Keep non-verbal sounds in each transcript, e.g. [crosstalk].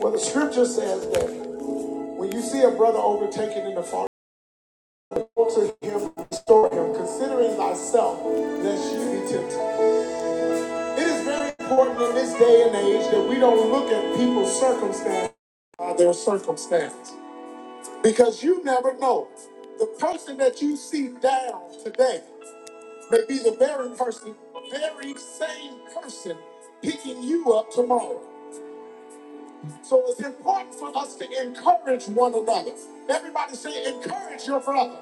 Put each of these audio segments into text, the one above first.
Well, the scripture says that when you see a brother overtaken in the fall, go to him, restore him, considering thyself, lest you be tempted. It is very important in this day and age that we don't look at people's circumstances by their circumstance, because you never know. The person that you see down today may be the very person, very same person picking you up tomorrow. So it's important for us to encourage one another. Everybody say, encourage your brother.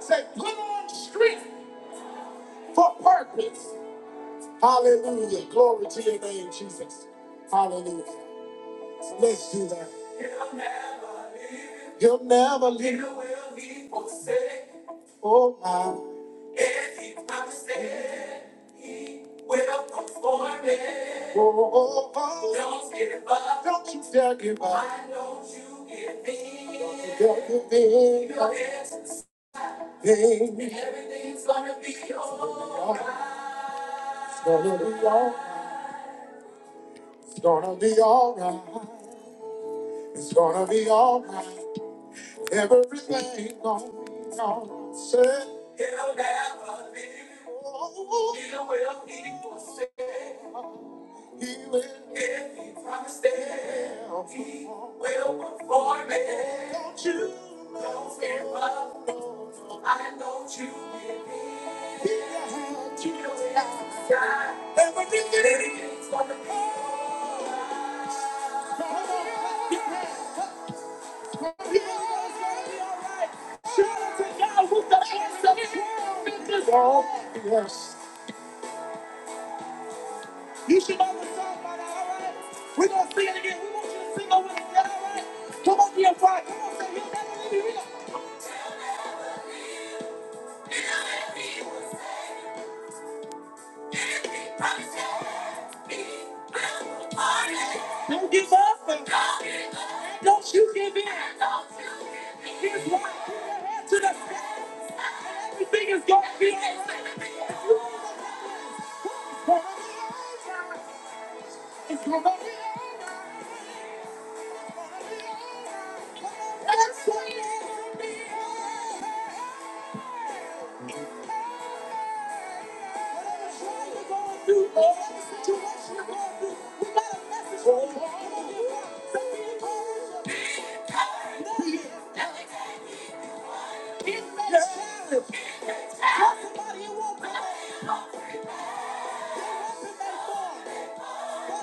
Say, put on strength for purpose. Hallelujah. Glory to your name, Jesus. Hallelujah. Let's do that. He'll never leave. Oh my. Oh, oh, oh. Don't you dare give up. Don't you dare give in. Everything's gonna be alright. It's gonna be alright. It's gonna be alright. Everything gonna be all He'll never leave. Oh, he will, he will save. He will. If he promised it, he will perform it. Don't you don't give up. I know you believe. He had you die. Everything that he did is gonna be. alright. World, Yes. You should know the song by now, all right? We're gonna sing it again. We want you to sing over it again, all right? Come on, dear Father. Come on, say, He'll never leave you. will never leave to Don't give up and don't you give in. Here's why. Put your head to the sky and everything is going to be alright. Somebody it won't prosper. What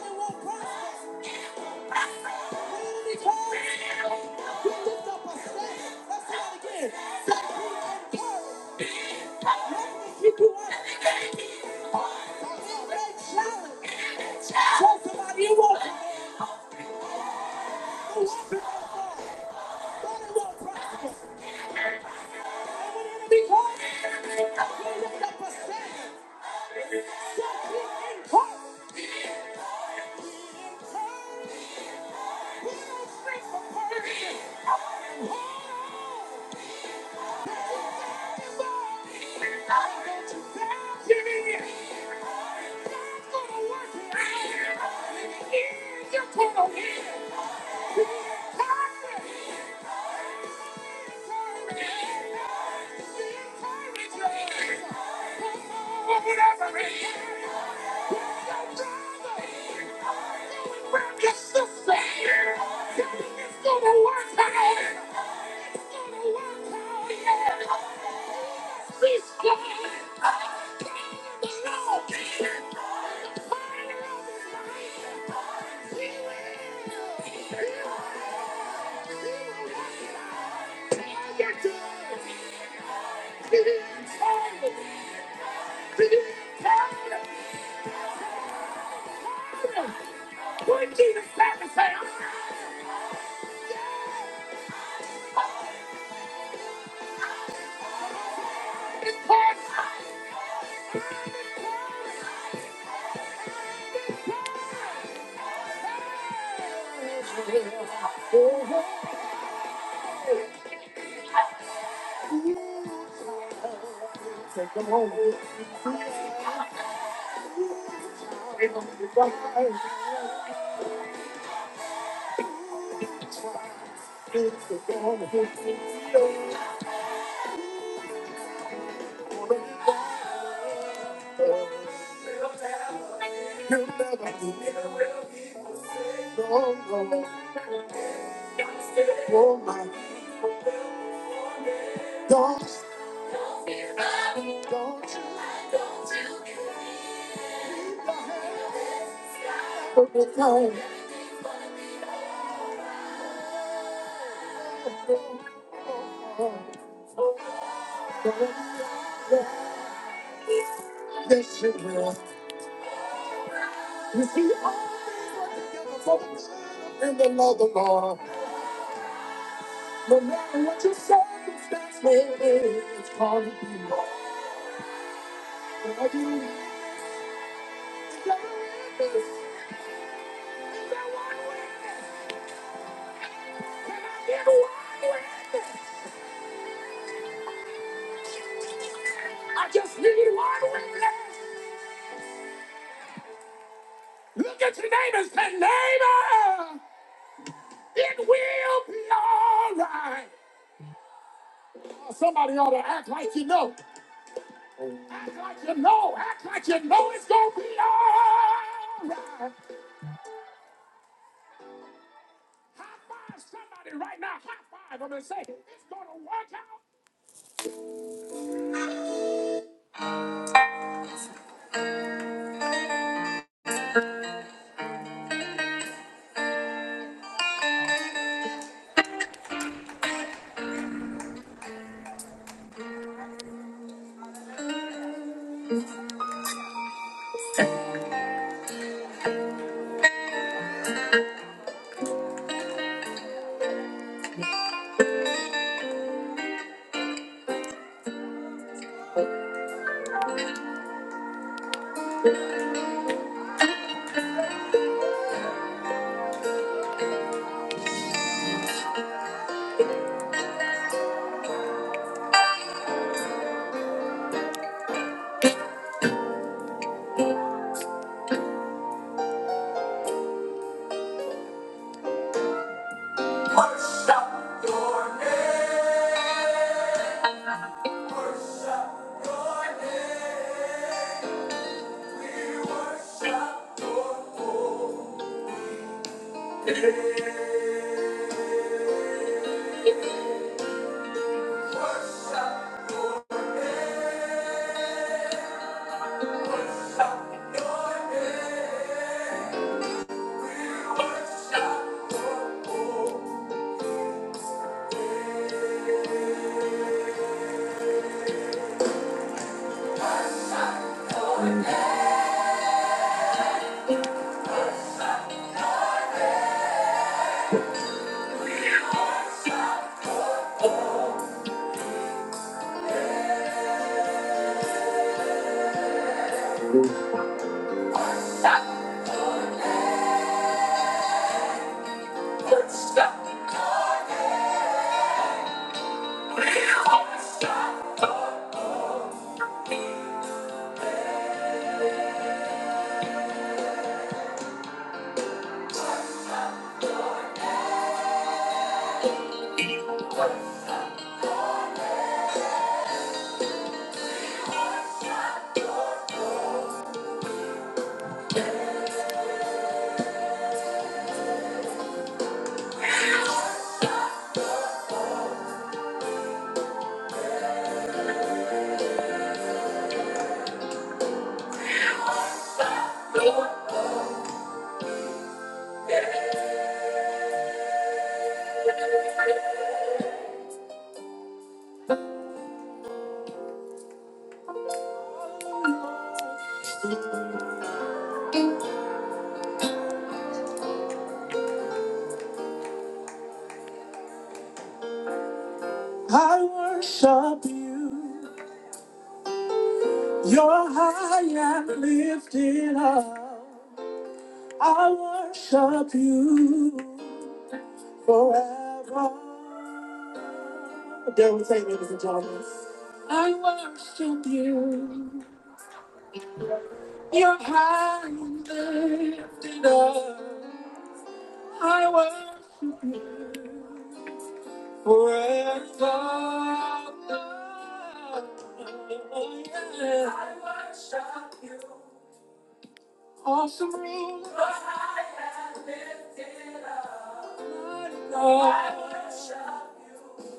it won't prosper. What it'll become. He lifts up a standard. Let's do that again. Take heed and courage. Nothing can keep you up. Don't make challenge. Tell somebody you won't prevail. fall. Thought it won't prosper. And when the enemy comes, up a standard. Take heed and courage. We don't shrink from persecution. Hold on. Whatever it is, your sister. It's gonna work out. It's gonna work out. Yeah. We stand in the law. The fire of his life. He will. He will. He will. He will. He will. He will. He will. He will. Put Jesus back and say, I'm in Christ. Say, come home. Come home. Come home. He'll never leave. No, no, oh my. Don't, don't you ever retire. Yes, you will. You see, all things work together for the good in the love of the Lord. No matter what your circumstance may be, it's gonna be. Is there one witness? Can I get one witness? I just need one witness. Look at your neighbor and say, neighbor, it will be all right. Oh, Somebody ought to act like you know. Act like you know. Act like you know it's going to be all right. High five somebody right now. High five them and say, it's going to work out. Worship your name. Worship your name. We worship your name. Lifted, I worship you forever. There we take, ladies and gentlemen. I worship you. Your hand lifted up. I Breath of life, awesome love,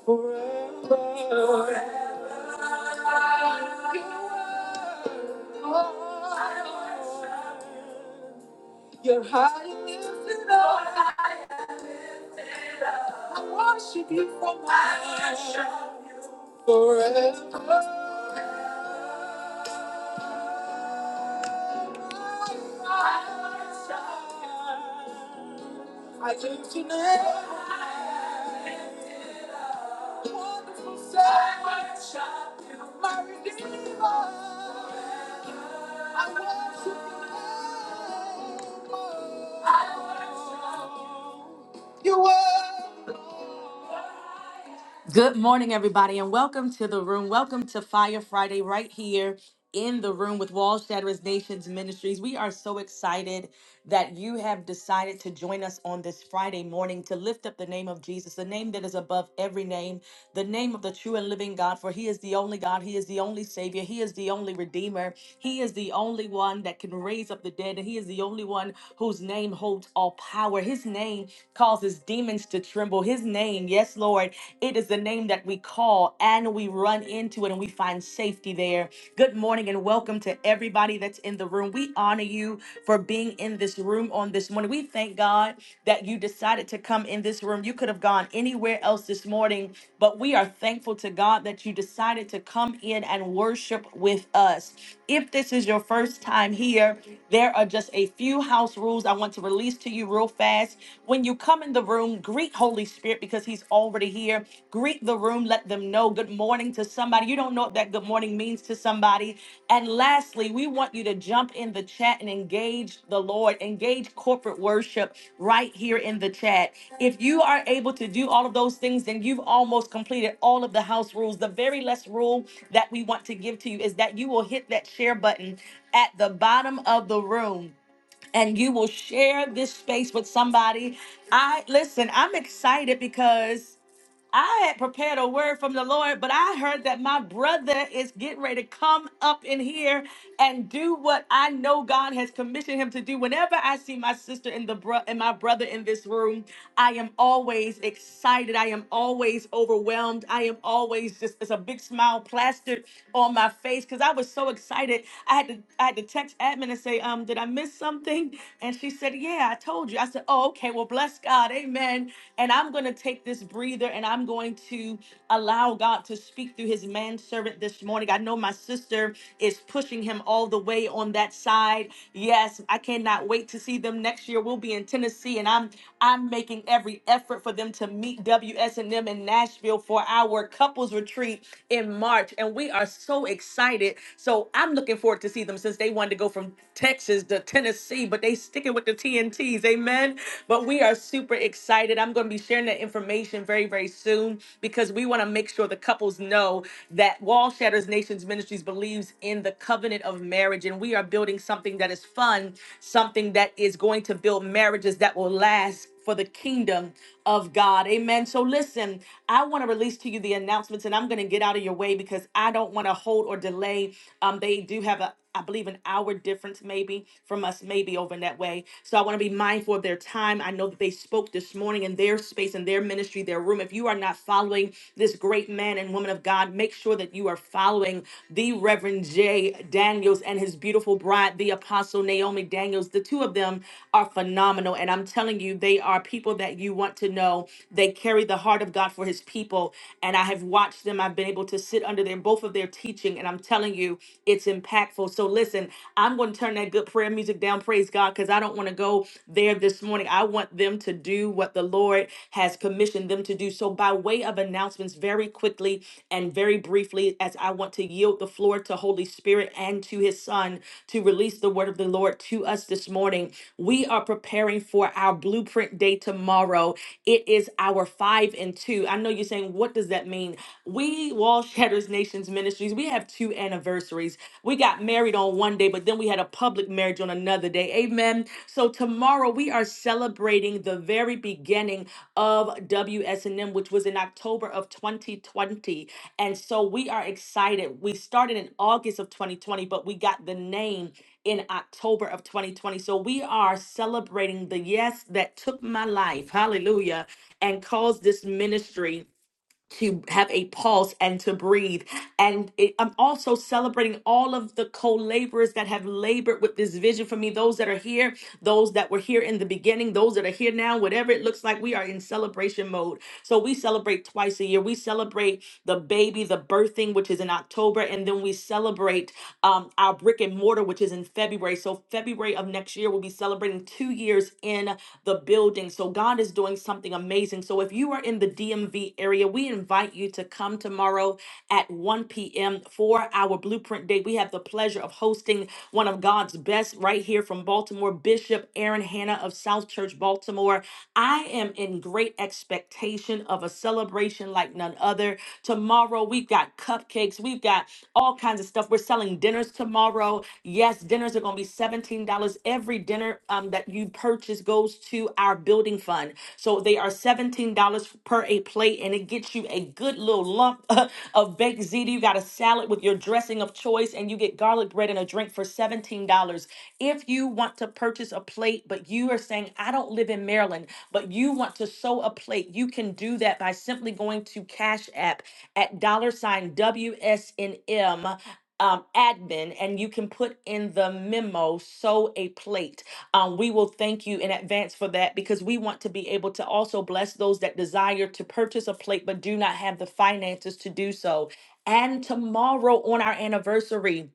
forever. I worship you for my wonderful Savior, my Redeemer. I worship you. I worship you. Good morning, everybody, and welcome to the room. Welcome to Fire Friday, right here in the room with Wall Shatterers Nations Ministries. We are so excited that you have decided to join us on this Friday morning to lift up the name of Jesus, the name that is above every name, the name of the true and living God, for He is the only God, He is the only Savior, He is the only Redeemer, He is the only one that can raise up the dead, and He is the only one whose name holds all power. His name causes demons to tremble. His name, yes, Lord, it is the name that we call and we run into it and we find safety there. Good morning and welcome to everybody that's in the room. We honor you for being in this room on this morning. We thank God that you decided to come in this room. You could have gone anywhere else this morning, but we are thankful to God that you decided to come in and worship with us. If this is your first time here, there are just a few house rules I want to release to you real fast. When you come in the room, greet Holy Spirit because he's already here. Greet the room, let them know good morning to somebody. You don't know what that good morning means to somebody. And lastly, we want you to jump in the chat and engage the Lord, engage corporate worship right here in the chat. If you are able to do all of those things, then you've almost completed all of the house rules. The very last rule that we want to give to you is that you will hit that share button at the bottom of the room and you will share this space with somebody. I listen, I'm excited because I had prepared a word from the Lord, but I heard that my brother is getting ready to come up in here and do what I know God has commissioned him to do. Whenever I see my sister and the bro- and my brother in this room, I am always excited. I am always overwhelmed. I am always just it's a big smile plastered on my face because I was so excited. I had to I had to text admin and say, um, did I miss something? And she said, Yeah, I told you. I said, Oh, okay. Well, bless God. Amen. Amen. And I'm going to take this breather and I'm going to allow God to speak through his manservant this morning. I know my sister is pushing him all the way on that side. Yes, I cannot wait to see them next year. We'll be in Tennessee and I'm I'm making every effort for them to meet WSNM in Nashville for our couples retreat in March and we are so excited. So I'm looking forward to see them since they wanted to go from Texas to Tennessee, but they sticking with the T N. TNTs. Amen. But we are super excited. I'm going to be sharing that information very, very soon because we want to make sure the couples know that Wall Shatters Nations Ministries believes in the covenant of marriage. And we are building something that is fun, something that is going to build marriages that will last for the kingdom of God. Amen. So listen, I want to release to you the announcements and I'm going to get out of your way because I don't want to hold or delay. Um, they do have a, I believe an hour difference maybe from us, maybe over in that way. So I want to be mindful of their time. I know that they spoke this morning in their space, in their ministry, their room. If you are not following this great man and woman of God, make sure that you are following the Reverend J. J. Daniels and his beautiful bride, the Apostle Naomi Daniels. The two of them are phenomenal. And I'm telling you, they are people that you want to know. They carry the heart of God for his people. And I have watched them. I've been able to sit under their both of their teaching. And I'm telling you, it's impactful. So listen, I'm going to turn that good prayer music down. Praise God, because I don't want to go there this morning. I want them to do what the Lord has has commissioned them to do. So, by way of announcements, very quickly and very briefly, as I want to yield the floor to Holy Spirit and to His Son to release the word of the Lord to us this morning, we are preparing for our blueprint day tomorrow. It is our five and two. I know you're saying, what does that mean? We, Wall Shatters Nations Ministries, we have two anniversaries. We got married on one day, but but then we had a public marriage on another day. Amen. So tomorrow we are celebrating the very beginning of WSNM, which was in October of 2020. And so we are excited. We started in August of 2020, but we got the name in October of 2020. So we are celebrating the yes that took my life. Hallelujah. And caused this ministry to have a pulse and to breathe. And it, I'm also celebrating all of the co laborers that have labored with this vision for me those that are here, those that were here in the beginning, those that are here now, whatever it looks like, we are in celebration mode. So we celebrate twice a year. We celebrate the baby, the birthing, which is in October, and then we celebrate um, our brick and mortar, which is in February. So February of next year, we'll be celebrating celebrating two years in the building. So God is doing something amazing. So if you are in the DMV area, we invite you to come tomorrow at 1 p.m. for our Blueprint Day. We have the pleasure of hosting one of God's best right here from Baltimore, Bishop Aaron Hanna of South Church, Baltimore. I am in great expectation of a celebration like none other. Tomorrow, we've got cupcakes cupcakes. We've got all kinds of stuff. We're selling dinners tomorrow. Yes, dinners are going to be $17. Every dinner um, that you purchase goes to our building fund. So they are $17 per a plate, and it gets you a good little lump [laughs] of baked ziti. You got a salad with your dressing of choice, and you get garlic bread and a drink for $17. If you want to purchase a plate, but you are saying, I don't live in Maryland. Maryland, but you want to sew a plate, you can do that by simply going to Cash App at dollar sign WSNM. Um, admin, and you can put in the memo, sew a plate. Um, we will thank you in advance for that because we want to be able to also bless those that desire to purchase a plate but do not have the finances to do so. And tomorrow on our anniversary,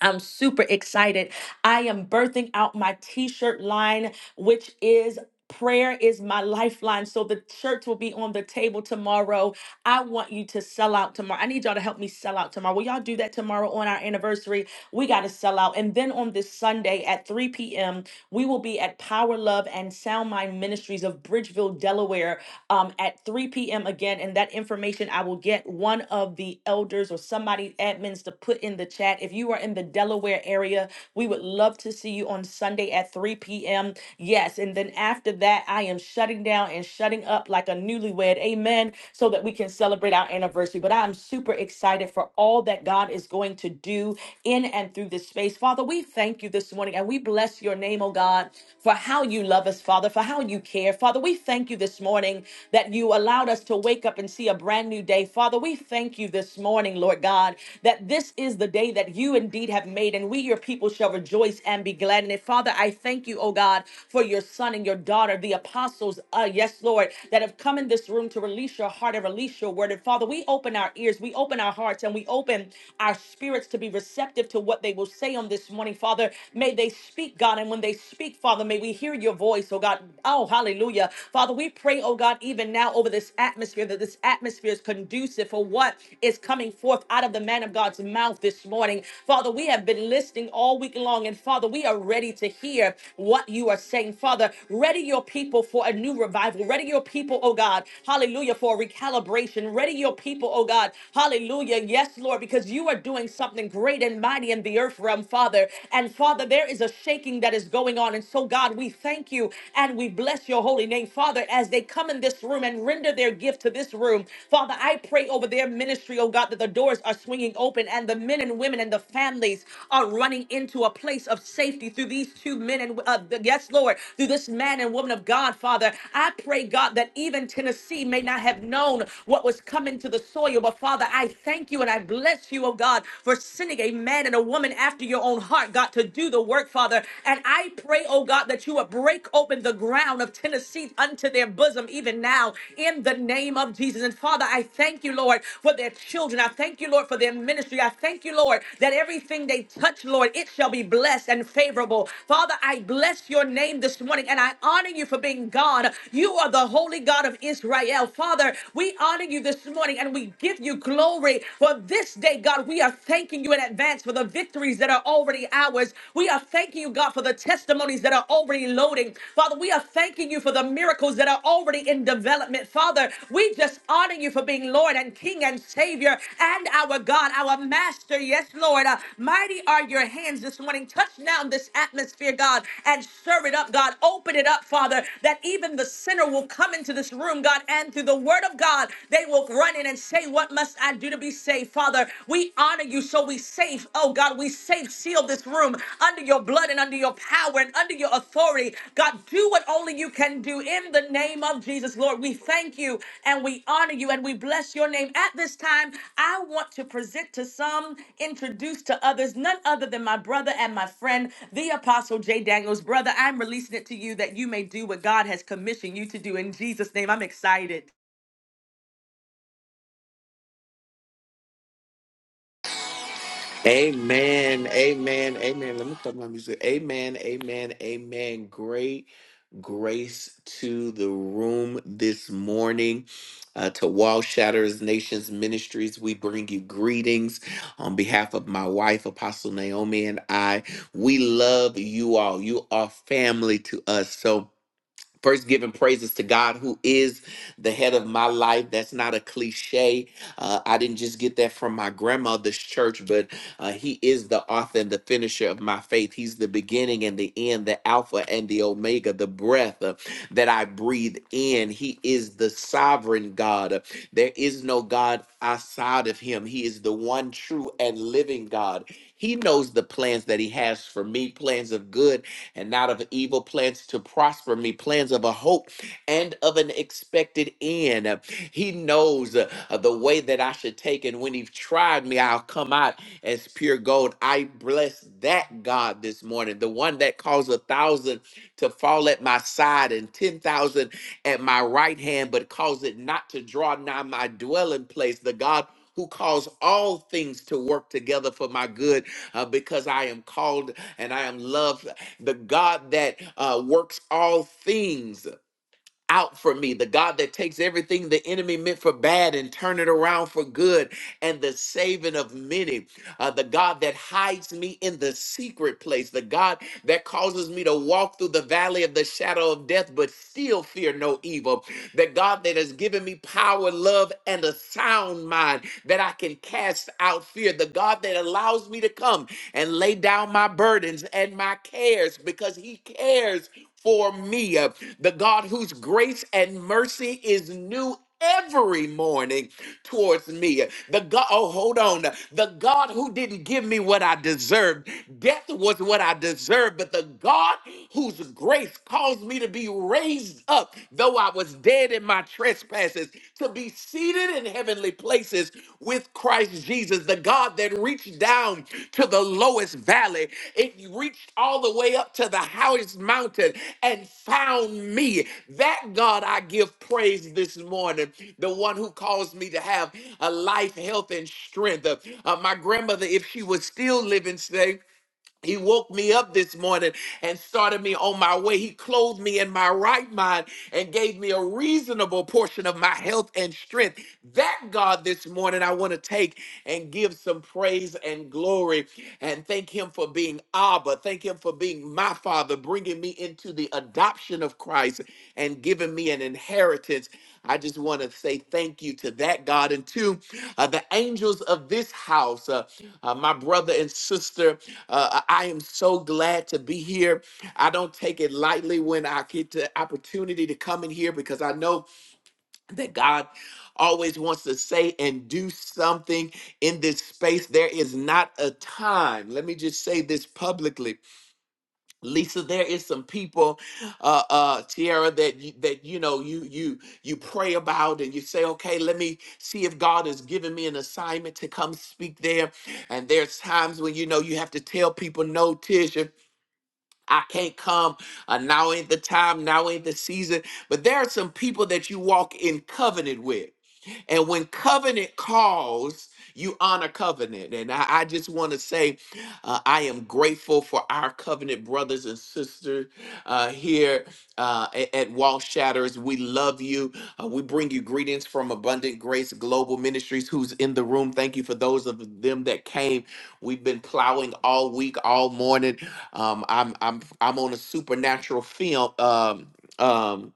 I'm super excited. I am birthing out my t shirt line, which is prayer is my lifeline. So the shirts will be on the table tomorrow. I want you to sell out tomorrow. I need y'all to help me sell out tomorrow. Will y'all do that tomorrow on our anniversary? We got to sell out. And then on this Sunday at 3 p.m., we will be at Power Love and Sound Mind Ministries of Bridgeville, Delaware um, at 3 p.m. again. And that information I will get one of the elders or or somebody admins to put in the chat. If you are in the Delaware area, we would love to see you on Sunday at 3 p.m. Yes. And then after that, I am shutting down and shutting up like a newlywed. Amen. So that we can celebrate our anniversary. But I'm super excited for all that God is going to do in and through this space. Father, we thank you this morning and we bless your name, oh God, for how you love us, Father, for how you care. Father, we thank you this morning that you allowed us to wake up and see see a brand new day. Father, we thank you this morning, Lord God, that this is the day that you indeed have made, and we, your people, shall rejoice and be glad in it. Father, I thank you, oh God, for your son and your daughter, the apostles, uh, yes, Lord, that have come in this room to release your heart and release your word. And Father, we open our ears, we open our hearts, and we open our spirits to be receptive to what they will say on this morning, Father. May they speak, God, and when they speak, Father, may we hear your voice, oh God. Oh, hallelujah. Father, we we pray, oh God, even now over this atmosphere, that this atmosphere is conducive for what is coming forth out of the man of God's mouth this morning. Father, we have been listening all week long, and Father, we are ready to hear what you are saying. Father, ready your people for a new revival. Ready your people, oh God, hallelujah, for a recalibration. Ready your people, oh God, hallelujah. Yes, Lord, because you are doing something great and mighty in the earth realm, Father. And Father, there is a shaking that is going on. And so, God, we thank you and we bless your holy name, Father, as they come in this room and render their gift to this room. Father, I pray over their ministry, oh God, that the doors are swinging open and the men and women and the families are running into a place of safety through these two men and uh, yes, Lord, through this man and woman of God, Father. I pray, God, that even Tennessee may not have known what was coming to the soil, but Father, I thank you and I bless you, oh God, for sending a man and a woman after your own heart, God, to do the work, Father. And I pray, oh God, that you would break open the ground of Tennessee unto their bosom even now in the name of Jesus. And Father, I thank you, Lord, for their children. I thank you, Lord, for their ministry. I thank you, Lord, that everything they touch, Lord, it shall be blessed and favorable. Father, I bless your name this morning and I honor you for being God. You are the holy God of Israel. Father, we honor you this morning and we give you glory for this day, God. We are thanking you thanking you in advance for the victories that are already ours. We are thanking you, God, for the testimonies that are already loading. Father, we are thanking you for the miracles that are already in development. Father, we just honor you for being Lord and King and Savior and our God, our Master. Yes, Lord. Uh, mighty are your hands this morning. Touch now this atmosphere, God, and serve it up, God. Open it up, Father, that even the sinner will come into this room, God, and through the word of God, they will run in and say, What must I do to be saved, Father. We honor you, so we safe. Oh God, we safe. Seal this room under your blood and under your power and under your authority. God, do what only you can do in the name of Jesus, Lord. We thank you and we honor you and we bless your name. At this time, I want to present to some, introduce to others, none other than my brother and my friend, the Apostle J. Daniels. Brother, I'm releasing it to you that you may do what God has commissioned you to do in Jesus' name. I'm excited. Amen. Amen. Amen. Let me stop my music. Amen. Amen. Amen. Great grace to the room this morning. Uh, to Wall Shatters Nations Ministries, we bring you greetings on behalf of my wife, Apostle Naomi, and I. We love you all. You are family to us. So, First, giving praises to God, who is the head of my life. That's not a cliche. Uh, I didn't just get that from my grandmother's church, but uh, He is the author and the finisher of my faith. He's the beginning and the end, the Alpha and the Omega, the breath uh, that I breathe in. He is the sovereign God. Uh, There is no God outside of Him. He is the one true and living God. He knows the plans that He has for me, plans of good and not of evil plans to prosper me, plans of a hope and of an expected end. Uh, He knows uh, uh, the way that I should take, and when He's tried me, I'll come out as pure gold. I bless that God this morning, the one that caused a thousand to fall at my side and 10,000 at my right hand, but cause it not to draw nigh my dwelling place, the God. Who calls all things to work together for my good uh, because I am called and I am loved the God that uh, works all things out for me, the God that takes everything the enemy meant for bad and turn it around for good, and the saving of many, uh, the God that hides me in the secret place, the God that causes me to walk through the valley of the shadow of death, but still fear no evil. That God that has given me power, love, and a sound mind that I can cast out fear. The God that allows me to come and lay down my burdens and my cares because He cares for me. Uh, The God whose grace and mercy is new every morning towards me. The God, oh, hold on. The God who didn't give me what I deserved. Death was what I deserved, but the God whose grace caused me to be raised up, though I was dead in my trespasses, to be seated in heavenly places with Christ. Christ Jesus, the God that reached down to the lowest valley. It reached all the way up to the highest mountain and found me. That God I give praise this morning, the one who caused me to have a life, health, and strength. Uh, uh, my grandmother, if she was still living today, he woke me up this morning and started me on my way. He clothed me in my right mind and gave me a reasonable portion of my health and strength. That God this morning, I want to take and give some praise and glory and thank Him for being Abba. Thank Him for being my Father, bringing me into the adoption of Christ and giving me an inheritance. I just want to say thank you to that God and to uh, the angels of this house, uh, uh, my brother and sister. Uh, I am so glad to be here. I don't take it lightly when I get the opportunity to come in here because I know that God always wants to say and do something in this space. There is not a time, let me just say this publicly Lisa, there is some people, uh, uh, Tiara, that you, that you know you you you pray about and you say, okay, let me see if God has given me an assignment to come speak there. And there's times when you know you have to tell people, no, Tisha, I can't come. Uh, now ain't the time. Now ain't the season. But there are some people that you walk in covenant with. And when covenant calls, you honor covenant. And I, I just want to say, uh, I am grateful for our covenant brothers and sisters uh, here uh, a- at Wall Shatters. We love you. Uh, we bring you greetings from Abundant Grace Global Ministries, who's in the room. Thank you for those of them that came. We've been plowing all week, all morning. Um, I'm I'm I'm on a supernatural film. Um, um,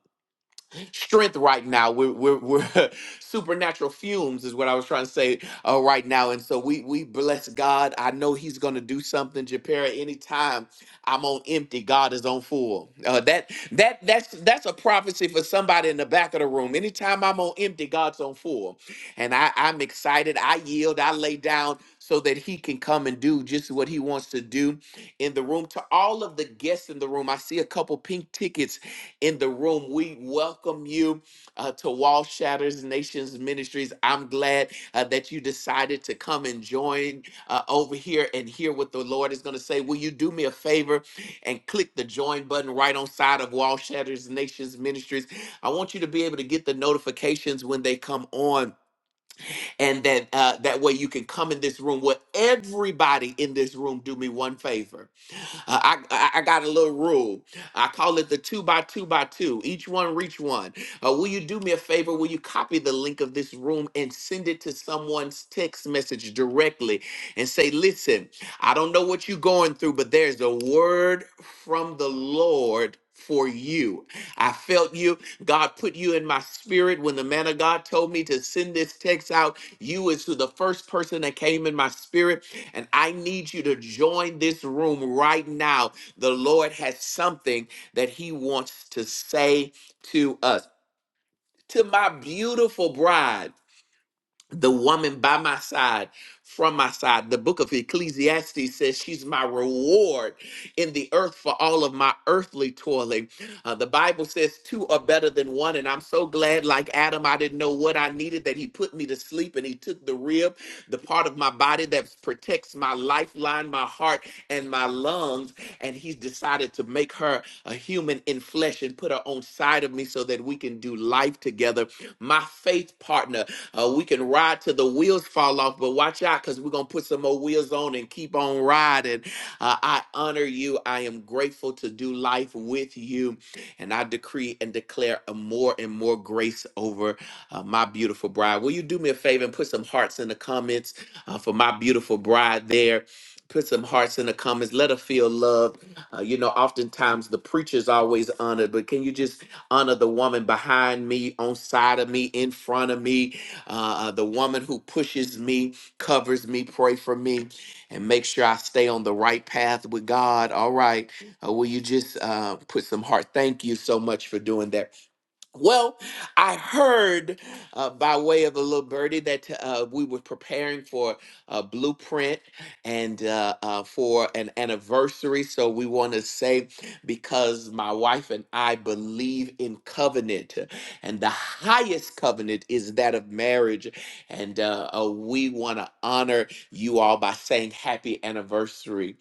strength right now. We're we're, we're [laughs] supernatural fumes is what I was trying to say uh, right now. And so we we bless God. I know He's gonna do something, Japera. Anytime I'm on empty, God is on full. Uh, that that that's that's a prophecy for somebody in the back of the room. Anytime I'm on empty, God's on full, and I I'm excited. I yield. I lay down. So that he can come and do just what he wants to do in the room. To all of the guests in the room, I see a couple pink tickets in the room. We welcome you uh, to Wall Shatters Nations Ministries. I'm glad uh, that you decided to come and join uh, over here and hear what the Lord is going to say. Will you do me a favor and click the join button right on side of Wall Shatters Nations Ministries? I want you to be able to get the notifications when they come on, and that uh, that way you can come in this room. Will everybody in this room do me one favor? Uh, I, I I got a little rule. I call it the two by two by two. Each one reach one. Uh, will you do me a favor? Will you copy the link of this room and send it to someone's text message directly and say, listen, I don't know what you're going through, but there's a word from the Lord for you. I felt you. God put you in my spirit when the man of God told me to send this text out. You is to the first person that came in my spirit and I need you to join this room right now. The Lord has something that He wants to say to us. To my beautiful bride the woman by my side from my side the book of ecclesiastes says she's my reward in the earth for all of my earthly toiling Uh, the bible says two are better than one and i'm so glad like adam i didn't know what i needed that he put me to sleep and he took the rib the part of my body that protects my lifeline my heart and my lungs and he's decided to make her a human in flesh and put her on side of me so that we can do life together. My faith partner, uh, we can ride till the wheels fall off, but watch out because we're going to put some more wheels on and keep on riding. Uh, I honor you. I am grateful to do life with you. And I decree and declare a more and more grace over uh, my beautiful bride. Will you do me a favor and put some hearts in the comments uh, for my beautiful bride there? put some hearts in the comments. Let her feel love. Uh, you know, oftentimes the preacher's always honored, but can you just honor the woman behind me, on side of me, in front of me, uh, uh, the woman who pushes me, covers me, pray for me, and make sure I stay on the right path with God. All right, uh, will you just uh, put some heart? Thank you so much for doing that well, I heard uh, by way of a little birdie that uh, we were preparing for a blueprint and uh, uh, for an anniversary. So we want to say, because my wife and I believe in covenant, and the highest covenant is that of marriage. And uh, uh, we want to honor you all by saying happy anniversary.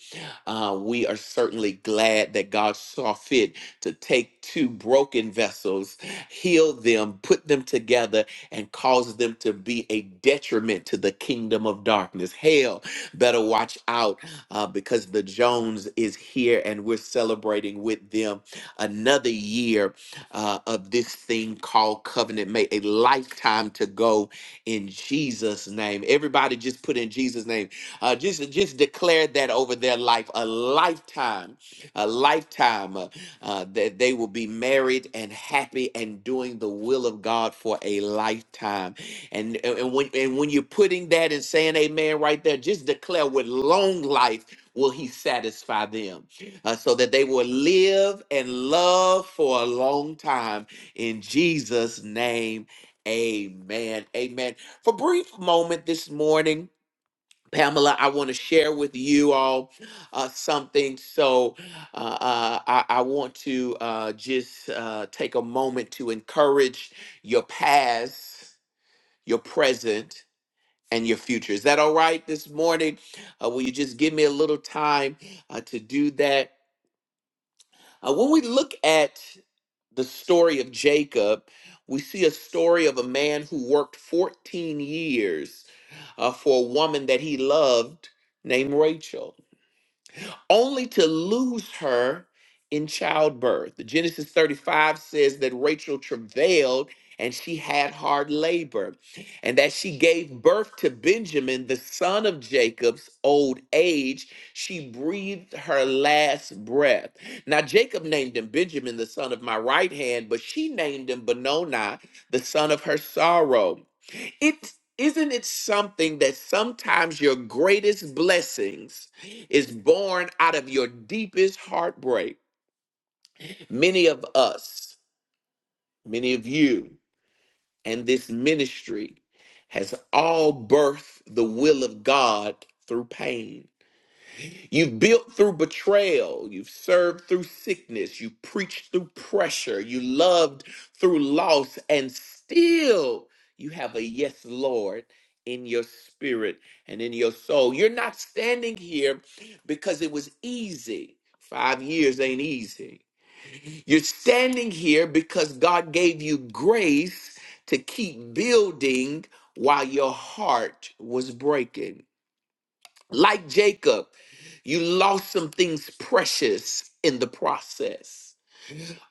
Uh, we are certainly glad that God saw fit to take two broken vessels heal them, put them together, and cause them to be a detriment to the kingdom of darkness. Hell, better watch out uh, because the Jones is here and we're celebrating with them another year uh, of this thing called covenant. May a lifetime to go in Jesus' name. Everybody just put in Jesus' name. Uh, just, just declare that over their life, a lifetime, a lifetime. uh, uh, that they will be married and happy and doing the will of God for a lifetime. And, and and when and when you're putting that and saying amen right there, just declare with long life will he satisfy them uh, so that they will live and love for a long time in Jesus name. Amen. Amen. For a brief moment this morning, Pamela, I want to share with you all uh, something. So, uh, uh, I, I want to uh, just uh, take a moment to encourage your past, your present, and your future. Is that all right this morning? Uh, will you just give me a little time uh, to do that? Uh, when we look at the story of Jacob, we see a story of a man who worked 14 years uh, for a woman that he loved named Rachel. only to lose her in childbirth. Genesis 35 says that Rachel travailed and she had hard labor, and that she gave birth to Benjamin, the son of Jacob's old age. She breathed her last breath. Now, Jacob named him Benjamin, the son of my right hand, but she named him Benoni, the son of her sorrow. It isn't it something that sometimes your greatest blessings is born out of your deepest heartbreak. Many of us, many of you, and this ministry has all birthed the will of God through pain. You've built through betrayal. You've served through sickness. You preached through pressure. You loved through loss. And still, you have a yes, Lord, in your spirit and in your soul. You're not standing here because it was easy. Five years ain't easy. You're standing here because God gave you grace to keep building while your heart was breaking. Like Jacob, you lost some things precious in the process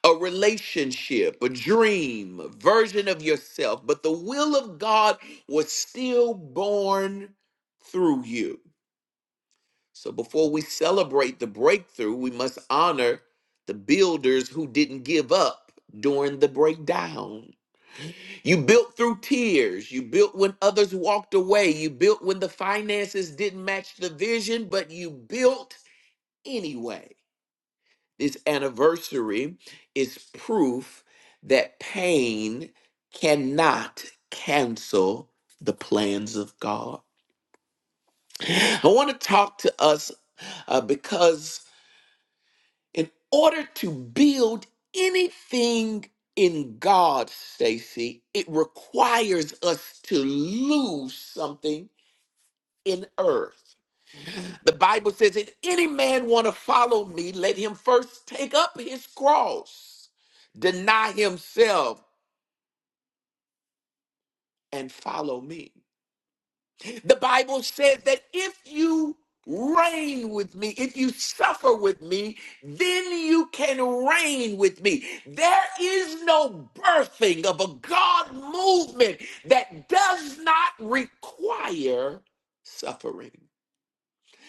a relationship, a dream, a version of yourself, but the will of God was still born through you. So before we celebrate the breakthrough, we must honor the builders who didn't give up during the breakdown. You built through tears. You built when others walked away. You built when the finances didn't match the vision, but you built anyway. This anniversary is proof that pain cannot cancel the plans of God. I want to talk to us uh, because, in order to build anything in God, Stacy, it requires us to lose something in earth. The Bible says, if any man want to follow me, let him first take up his cross, deny himself, and follow me. The Bible says that if you reign with me, if you suffer with me, then you can reign with me. There is no birthing of a God movement that does not require suffering.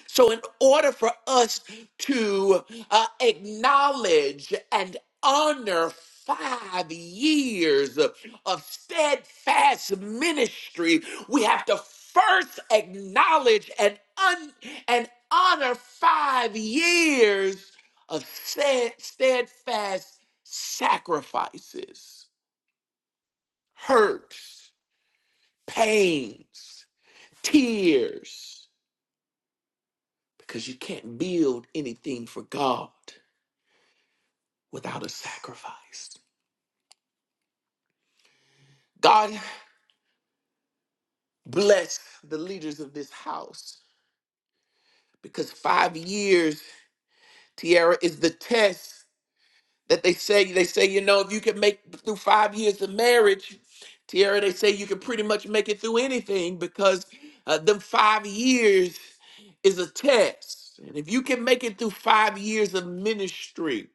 So, in order for us to uh, acknowledge and honor five years of, of steadfast ministry, we have to first acknowledge and un, and honor five years of stead, steadfast sacrifices, hurts, pains, tears, because you can't build anything for God without a sacrifice. God bless the leaders of this house because five years, Tiara, is the test that they say. They say, you know, if you can make through five years of marriage, Tiara, they say you can pretty much make it through anything because uh, them five years is a test. And if you can make it through five years of ministry,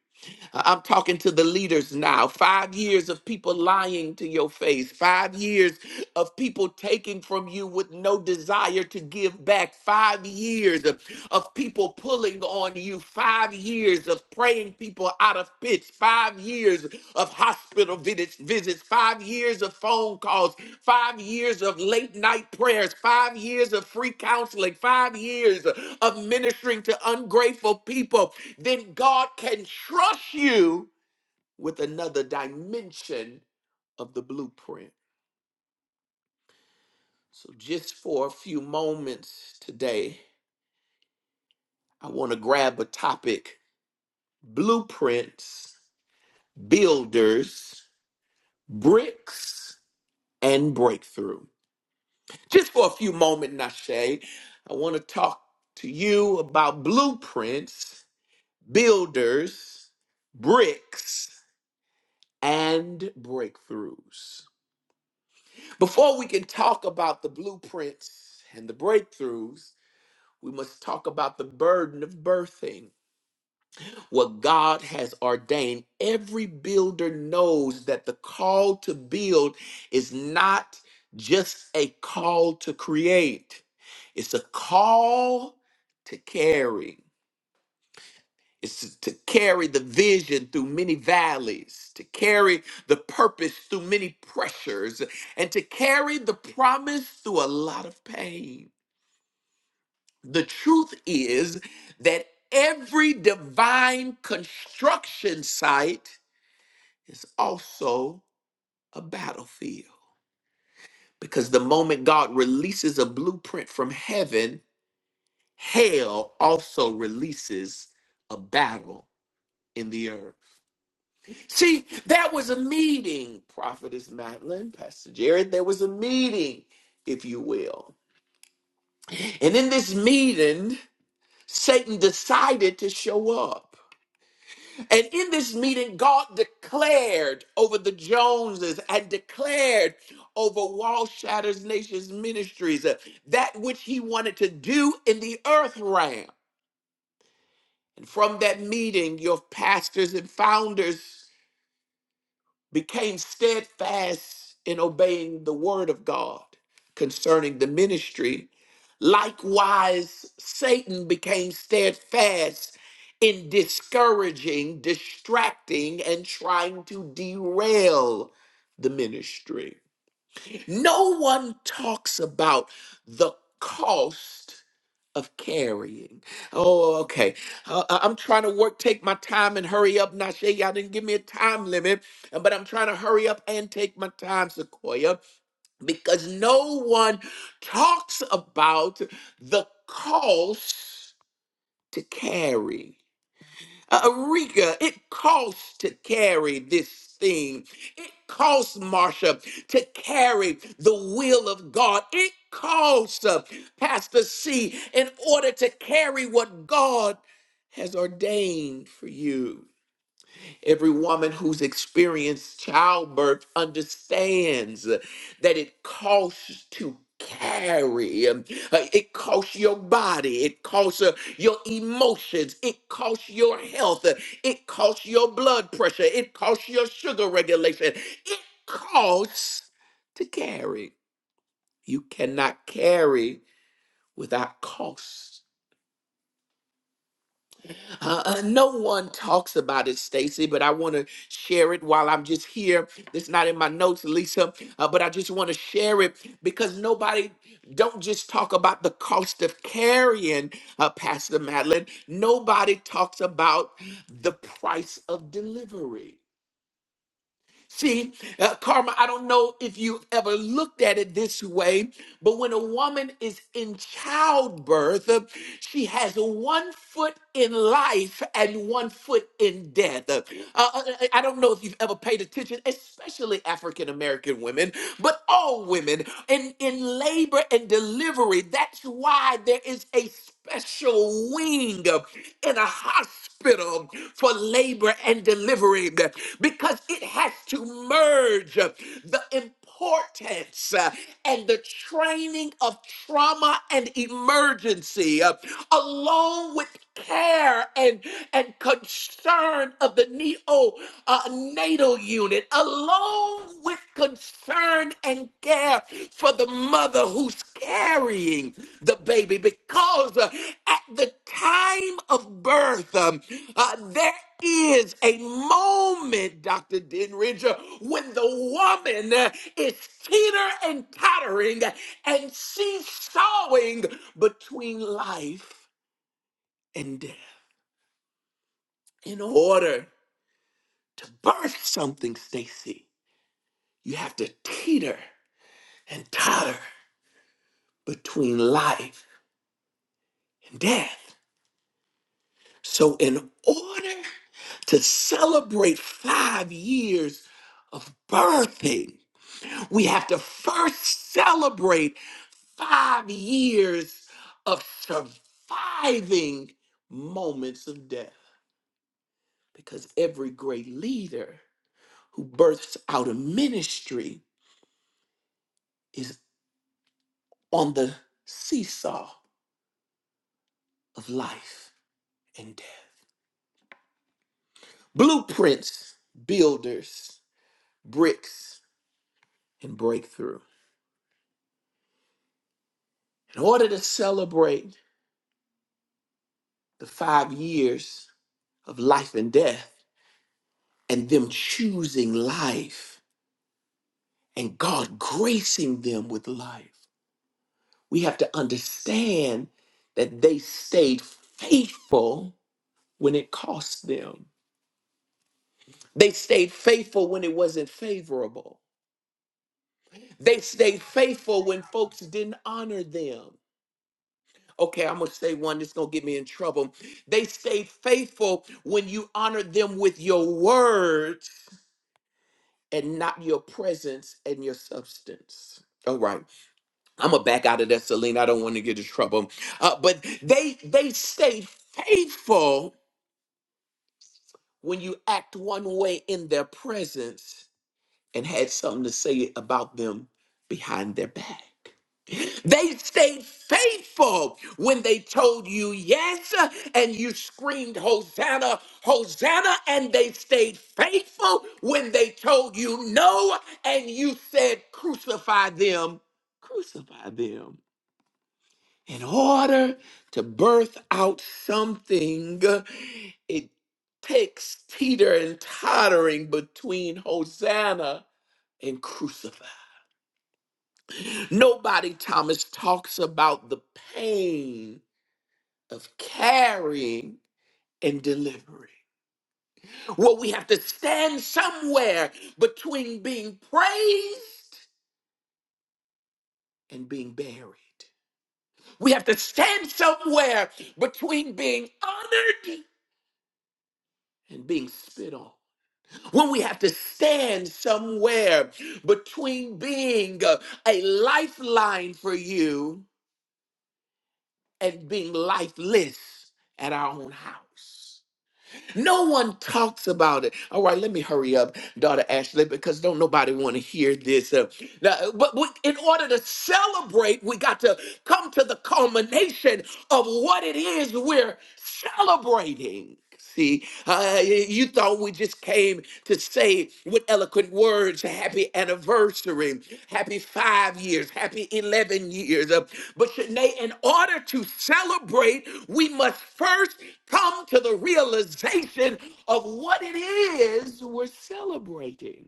I- am talking to the leaders now. Five years of people lying to your face, five years of people taking from you with no desire to give back, five years of, of people pulling on you, five years of praying people out of pits, five years of hospital visits, visits, five years of phone calls, five years of late night prayers, five years of free counseling, five years of ministering to ungrateful people, then God can trust you with another dimension of the blueprint. So, just for a few moments today, I want to grab a topic blueprints, builders, bricks, and breakthrough. Just for a few moments, Nashe, I want to talk to you about blueprints, builders, bricks, and breakthroughs. Before we can talk about the blueprints and the breakthroughs, we must talk about the burden of birthing. What God has ordained, every builder knows that the call to build is not just a call to create, it's a call to carry. It's to carry the vision through many valleys, to carry the purpose through many pressures, and to carry the promise through a lot of pain. The truth is that every divine construction site is also a battlefield because the moment God releases a blueprint from heaven, hell also releases a battle in the earth. See, that was a meeting, Prophetess Madeline, Pastor Jared. There was a meeting, if you will. And in this meeting, Satan decided to show up. And in this meeting, God declared over the Joneses and declared over Wall Shatters Nations Ministries uh, that which he wanted to do in the earth realm. And from that meeting, your pastors and founders became steadfast in obeying the word of God concerning the ministry. Likewise, Satan became steadfast in discouraging, distracting, and trying to derail the ministry. No one talks about the cost of carrying. Oh, okay. Uh, I- I'm trying to work, take my time and hurry up. Nashe, y'all didn't give me a time limit, uh, but I'm trying to hurry up and take my time, Sequoia, because no one talks about the cost to carry. Uh, it costs to carry this thing. It costs Marsha to carry the will of God. It costs uh, Pastor C in order to carry what God has ordained for you. Every woman who's experienced childbirth understands that it costs to carry. Um, uh, It costs your body. It costs uh, your emotions. It costs your health. Uh, It costs your blood pressure. It costs your sugar regulation. It costs to carry. You cannot carry without cost. Uh, uh, no one talks about it, Stacy, but I want to share it while I'm just here. It's not in my notes, Lisa, uh, but I just want to share it because nobody don't just talk about the cost of carrying, uh, Pastor Madeline. Nobody talks about the price of delivery. See, uh, Karma, I don't know if you ever looked at it this way, but when a woman is in childbirth, uh, she has one foot in life and one foot in death. Uh, uh, I I don't know if you've ever paid attention, especially African American women, but all women in, in labor and delivery. That's why there is a special wing uh, in a hospital for labor and delivery uh, because it has to merge uh, the importance uh, and the training of trauma and emergency, uh, along with care and, and concern of the neo uh, natal unit, along with concern and care for the mother who's carrying the baby because uh, at the time of birth, um, uh, there is a moment, Dr. Denridge, uh, when the woman uh, is teeter and tottering uh, and she's sawing between life and death. In order to birth something, Stacy, you have to teeter and totter between life and death. So, in order to celebrate five years of birthing, we have to first celebrate five years of surviving moments of death. Because every great leader who births out of ministry is on the seesaw of life and death. Blueprints, builders, bricks, and breakthrough. in order to celebrate the five years of life and death and them choosing life and God gracing them with life, we have to understand that they stayed faithful when it cost them. They stayed faithful when it wasn't favorable. They stayed faithful when folks didn't honor them. Okay, I'm gonna say one that's gonna get me in trouble. They stayed faithful when you honored them with your words and not your presence and your substance. All right, I'm gonna back out of that, Celine. I don't want to get in trouble. Uh, but they they stay faithful when you act one way in their presence and had something to say about them behind their back. They stayed faithful when they told you yes and you screamed, Hosanna, Hosanna. And they stayed faithful when they told you no and you said, Crucify them, crucify them. In order to birth out something, it takes teeter and tottering between Hosanna and crucify. Nobody, Thomas, talks about the pain of carrying and delivering. Well, we have to stand somewhere between being praised and being buried. We have to stand somewhere between being honored and being spit on. When we have to stand somewhere between being uh, a lifeline for you and being lifeless at our own house. No one talks about it. All right, let me hurry up, daughter Ashley, because don't nobody want to hear this. Uh, now, but we, in order to celebrate, we got to come to the culmination of what it is we're celebrating. See, uh, you thought we just came to say with eloquent words, happy anniversary, happy five years, happy 11 years. Uh, But Shanae, in order to celebrate, we must first come to the realization of what it is we're celebrating.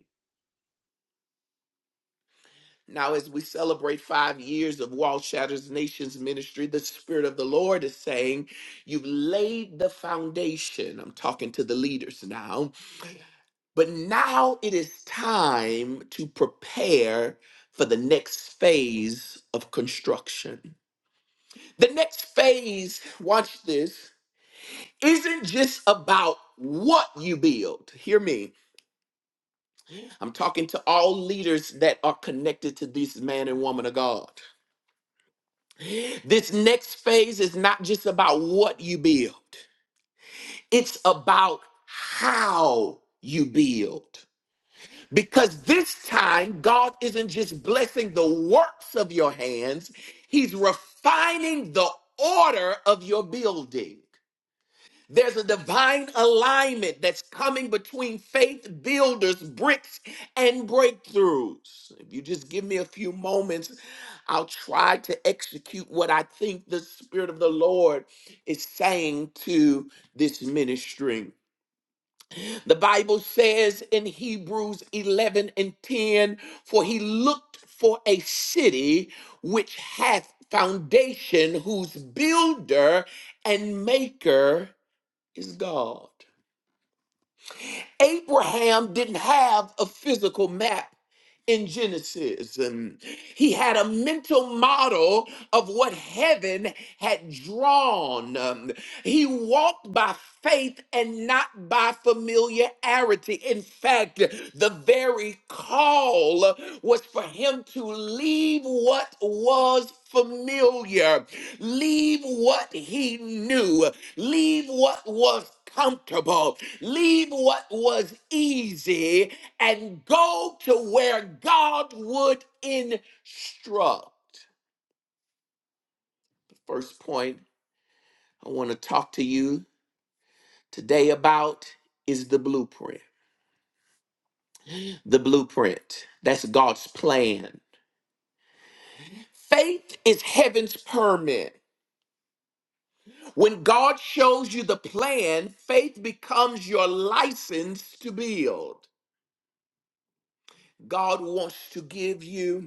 Now, as we celebrate five years of Wall Shatters Nations ministry, the Spirit of the Lord is saying, You've laid the foundation. I'm talking to the leaders now. But now it is time to prepare for the next phase of construction. The next phase, watch this, isn't just about what you build. Hear me. I'm talking to all leaders that are connected to this man and woman of God. This next phase is not just about what you build, it's about how you build. Because this time, God isn't just blessing the works of your hands, He's refining the order of your building. There's a divine alignment that's coming between faith builders, bricks, and breakthroughs. If you just give me a few moments, I'll try to execute what I think the Spirit of the Lord is saying to this ministry. The Bible says in Hebrews 11 and 10, for he looked for a city which hath foundation, whose builder and maker is God. Abraham didn't have a physical map in Genesis. And he had a mental model of what heaven had drawn. Um, he walked by faith and not by familiarity. In fact, the very call was for him to leave what was familiar, leave what he knew. Leave what was comfortable, leave what was easy, and go to where God would instruct. First point I want to talk to you today about is the blueprint. The blueprint, that's God's plan. Faith is heaven's permit. When God shows you the plan, faith becomes your license to build. God wants to give you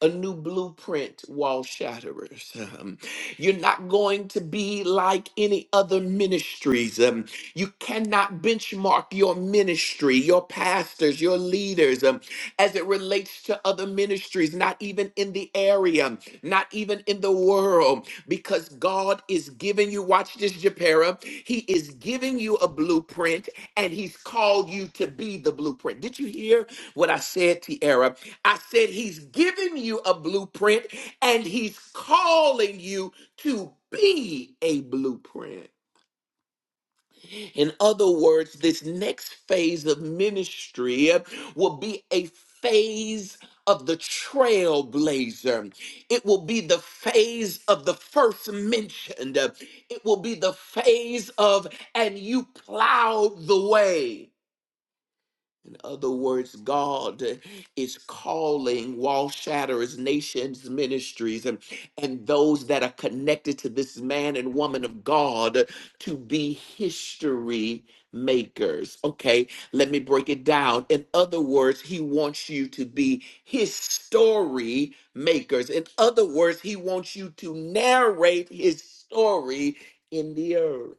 a new blueprint, wall shatterers. Um, you're not going to be like any other ministries. Um, you cannot benchmark your ministry, your pastors, your leaders um, as it relates to other ministries, not even in the area, not even in the world, because God is giving you, watch this, Japera, He is giving you a blueprint and He's called you to be the blueprint. Did you hear what I said, Tiara? I said, He's giving you a blueprint and He's calling you to be a blueprint. In other words, this next phase of ministry will be a phase of the trailblazer. It will be the phase of the first mentioned. It will be the phase of, and you plowed the way. In other words, God is calling wall shatterers, nations, ministries, and, and those that are connected to this man and woman of God to be history makers. Okay, let me break it down. In other words, he wants you to be his story makers. In other words, he wants you to narrate his story in the earth.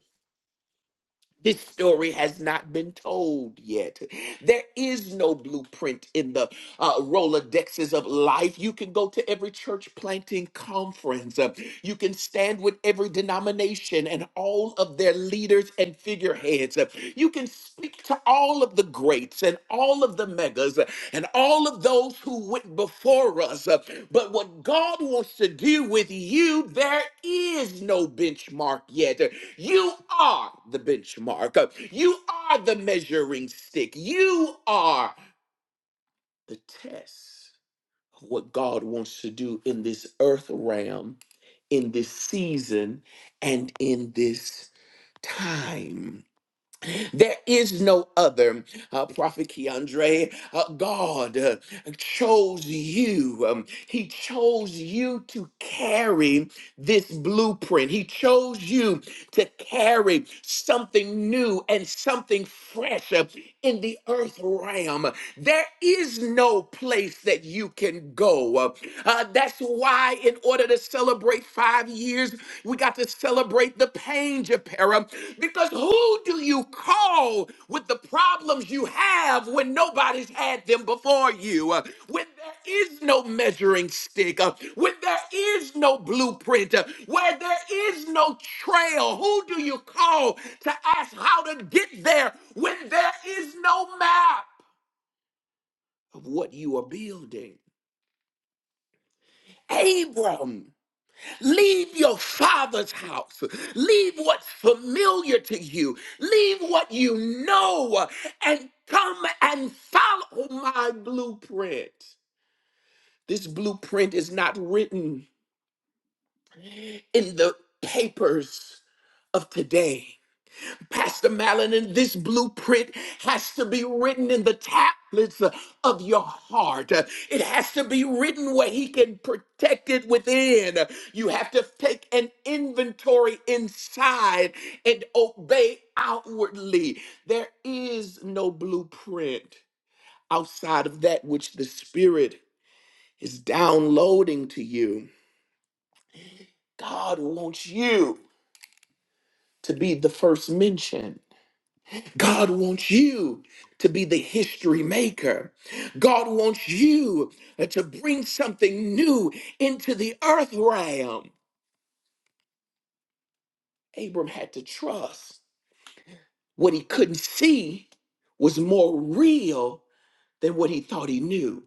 This story has not been told yet. There is no blueprint in the uh, Rolodexes of life. You can go to every church planting conference. Uh, you can stand with every denomination and all of their leaders and figureheads. Uh, you can speak to all of the greats and all of the megas uh, and all of those who went before us. Uh, but what God wants to do with you, there is no benchmark yet. You are the benchmark. You are the measuring stick. You are the test of what God wants to do in this earth realm, in this season, and in this time. There is no other. Uh, Prophet Keandre, uh, God uh, chose you. Um, he chose you to carry this blueprint. He chose you to carry something new and something fresh uh, in the earth realm. There is no place that you can go. Uh, uh, that's why, in order to celebrate five years, we got to celebrate the pain, Japera, because who do you call? all with the problems you have when nobody's had them before you, uh, when there is no measuring stick, uh, when there is no blueprint, uh, where there is no trail. Who do you call to ask how to get there when there is no map of what you are building? Abram Leave your father's house. Leave what's familiar to you. Leave what you know and come and follow my blueprint. This blueprint is not written in the papers of today. Pastor Mallon, this blueprint has to be written in the tablets of your heart. It has to be written where he can protect it within. You have to take an inventory inside and obey outwardly. There is no blueprint outside of that which the Spirit is downloading to you. God wants you to be the first mention. God wants you to be the history maker. God wants you to bring something new into the earth realm. Abram had to trust what he couldn't see was more real than what he thought he knew.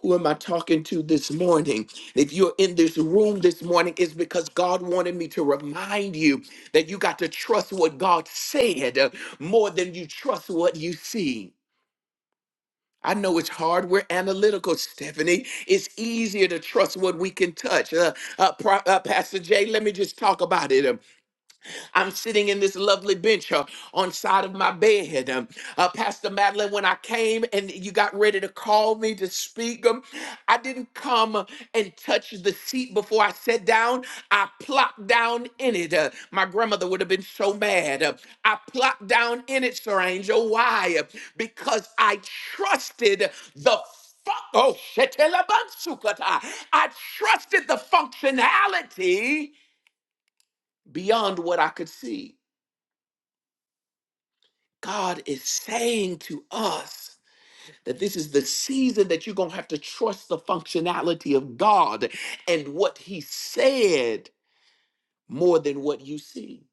Who am I talking to this morning? If you're in this room this morning, it's because God wanted me to remind you that you got to trust what God said uh, more than you trust what you see. I know it's hard. We're analytical, Stephanie. It's easier to trust what we can touch. Uh, uh, Pro- uh, Pastor Jay, let me just talk about it. Um, I'm sitting in this lovely bench uh, on side of my bed. Um, uh, Pastor Madeline, when I came and you got ready to call me to speak, um, I didn't come uh, and touch the seat before I sat down. I plopped down in it. Uh, my grandmother would have been so mad. Uh, I plopped down in it, Sir Angel. Why? Uh, Because I trusted the fu- Oh, shetelabansukata. I trusted the functionality beyond what I could see. God is saying to us that this is the season that you're going to have to trust the functionality of God and what He said more than what you see.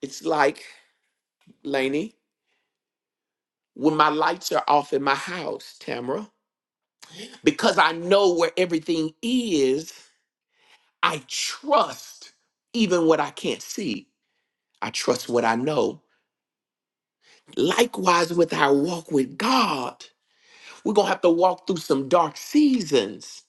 It's like, Lainey, when my lights are off in my house, Tamara, because I know where everything is, I trust even what I can't see. I trust what I know. Likewise, with our walk with God, we're going to have to walk through some dark seasons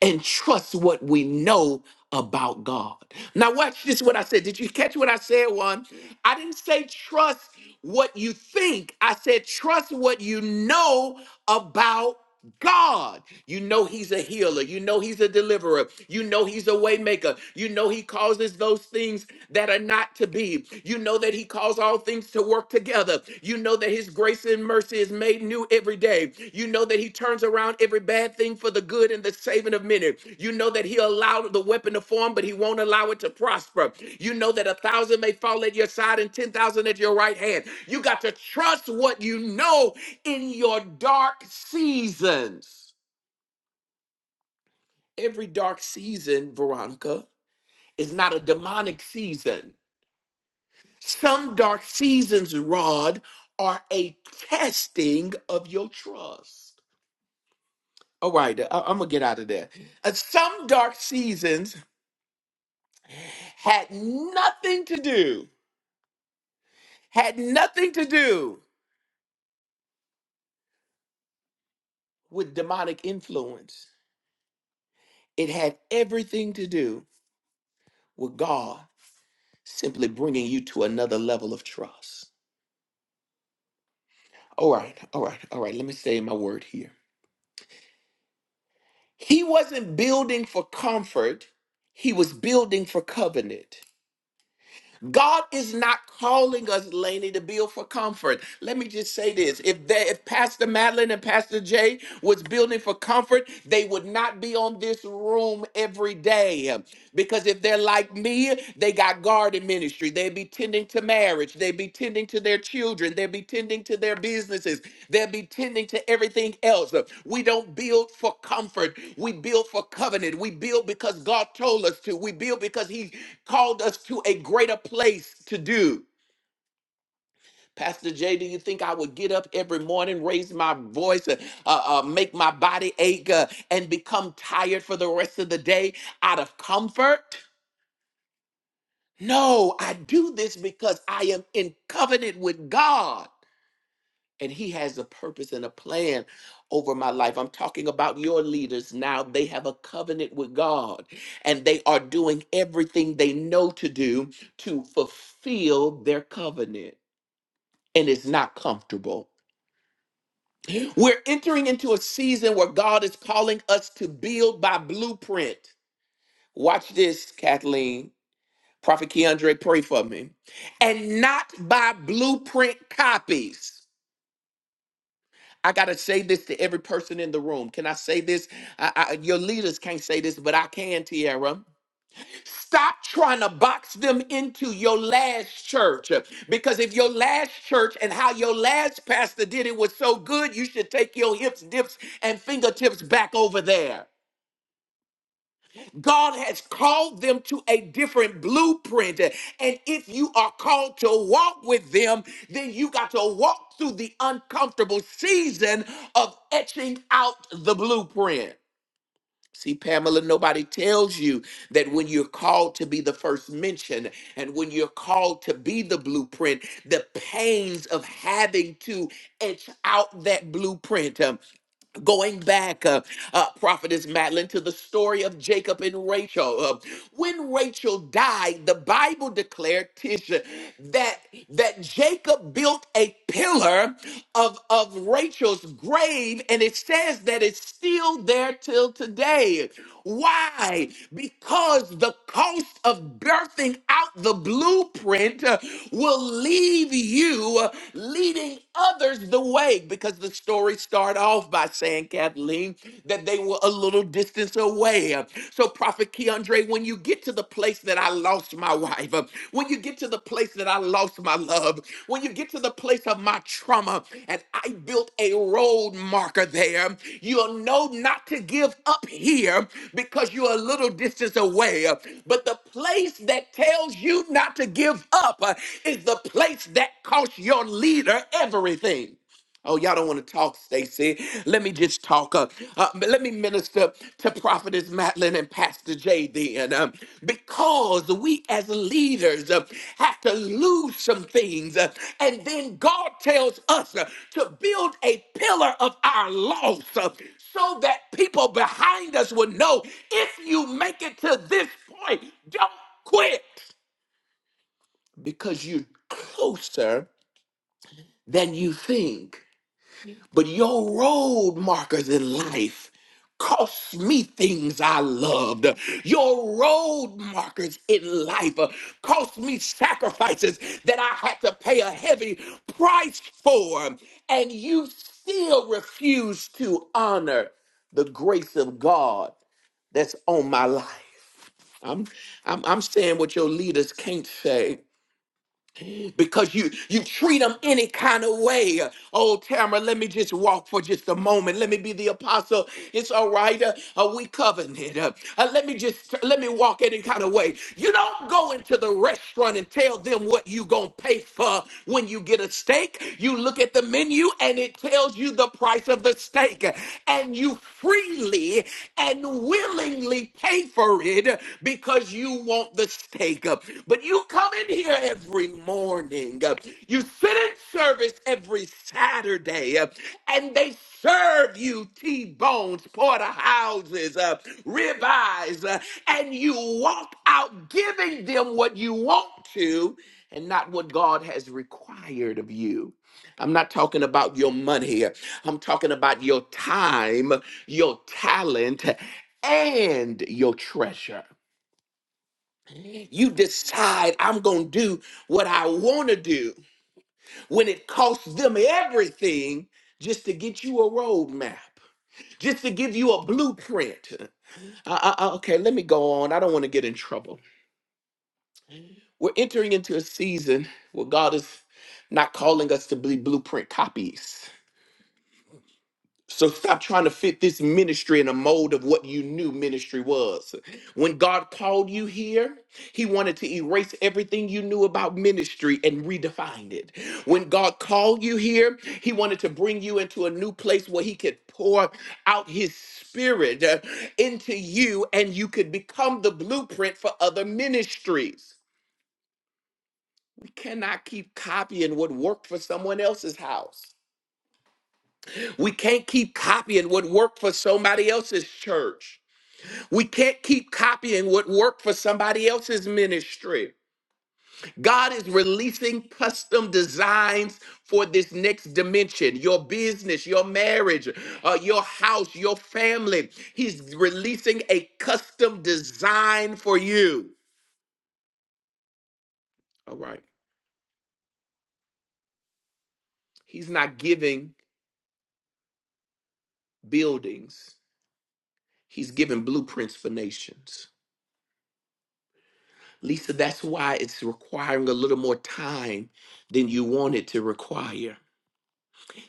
and trust what we know about God. Now, watch this what I said. Did you catch what I said, one? I didn't say trust what you think, I said trust what you know about God. You know he's a healer. You know he's a deliverer. You know he's a waymaker. You know he causes those things that are not to be. You know that he calls all things to work together. You know that his grace and mercy is made new every day. You know that he turns around every bad thing for the good and the saving of many. You know that he allowed the weapon to form, but he won't allow it to prosper. You know that a thousand may fall at your side and 10,000 at your right hand. You got to trust what you know in your dark seasons. Every dark season, Veronica, is not a demonic season. Some dark seasons, Rod, are a testing of your trust. All right, I- I'm gonna get out of there. Uh, some dark seasons had nothing to do, had nothing to do with demonic influence. It had everything to do with God simply bringing you to another level of trust. All right, all right, all right. Let me say my word here. He wasn't building for comfort, he was building for covenant. God is not calling us, Laney, to build for comfort. Let me just say this. If they, if Pastor Madeline and Pastor Jay was building for comfort, they would not be on this room every day. Because if they're like me, they got garden ministry. They'd be tending to marriage. They'd be tending to their children. They'd be tending to their businesses. They'd be tending to everything else. We don't build for comfort. We build for covenant. We build because God told us to. We build because He called us to a greater place to do. Pastor Jay, do you think I would get up every morning, raise my voice, uh, uh, uh, make my body ache, uh, and become tired for the rest of the day out of comfort? No, I do this because I am in covenant with God, and He has a purpose and a plan over my life. I'm talking about your leaders now. They have a covenant with God, and they are doing everything they know to do to fulfill their covenant. and it's not comfortable. We're entering into a season where God is calling us to build by blueprint. Watch this, Kathleen. Prophet Keandre, pray for me. And not by blueprint copies. I got to say this to every person in the room. Can I say this? I, I, your leaders can't say this, but I can, Tierra. Stop trying to box them into your last church. Because if your last church and how your last pastor did it was so good, you should take your hips, dips, and fingertips back over there. God has called them to a different blueprint. And if you are called to walk with them, then you got to walk through the uncomfortable season of etching out the blueprint. See, Pamela, nobody tells you that when you're called to be the first mention and when you're called to be the blueprint, the pains of having to etch out that blueprint. um, going back, uh, uh, Prophetess Madeline, to the story of Jacob and Rachel. Uh, when Rachel died, the Bible declared Tisha that that Jacob built a pillar of of Rachel's grave, and it says that it's still there till today. Why? Because the cost of birthing out the blueprint uh, will leave you uh, leading others the way because the story story start off by saying, Kathleen, that they were a little distance away. Uh, So, Prophet Keandre, when you get to the place that I lost my wife, uh, when you get to the place that I lost my love, when you get to the place of my trauma, and I built a road marker there, you'll know not to give up here because you're a little distance away. Uh, But the place that tells you not to give up uh, is the place that costs your leader everything. Oh, y'all don't want to talk, Stacy. Let me just talk. Uh, uh, but let me minister to Prophetess Madeline and Pastor J then. Um, because we as leaders uh, have to lose some things. uh, and then God tells us uh, to build a pillar of our loss uh, so that people behind us will know if you make it to this point, don't quit because you're closer than you think. But your road markers in life cost me things I loved. Your road markers in life uh, cost me sacrifices that I had to pay a heavy price for. And you still refuse to honor the grace of God that's on my life. I'm, I'm, I'm saying what your leaders can't say because you you treat them any kind of way. Oh, Tamara, let me just walk for just a moment. Let me be the apostle. It's all right. Uh, uh, we covenanted. Uh, uh, let me just let me walk any kind of way. You don't go into the restaurant and tell them what you gonna pay for when you get a steak. You look at the menu and it tells you the price of the steak, and you freely and willingly pay for it because you want the steak. But you come in here every morning, you sit in service every Saturday, and they serve you T-bones, porterhouses, uh, ribeyes, uh, and you walk out giving them what you want to and not what God has required of you. I'm not talking about your money here. I'm talking about your time, your talent, and your treasure. You decide, I'm going to do what I want to do when it costs them everything just to get you a roadmap, just to give you a blueprint. Uh, uh, uh, okay, let me go on. I don't want to get in trouble. We're entering into a season where God is not calling us to be blueprint copies. So stop trying to fit this ministry in a mold of what you knew ministry was. When God called you here, he wanted to erase everything you knew about ministry and redefine it. When God called you here, he wanted to bring you into a new place where he could pour out his spirit uh, into you and you could become the blueprint for other ministries. We cannot keep copying what worked for someone else's house. We can't keep copying what worked for somebody else's church. We can't keep copying what worked for somebody else's ministry. God is releasing custom designs for this next dimension your business, your marriage, uh, your house, your family. He's releasing a custom design for you. All right. He's not giving buildings, he's giving blueprints for nations. Lisa, that's why it's requiring a little more time than you want it to require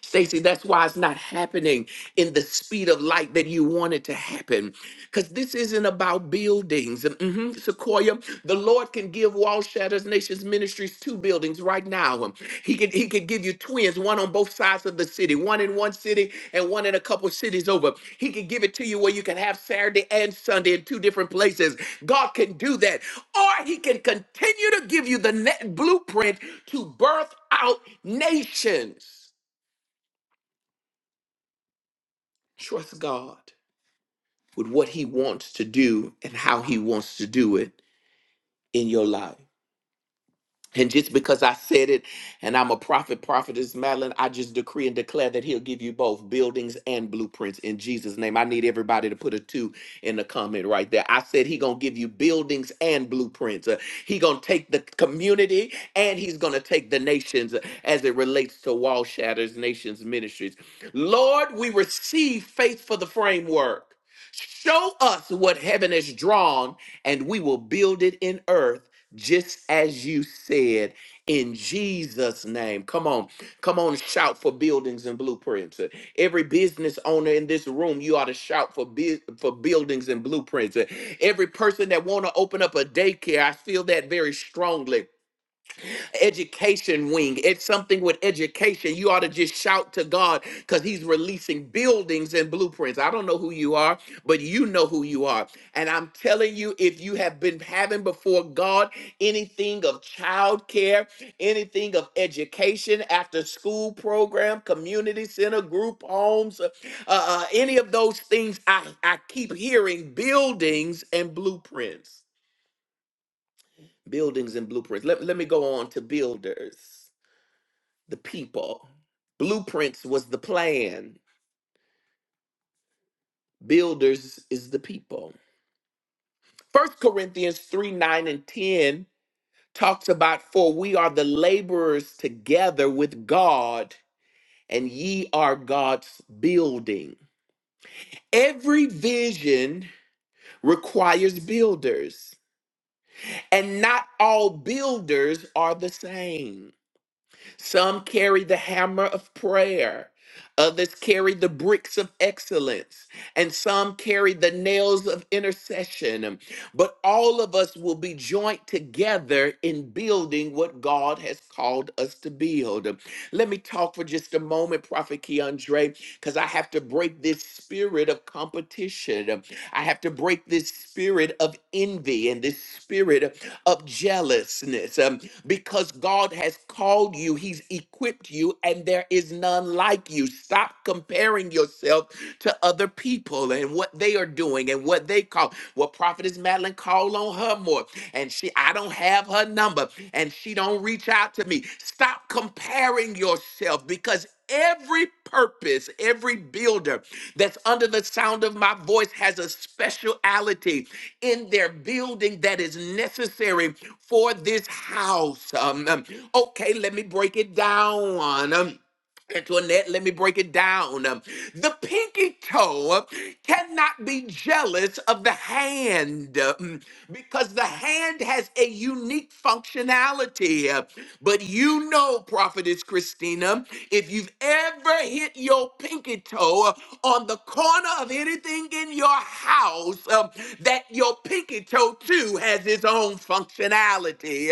Stacy, that's why it's not happening in the speed of light that you want it to happen. Because this isn't about buildings. Mhm, Sequoia, the Lord can give Wall Shatters Nations Ministries two buildings right now. He could he could give you twins, one on both sides of the city, one in one city and one in a couple cities over. He could give it to you where you can have Saturday and Sunday in two different places. God can do that. Or he can continue to give you the net blueprint to birth out nations. Trust God with what He wants to do and how He wants to do it in your life. And just because I said it and I'm a prophet, prophetess Madeline, I just decree and declare that he'll give you both buildings and blueprints in Jesus' name. I need everybody to put a two in the comment right there. I said he gonna give you buildings and blueprints. Uh, he gonna take the community and he's gonna take the nations uh, as it relates to Wall Shatters Nations Ministries. Lord, we receive faith for the framework. Show us what heaven has drawn, and we will build it in earth just as you said in Jesus' name. Come on, come on, shout for buildings and blueprints. Uh, Every business owner in this room, you ought to shout for bu- for buildings and blueprints. Uh, Every person that want to open up a daycare, I feel that very strongly education wing. It's something with education. You ought to just shout to God because He's releasing buildings and blueprints. I don't know who you are, but you know who you are. And I'm telling you, if you have been having before God anything of childcare, anything of education, after school program, community center, group homes, uh, uh, uh, any of those things, I, I keep hearing buildings and blueprints. Buildings and blueprints. Let, let me go on to builders the people. Blueprints was the plan. Builders is the people. First Corinthians 3 9 and 10 talks about, For we are the laborers together with God, and ye are God's building. Every vision requires builders, and not all builders are the same. Some carry the hammer of prayer. Others carry the bricks of excellence, and some carry the nails of intercession. But all of us will be joined together in building what God has called us to build. Let me talk for just a moment, Prophet Keandre, because I have to break this spirit of competition. I have to break this spirit of envy and this spirit of jealousness. Um, because God has called you, He's equipped you, and there is none like you. Stop comparing yourself to other people and what they are doing and what they call. Well, Prophetess Madeline called on her more, and she I don't have her number, and she don't reach out to me. Stop Stop comparing yourself because every purpose, every builder that's under the sound of my voice has a speciality in their building that is necessary for this house. Um, um, okay, let me break it down. Um, Antoinette, let me break it down. Um, The pinky toe um, cannot be jealous of the hand um, because the hand has a unique functionality. Uh, But you know, Prophetess Christina, if you've ever hit your pinky toe uh, on the corner of anything in your house, um, that your pinky toe too has its own own functionality.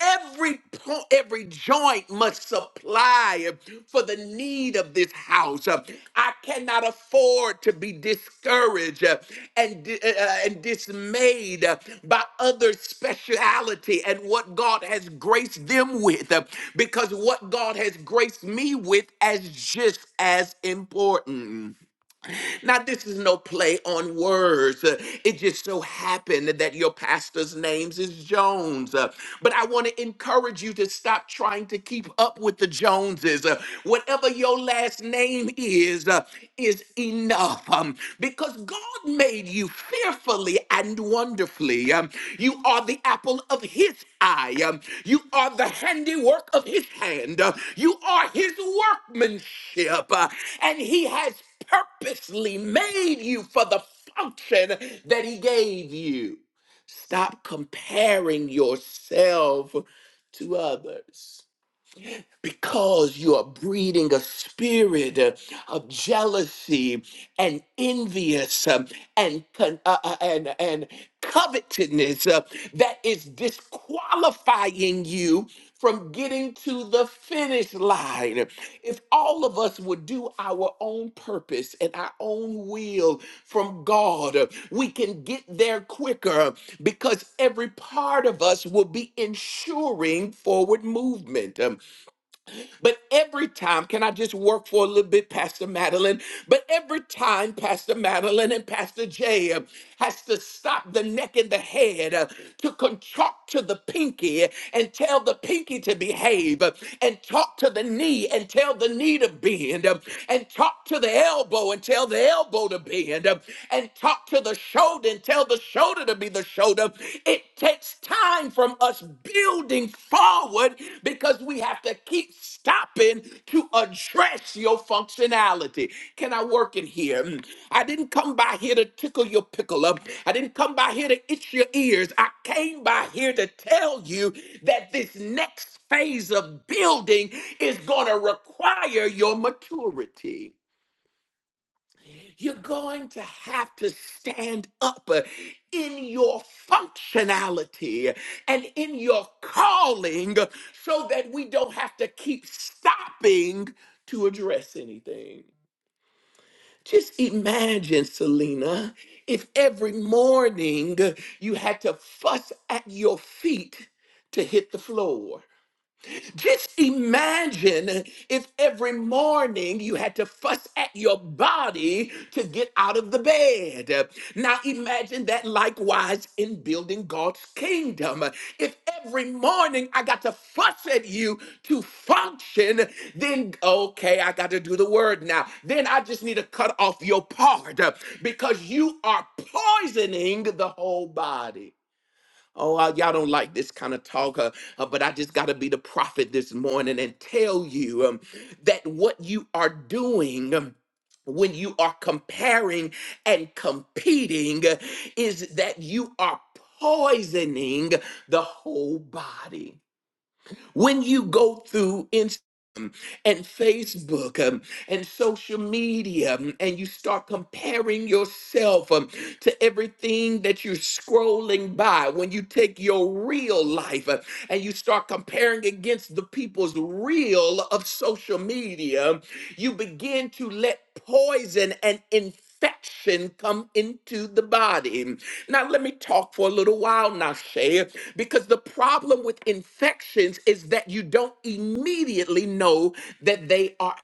Every point, every joint must supply for the need of this house. I cannot afford to be discouraged and di- uh, uh, and dismayed by other speciality and what God has graced them with, because what God has graced me with is just as important. Now, this is no play on words. Uh, It just so happened that your pastor's name is Jones. Uh, But I want to encourage you to stop trying to keep up with the Joneses. Uh, Whatever your last name is, uh, is enough um, because God made you fearfully and wonderfully. Um, You are the apple of his eye. Um, You are the handiwork of his hand. Uh, You are his workmanship. Uh, And he has purposely made you for the function that He gave you. Stop comparing yourself to others because you are breeding a spirit uh, of jealousy and envious um, and con- uh, uh, and and covetousness uh, that is disqualifying you from getting to the finish line. If all of us would do our own purpose and our own will from God, uh, we can get there quicker because every part of us will be ensuring forward movement. Um, but every time, can I just work for a little bit, Pastor Madeline? But every time Pastor Madeline and Pastor Jay uh, has to stop the neck and the head uh, to con- talk to the pinky and tell the pinky to behave, uh, and talk to the knee and tell the knee to bend, uh, and talk to the elbow and tell the elbow to bend, uh, and talk to the shoulder and tell the shoulder to be the shoulder showed up. It takes time from us building forward because we have to keep stopping to address your functionality. Can I work in here? Mm. I didn't come by here to tickle your pickle up. I didn't come by here to itch your ears. I came by here to tell you that this next phase of building is going to require your maturity. You're going to have to stand up uh, in your functionality and in your calling uh, so that we don't have to keep stopping to address anything. Just imagine, Selena, if every morning uh, you had to fuss at your feet to hit the floor. Just imagine if every morning you had to fuss at your body to get out of the bed. Now imagine that likewise in building God's kingdom. If every morning I got to fuss at you to function, then okay, I got to do the word now. Then I just need to cut off your part because you are poisoning the whole body. Oh, uh, y'all don't like this kind of talk, uh, uh, but I just got to be the prophet this morning and tell you um, that what you are doing. um, when you are comparing and competing, uh, is that you are poisoning the whole body when you go through Instagram and Facebook um, and social media, um, and you start comparing yourself um, to everything that you're scrolling by, when you take your real life uh, and you start comparing against the people's real of social media, you begin to let poison and infection come into the body. Now, let me talk for a little while now, Shay, because the problem with infections is that you don't immediately know that they are.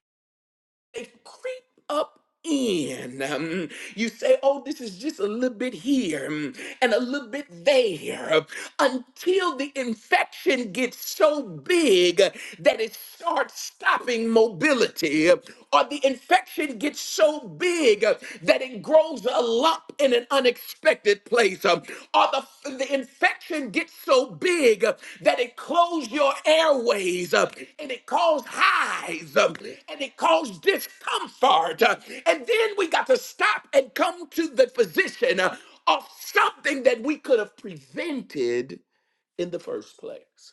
They creep up in. Um, you say, oh, this is just a little bit here mm, and a little bit there um, until the infection gets so big uh, that it starts stopping mobility, uh, or the infection gets so big uh, that it grows a lump in an unexpected place, um, or the, the infection gets so big uh, that it closes your airways uh, and it causes highs um, and it causes discomfort. uh, and then we got to stop and come to the physician uh, of something that we could have prevented in the first place.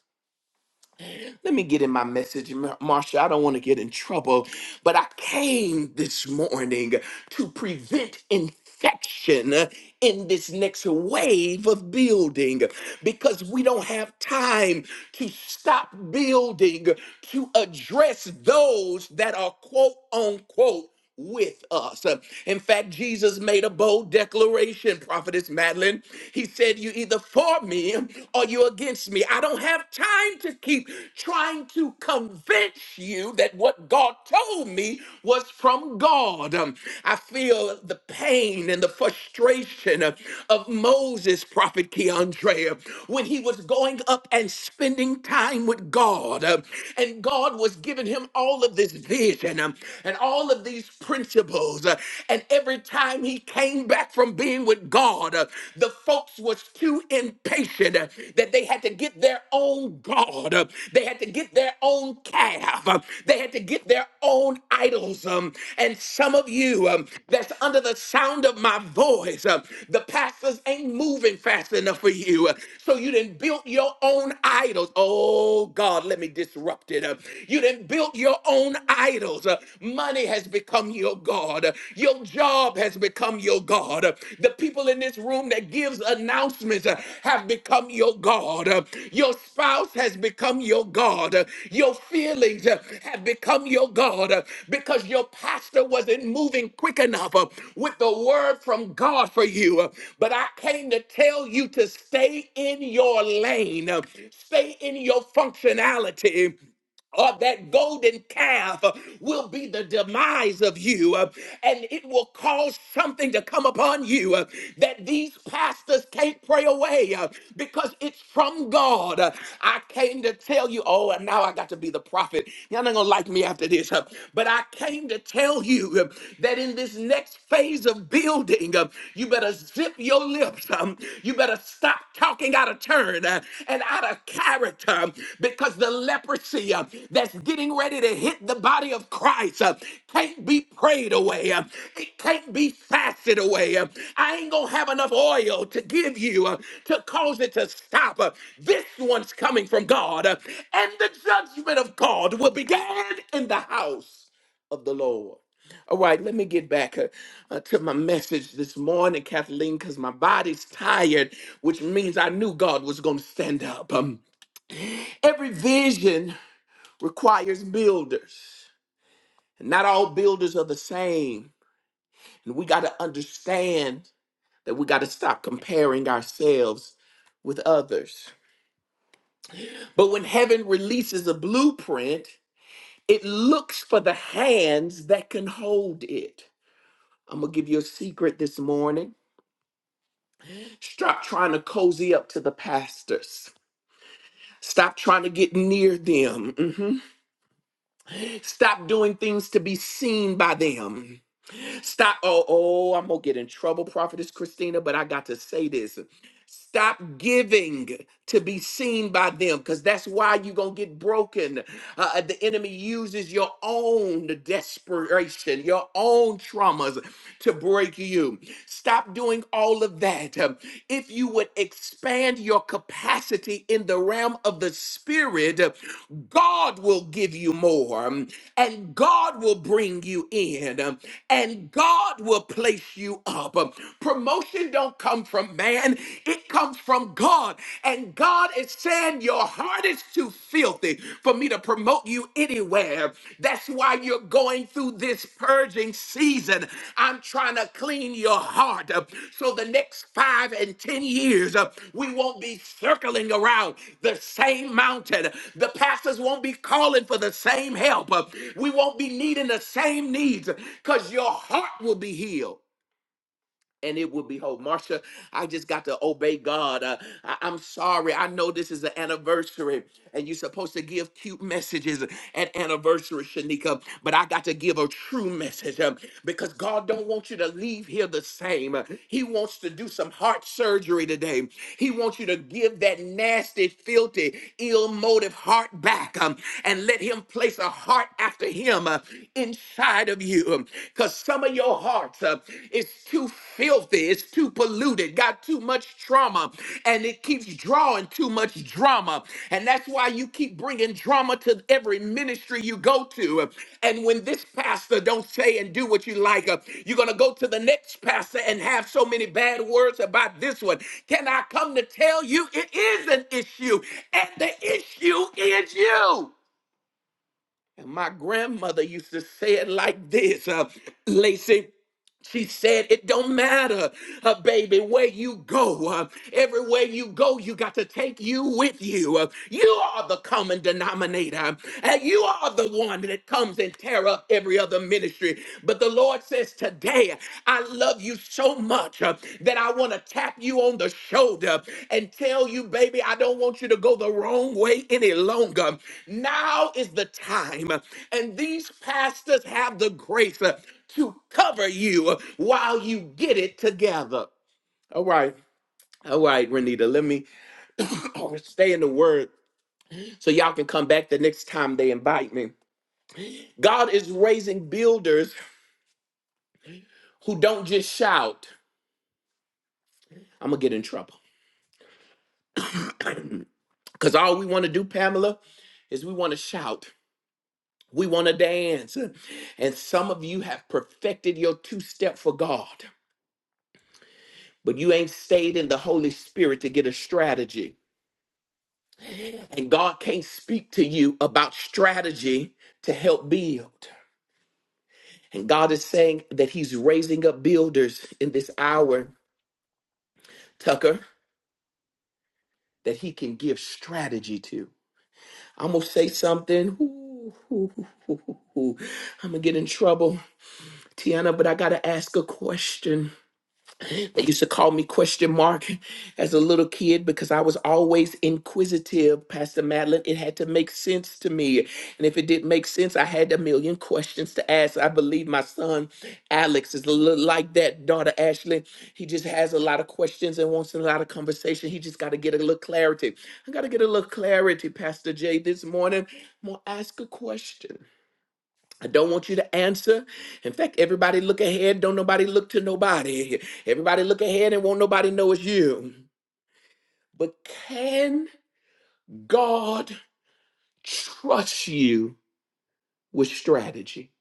Let me get in my message, Mar- Marsha. I don't want to get in trouble, but I came this morning to prevent infection in this next wave of building because we don't have time to stop building to address those that are quote unquote with us. Uh, In fact, Jesus made a bold declaration, Prophetess Madeline. He said, You either for me or you against me. I don't have time to keep trying to convince you that what God told me was from God. Um, I feel the pain and the frustration uh, of Moses, Prophet Keandre, uh, when he was going up and spending time with God. uh, And God was giving him all of this vision. Gideon um, and all of these principles. uh, and every time he came back from being with God, uh, the folks was too impatient uh, that they had to get their own God. uh, they had to get their own calf. uh, they had to get their own idols. um, and some of you um, that's under the sound of my voice, uh, the pastors ain't moving fast enough for you. uh, so you didn't build your own idols. Oh God, let me disrupt it. uh, you didn't build built your own idols. Uh, Money has become your God. Uh, Your job has become your God. Uh, The people in this room that gives announcements uh, have become your God. Uh, Your spouse has become your God. Uh, Your feelings uh, have become your God uh, because your pastor wasn't moving quick enough uh, with the word from God for you. Uh, But I came to tell you to stay in your lane, uh, stay in your functionality or that golden calf uh, will be the demise of you, uh, and it will cause something to come upon you uh, that these pastors can't pray away uh, because it's from God. Uh, I came to tell you, oh, and now I got to be the prophet. Y'all not gonna like me after this, uh, but I came to tell you uh, that in this next phase of building, uh, you better zip your lips some. You better stop talking out of turn uh, and out of character um, because the leprosy uh, that's getting ready to hit the body of Christ uh, can't be prayed away. uh, It can't be fasted away. uh, I ain't going to have enough oil to give you uh, to cause it to stop. uh, This one's coming from God. uh, And the judgment of God will begin in the house of the Lord. All right, let me get back uh, uh, to my message this morning, Kathleen, because my body's tired, which means I knew God was going to stand up. Um, every vision requires builders, not all builders are the same. And we got to understand that we got to stop comparing ourselves with others. But when heaven releases a blueprint, it looks for the hands that can hold it. I'm going to give you a secret this morning Stop trying to cozy up to the pastors. Stop trying to get near them. Mhm. Stop doing things to be seen by them. Stop. Oh, oh, I'm gonna get in trouble, Prophetess Christina, but I got to say this. Stop giving to be seen by them, because that's why you're gonna get broken. Uh, uh, the enemy uses your own desperation, your own traumas to break you. Stop doing all of that. Um, If you would expand your capacity in the realm of the spirit, God will give you more, um, and God will bring you in, um, and God will place you up. Um, Promotion don't come from man, it comes from God. And God is saying your heart is too filthy for me to promote you anywhere. That's why you're going going through this purging season. I'm trying to clean your heart up so the next five and 10 years uh, we won't be circling around the same mountain. The pastors won't be calling for the same help. Uh, We won't be needing the same needs because your heart will be healed and it will be whole. Marsha, I just got to obey God. Uh, I, am sorry. I know this is an anniversary, and you're supposed to give cute messages at anniversary, Shanika, but I got to give a true message um, because God don't want you to leave here the same. Uh, He wants to do some heart surgery today. He wants you to give that nasty, filthy, ill motive heart back um, and let him place a heart after him uh, inside inside of you because some of your hearts uh, is too filthy, it's too polluted, got too much trauma, and it keeps drawing too much drama. And that's why you keep bringing drama to every ministry you go to. uh, And when this pastor don't say and do what you like, uh, you're going to go to the next pastor and have so many bad words about this one. Can I come to tell you it is an issue, and the issue is you? And my grandmother used to say it like this, uh, Lacey. She said, It don't matter, uh, baby, where you go. Uh, everywhere you go, you got to take you with you. Uh, you are the common denominator, and you are the one that comes and tear up every other ministry. But the Lord says, Today, I love you so much uh, that I want to tap you on the shoulder and tell you, baby, I don't want you to go the wrong way any longer. Now is the time, and these pastors have the grace. uh, to cover you while you get it together. All right. All right, Renita, let me [coughs] [clears throat] stay in the word so y'all can come back the next time they invite me. God is raising builders who don't just shout. I'm going to get in trouble. [coughs] [clears throat] Because all we want to do, Pamela, is we want to shout. We want to dance. And some of you have perfected your two step for God, but you ain't stayed in the Holy Spirit to get a strategy. And God can't speak to you about strategy to help build. And God is saying that He's raising up builders in this hour, Tucker, that He can give strategy to. I'm going to say something. Ooh, ooh, ooh, ooh, ooh. I'm going to get in trouble, Tiana, but I got to ask a question. They used to call me question mark as a little kid because I was always inquisitive, Pastor Madeline. It had to make sense to me. And if it didn't make sense, I had a million questions to ask. I believe my son Alex is a little like that, daughter Ashley. He just has a lot of questions and wants a lot of conversation. He just got to get a little clarity. I got to get a little clarity, Pastor Jay, this morning. I'm going to ask a question. I don't want you to answer. In fact, everybody look ahead. Don't nobody look to nobody. Everybody look ahead and won't nobody know it's you. But can God trust you with strategy?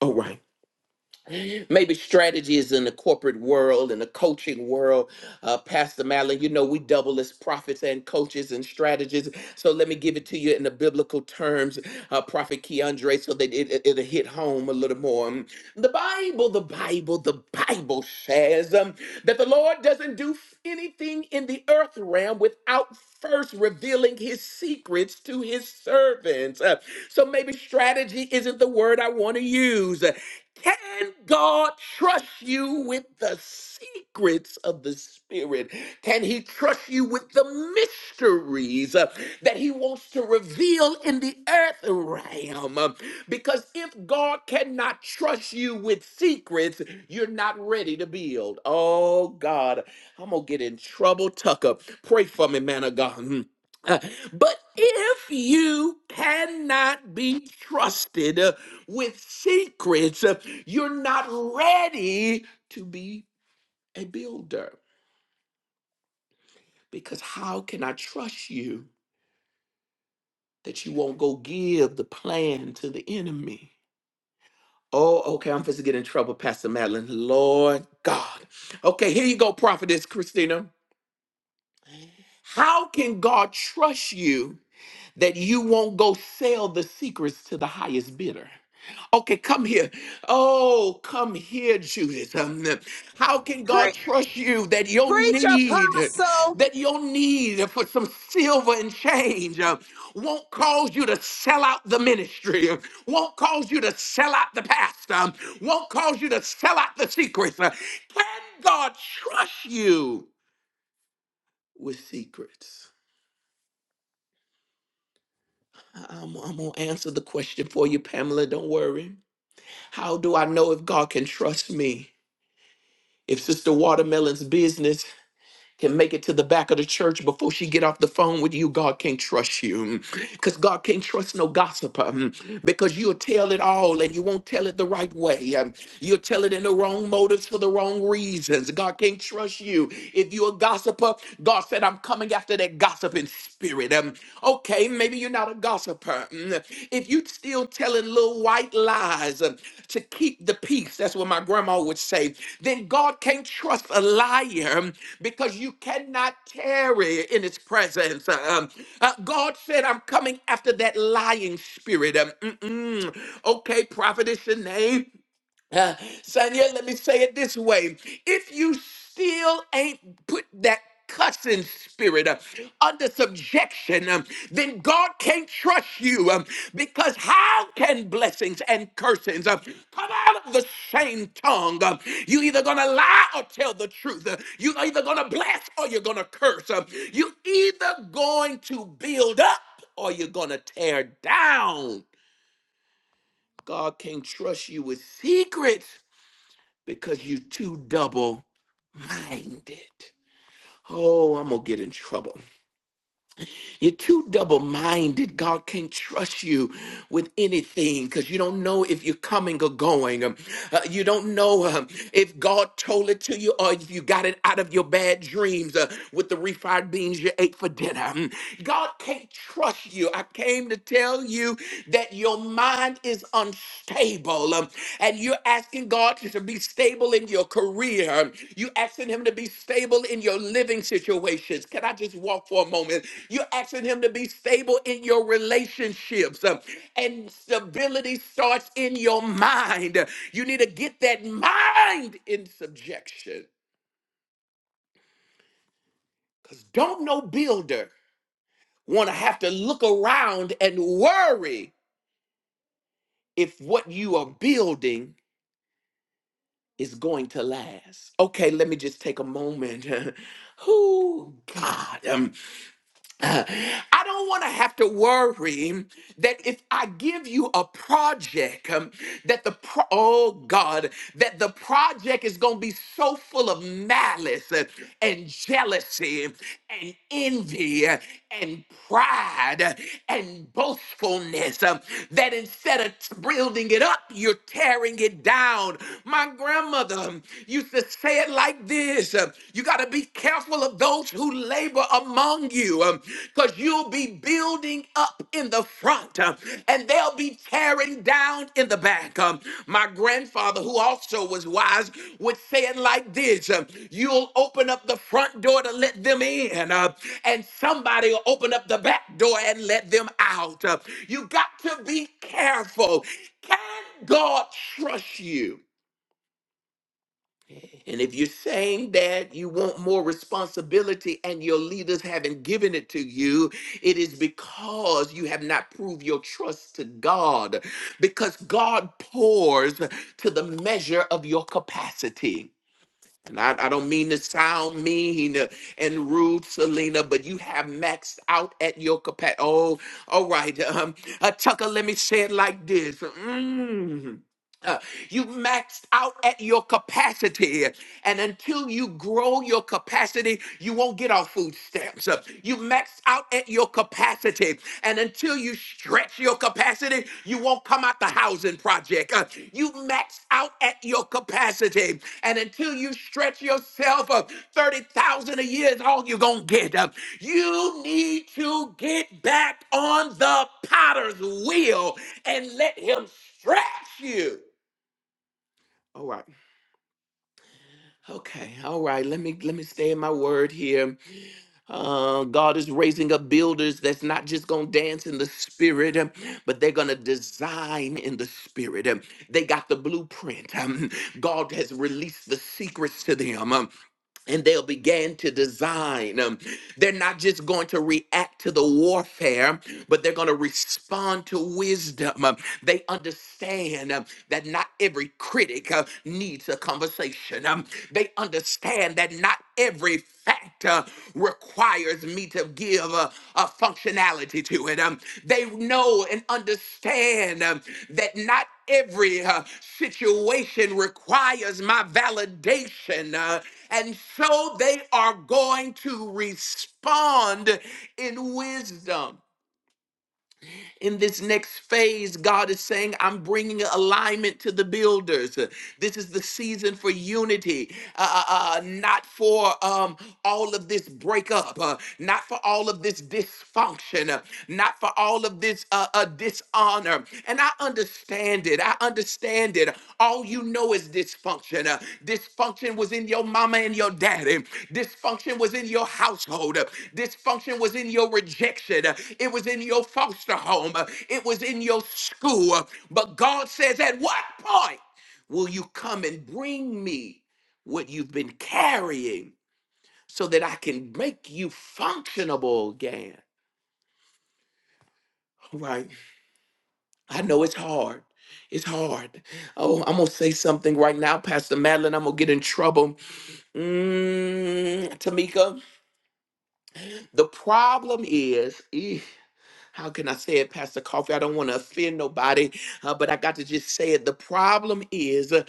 Oh, right. Maybe strategies in the corporate world, in the coaching world. Uh, Pastor Madeline, you know, we double as prophets and coaches and strategists. So let me give it to you in the biblical terms, uh, Prophet Keandre, so that it, it, it'll hit home a little more. Um, The Bible, the Bible, the Bible says um, that the Lord doesn't do f- anything in the earth realm without first revealing his secrets to his servants. Uh, so maybe strategy isn't the word I want to use. Can God trust you with the secrets of the Spirit? Can He trust you with the mysteries uh, that He wants to reveal in the earth realm? Uh, Because if God cannot trust you with secrets, you're not ready to build. Oh, God, I'm going to get in trouble, Tucker. Pray for me, man of God. Mm. Uh, but if you cannot be trusted, uh, with secrets, uh, you're not ready to be a builder. Because how can I trust you that you won't go give the plan to the enemy? Oh, okay, I'm supposed to get in trouble, Pastor Madeline. Lord God. Okay, here you go, Prophetess Christina. How can God trust you? that you won't go sell the secrets to the highest bidder. Okay, come here. Oh, come here, Judith. Um, how can God Pre- trust you that your preach, need, apostle, that your need for some silver and change uh, won't cause you to sell out the ministry, uh, won't cause you to sell out the pastor, um, won't cause you to sell out the secrets? Uh, Can God trust you with secrets? I'm, I'm going to answer the question for you, Pamela. Don't worry. How do I know if God can trust me? If Sister Watermelon's business can make it to the back of the church before she get off the phone with you, God can't trust you. Because God can't trust no gossiper. mm, Because you'll tell it all and you won't tell it the right way. um, You'll tell it in the wrong motives for the wrong reasons. God can't trust you. If you're a gossiper, God said, I'm coming after that gossiping spirit. Um, okay, maybe you're not not a gossiper, mm, if you still telling little white lies uh, to keep the peace, that's what my grandma would say, then God can't trust a liar um, because you cannot tarry in his presence. Uh, Um, uh, God said, I'm coming after that lying spirit. Um, mm-mm. Okay, prophetess Shanae. [laughs] Uh, Sonia, let me say it this way. If you still ain't put that cussing spirit uh, under subjection, um, then God can't trust you um, because how can blessings and cursings um, come out of the same tongue? Um, you either going to lie or tell the truth. Uh, you either going to bless or you're going to curse. Um, you either going to build up or you're going to tear down. God can't trust you with secrets because you're too double minded. Oh, I'm going to get in trouble. You're too double minded. God can't trust you with anything because you don't know if you're coming or going. Um, uh, you don't know um, if God told it to you or if you got it out of your bad dreams uh, with the refried beans you ate for dinner. Um, God can't trust you. I I came to tell you that your mind is unstable um, and you're asking God to be stable in your career. You're asking Him to be stable in your living situations. Can I just walk for a moment? You're asking Him to be stable in your relationships, um, and stability starts in your mind. You need to get that mind in subjection because don't no builder want to have to look around and worry if what you are building is going to last. Okay, let me just take a moment. [laughs] Oh God? Um, I don't want to have to worry that if I give you a project, um, that the pro- oh God, that the project is going to be so full of malice uh, and jealousy and envy uh, and pride uh, and boastfulness um, that instead of t- building it up, you're tearing it down. My grandmother um, used to say it like this. um, you got to be careful of those who labor among you because you'll be building up in the front um, and they'll be tearing down in the back. Um, My grandfather, who also was wise, would say it like this um, You'll open up the front door to let them in, uh, and somebody will open up the back door and let them out. Uh, You got to be careful. Can God trust you? And if you're saying that you want more responsibility and your leaders haven't given it to you, it is because you have not proved your trust to God, because God pours to the measure of your capacity. And I, I don't mean to sound mean and rude, Selena, but you have maxed out at your capacity. Oh, all right. Um, uh, Tucker, let me say it like this. Mm. Uh, you've maxed out at your capacity, and until you grow your capacity, you won't get off food stamps. Uh, You've maxed out at your capacity, and until you stretch your capacity, you won't come out the housing project. Uh, You've maxed out at your capacity, and until you stretch yourself up, thirty thousand a year is all you're gonna get. Uh, You need to get back on the potter's wheel and let him stretch you. All right. Okay. All right. Let me let me stay in my word here. Uh, God is raising up builders that's not just gonna dance in the spirit, um, but they're gonna design in the spirit. Um, They got the blueprint. Um, God has released the secrets to them. Um, and they'll begin to design. Um, they're not just going to react to the warfare, but they're going to respond to wisdom. Um, they understand um, that not every critic uh, needs a conversation. Um, they understand that not every factor requires me to give a, a functionality to it. Um, they know and understand um, that not Every uh, situation requires my validation. uh, and so they are going to respond in wisdom. In this next phase, God is saying, I'm bringing alignment to the builders. Uh, This is the season for unity, uh, uh, uh, not for um, all of this breakup, uh, not for all of this dysfunction, uh, not for all of this uh, uh, dishonor. And I understand understand it. I understand it. All you know is dysfunction. Uh, dysfunction was in your mama and your daddy. Dysfunction was in your household. Uh, dysfunction was in your rejection. Uh, it was in your foster home. Uh, it was in your school. Uh, but God says, at what point will you come and bring me what you've been carrying so that I can make you functionable again? Right? I know it's hard. It's hard. Oh, I'm gonna say something right now, Pastor Madeline. I'm gonna get in trouble. Mm, Tamika, the problem is [laughs] how can I say it, Pastor Coffee? I don't want to offend nobody, uh, but I got to just say it. The problem is uh,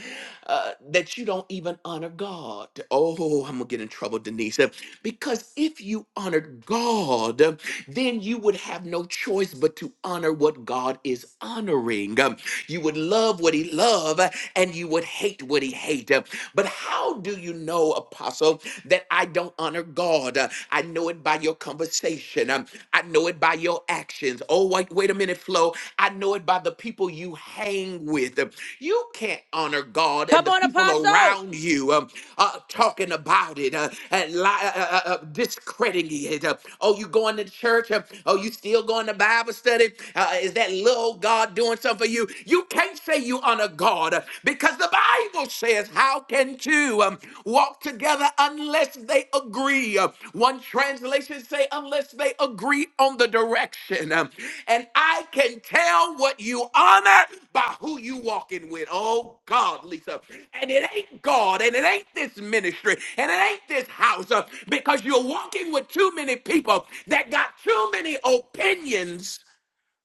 uh, that you don't even honor God. Oh, I'm going to get in trouble, Denise. Uh, Because if you honored God, uh, then you would have no choice but to honor what God is honoring. Um, You would love what he loved and you would hate what he hated. But how do you know, Apostle, that I don't honor God? Uh, I know it by your conversation. Um, I know it by your actions. Oh, wait, wait a minute, Flo. I know it by the people you hang with. You can't honor God and Come the on, people Apostle. around you um, uh, talking about it, uh, and li- uh, uh, uh, uh, discrediting it. Uh, oh, you going to church? Uh, oh, you still going to Bible study? Uh, uh, is that little old God doing something for you? You can't say you honor God uh, because the Bible says, How can two um, walk together unless they agree? Uh, One Translation say, unless they agree on the direction. Um, And I can tell what you honor by who you walking with. Oh God, Lisa. And it ain't God, and it ain't this ministry, and it ain't this house, uh, because you're walking with too many people that got too many opinions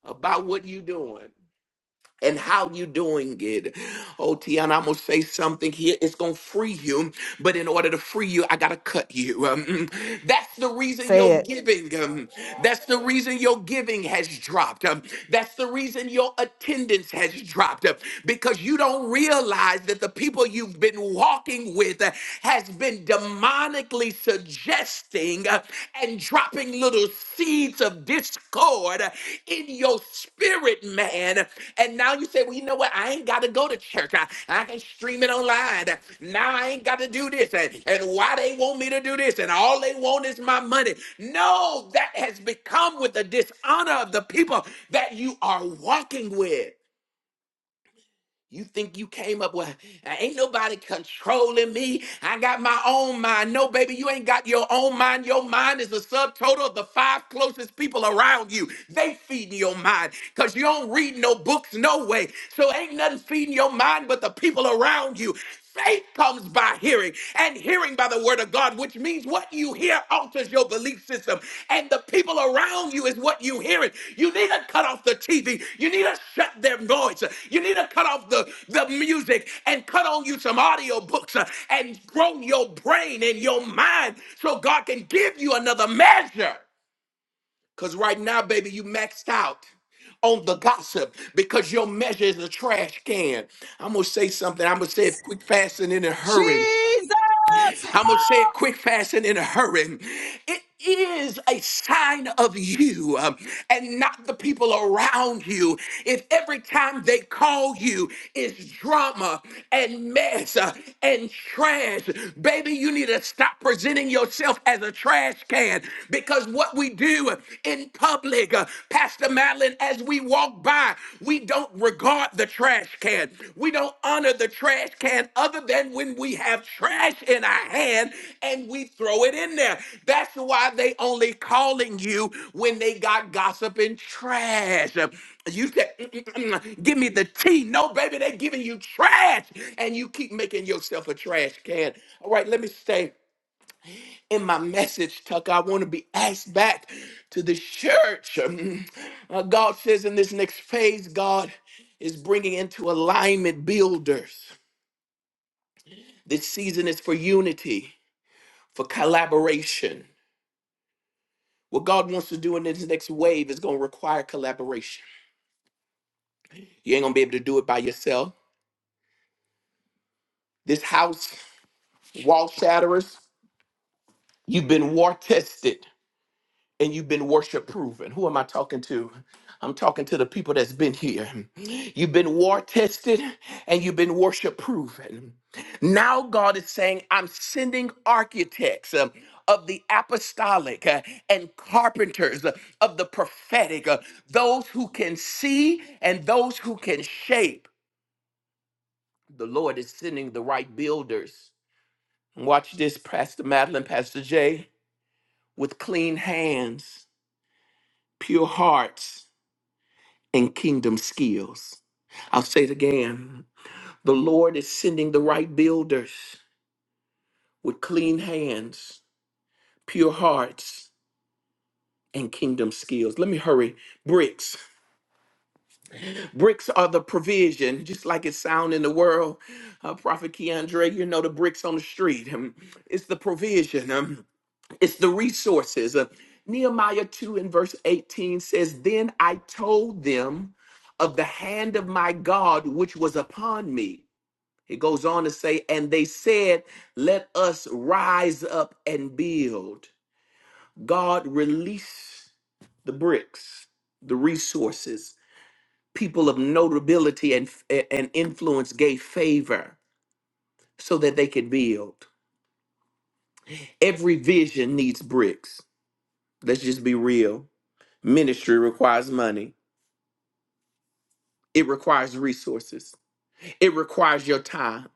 about what you are doing and how you doing it. Oh, Tiana, I'm gonna say something here. It's gonna free you, but in order to free you, I gotta cut you. [laughs] Um, mm, that's the reason Say your it. giving. Um, that's the reason your giving has dropped. Um, that's the reason your attendance has dropped um, because you don't realize that the people you've been walking with uh, has been demonically seduced suggesting uh, and dropping little seeds of discord uh, in your spirit, man. And now you say, well, you know what? I ain't got to go to church. I, I can stream it online. Now I ain't got to do this. And, and why they want me to do this? And all they want is my money. No, that has become with the dishonor of the people that you are walking with. You think you came up with ain't nobody controlling me. I got my own mind. No, baby, you ain't got your own mind. Your mind is the subtotal of the five closest people around you. They feeding your mind because you don't read no books, no way. So ain't nothing feeding your mind but the people around you. Faith comes by hearing, and hearing by the word of God, which means what you hear alters your belief system, and the people around you is what you hearing. You need to cut off the TV. You need to shut their noise. You need to cut off the, the music and cut on you some audio books uh, and grow your brain and your mind so God can give you another measure. Because right now, baby, you maxed out on the gossip because your measure is a trash can. I'm going to say something. I'm going to say it quick, fast, and in a Jesus. hurry. I'm going to say it quick, fast, and in a hurry. It is a sign of you um, and not the people around you. If every time they call you is drama and mess uh, and trash, baby, you need to stop presenting yourself as a trash can because what we do in public, uh, Pastor Madeline, as we walk walk by, we don't regard the trash can. We don't honor the trash can other than when we have trash in our hand and we throw it in there. That's why they only calling you when they got gossip and trash. You said, "Mm, mm, mm, mm, mm, give me the tea. No, baby, they giving you trash. And you keep making yourself a trash can. All right, let me stay in my message, Tucker, I want to be asked back to the church. Um, Uh, God says in this next phase, God is bringing into alignment builders. This season is for unity, for collaboration. What God wants to do in this next wave is going to require collaboration. You ain't going to be able to do it by yourself. This house, wall shatterers, you've been war tested. and you've been worship proven. Who am I talking to? I'm talking to the people that's been here. You've been war tested and you've been worship proven. Now God is saying, I'm sending architects. um, of the apostolic uh, and carpenters uh, of the prophetic, uh, those who can see and those who can shape. The Lord is sending the right builders. Watch this, Pastor Madeline, Pastor Jay, with clean hands, pure hearts, and kingdom skills. I'll say it again. The Lord is sending the right builders with clean hands, pure hearts, and kingdom skills. Let me hurry. Bricks. Bricks are the provision, just like it sound in the world. Uh, Prophet Keandre, you know the bricks on the street. Um, it's the provision. Um, it's the resources. Uh, Nehemiah 2 and verse 18 says, Then I told them of the hand of my God which was upon me It goes on to say, and they said, let us rise up and build. God released the bricks, the resources. People of notability and, and influence gave favor so that they could build. Every vision needs bricks. Let's just be real. Ministry requires money, it requires resources, it requires your time,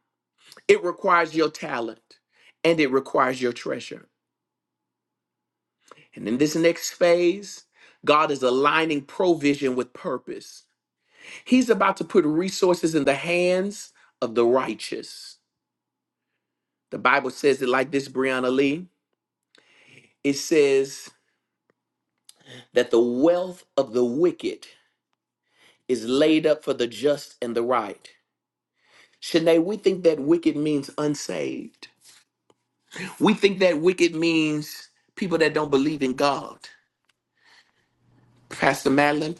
it requires your talent, and it requires your treasure. And in this next phase, God is aligning provision with purpose. He's about to put resources in the hands of the righteous. The Bible says it like this, Brianna Lee. It says that the wealth of the wicked is laid up for the just and the right. Shanae, we think that wicked means unsaved. We think that wicked means people that don't believe in God. Pastor Madeline,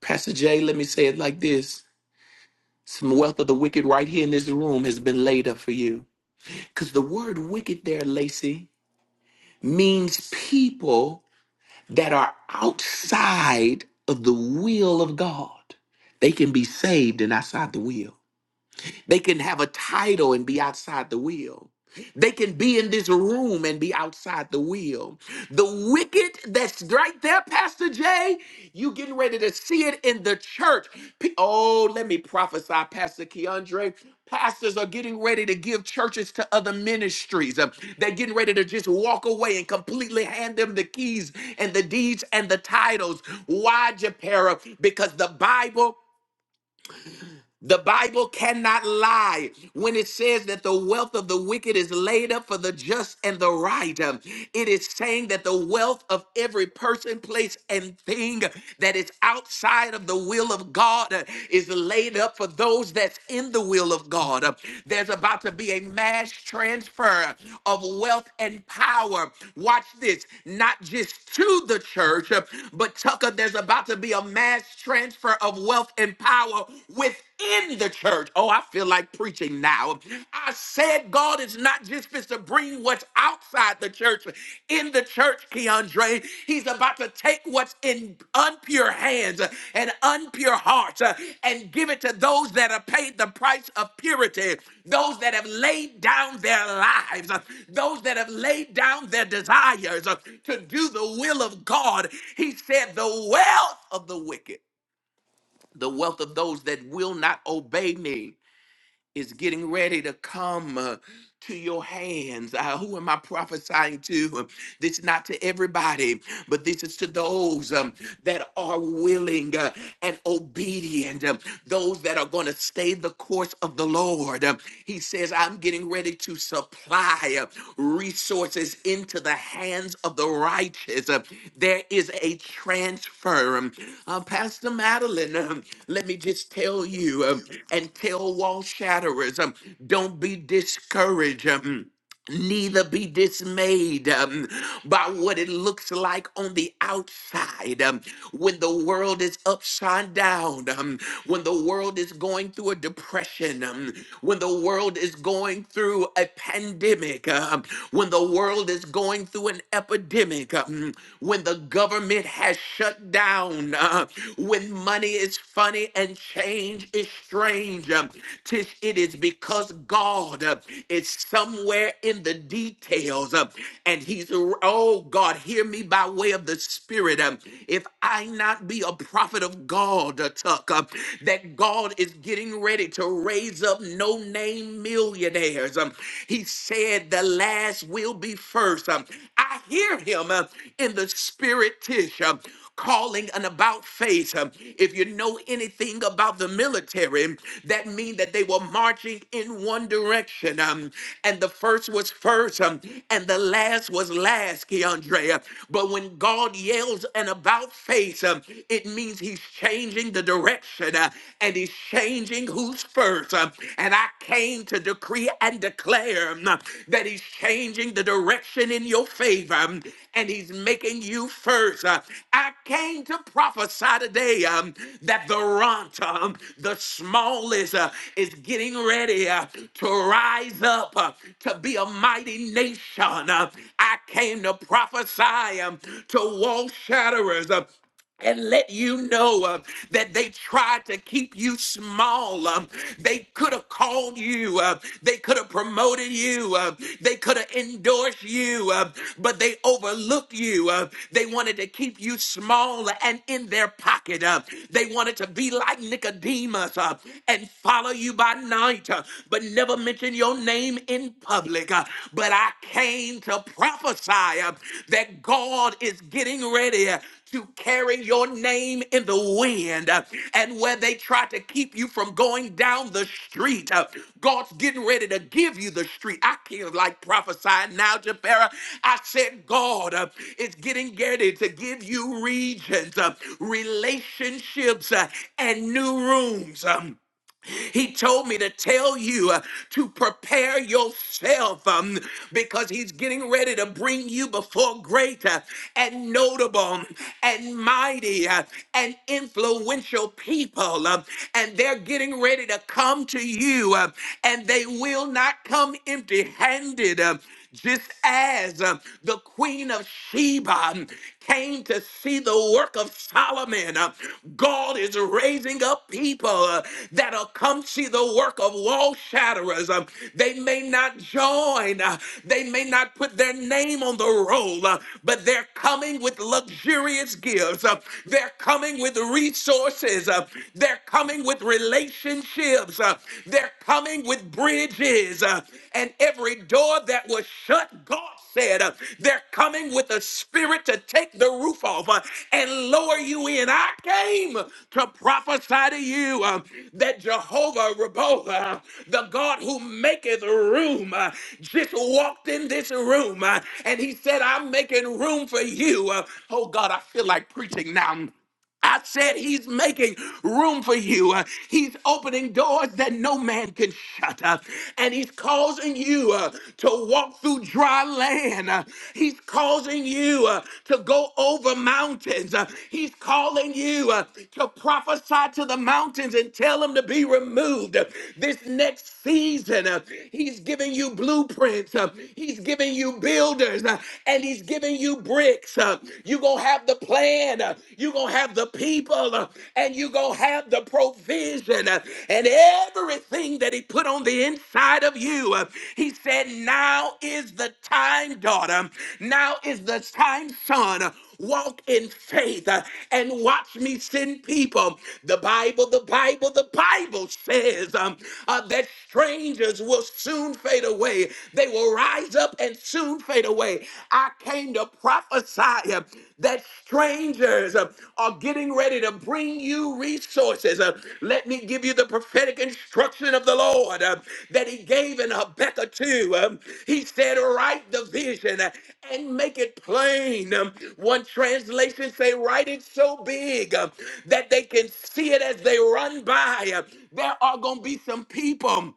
Pastor Jay, let me say it like this Some wealth of the wicked right here in this room has been laid up for you. Because the word wicked there, Lacey, means people that are outside of the will of God. They can be saved and outside the will. They can have a title and be outside the will. They can be in this room and be outside the will. The wicked that's right there, Pastor Jay, you getting ready to see it in the church. P- Oh, let me prophesy, Pastor Keandre. Pastors are getting ready to give churches to other ministries. Um, They're getting ready to just walk away and completely hand them the keys and the deeds and the titles. Why, Japera? Because the Bible the Bible cannot lie when it says that the wealth of the wicked is laid up for the just and the right. Um, It is saying that the wealth of every person, place, and thing that is outside of the will of God uh, is laid up for those that's in the will of God. Uh, There's about to be a mass transfer of wealth and power. Watch this, not just to the church, uh, but Tucker, there's about to be a mass transfer of wealth and power within in the church. Oh, I feel like preaching now. I said God is not just supposed to bring what's outside the church in the church, Keandre. He's about to take what's in unpure hands and unpure hearts uh, and give it to those that have paid the price of purity, those that have laid down their lives, uh, those that have laid down their desires uh, to do the will of God. He said, The wealth of the wicked the wealth of those that will not obey me is getting ready to come uh, to your hands. Uh, who am I prophesying to? This is not to everybody, but this is to those um, that are willing uh, and obedient, um, those that are going to stay the course of the Lord. Um, he says, "I'm." I'm getting ready to supply uh, resources into the hands of the righteous. Uh, There is a transfer. Um, uh, Pastor Madeline, um, let me just tell you um, and tell wall shatterers um, don't be discouraged. um, neither be dismayed um, by what it looks like on the outside um, when the world is upside down um, when the world is going through a depression um, when the world is going through a pandemic um, when the world is going through an epidemic um, when the government has shut down uh, when money is funny and and change is strange. Um, Tis it is because God uh, is somewhere in the details, uh, and He's oh God, hear me by way of the Spirit. Um, If I not be a prophet of God, uh, Tuck, uh, that God is getting ready to raise up no name millionaires. Um, He said, "The last will be first. Um, I hear Him uh, in the Spirit, Tish. Um, calling an about face. Um, If you know anything about the military, that means that they were marching in one direction. Um, and the first was first, um, and the last was last, Keandrea. But when God yells an about face, um, it means he's changing the direction uh, and he's changing who's first. Um, and I came to decree decree and declare mm, that He's changing the direction in your favor mm, and He's making you first. Uh, I came to prophesy today um, that the runt, um, the smallest, uh, is getting ready uh, to rise up uh, to be a mighty nation. Uh, I came to prophesy um, to wall shatterers. uh, and let you know uh, that they tried to keep you small. Um, they could have called you. Uh, they could have promoted you. Uh, they could have endorsed you, uh, but they overlooked you. Uh, they wanted to keep you small and in their pocket. Uh, they wanted to be like Nicodemus uh, and follow you by night, uh, but never mention your name in public. Uh, but I came to prophesy uh, that God is getting ready. uh, to carry your name in the wind. Uh, And where they try to keep you from going down the street, uh, God's getting ready to give you the street. I can't like prophesying now, Jabera. I said, God uh, is getting ready to give you regions, uh, relationships, uh, and new rooms. Um, he told me to tell you uh, to prepare yourself um, because he's getting ready to bring you before great uh, and notable and mighty uh, and influential people. um, and they're getting ready to come to you uh, and they will not come empty handed. Just as uh, the queen of Sheba um, came to see the work of Solomon, uh, God is raising up people uh, that'll come see the work of wall shatterers. Um, they may not join, uh, they may not put their name on the roll, uh, but they're coming with luxurious gifts. Uh, they're coming with resources. Uh, they're coming with relationships. Uh, they're coming with bridges, uh, and every door that was shut, God said, uh, they're coming with a spirit to take the roof off uh, and lower you in. I came to prophesy to you uh, that Jehovah Rabbah, uh, the God who maketh room, uh, just walked in this room uh, and he said, I'm making room for you. Uh, oh God, I feel like preaching now. I said he's making room for you. Uh, He's opening doors that no man can shut up. And he's causing you uh, to walk through dry land. Uh, He's causing you uh, to go over mountains. Uh, He's calling you uh, to prophesy to the mountains and tell them to be removed. Uh, This next season, uh, he's giving you blueprints. Uh, He's giving you builders. Uh, And he's giving you bridges bricks. Uh, you going to have the plan. Uh, you going to have the people. Uh, and you going to have the provision. Uh, and everything that he put on the inside of you. Uh, he said, now is the time, daughter. Now is the time, son walk in faith uh, and watch me send people. The Bible, the Bible, the Bible says um, uh, that strangers will soon fade away. They will rise up and soon fade away. I came to prophesy uh, that strangers uh, are getting ready to bring you these choices. Uh, let me give you the prophetic instruction of the Lord uh, that He gave in Habakkuk 2. Um, he said, Write the vision uh, and make it plain. Um, one translation say, Write it so big uh, that they can see it as they run by. Uh, there are going to be some people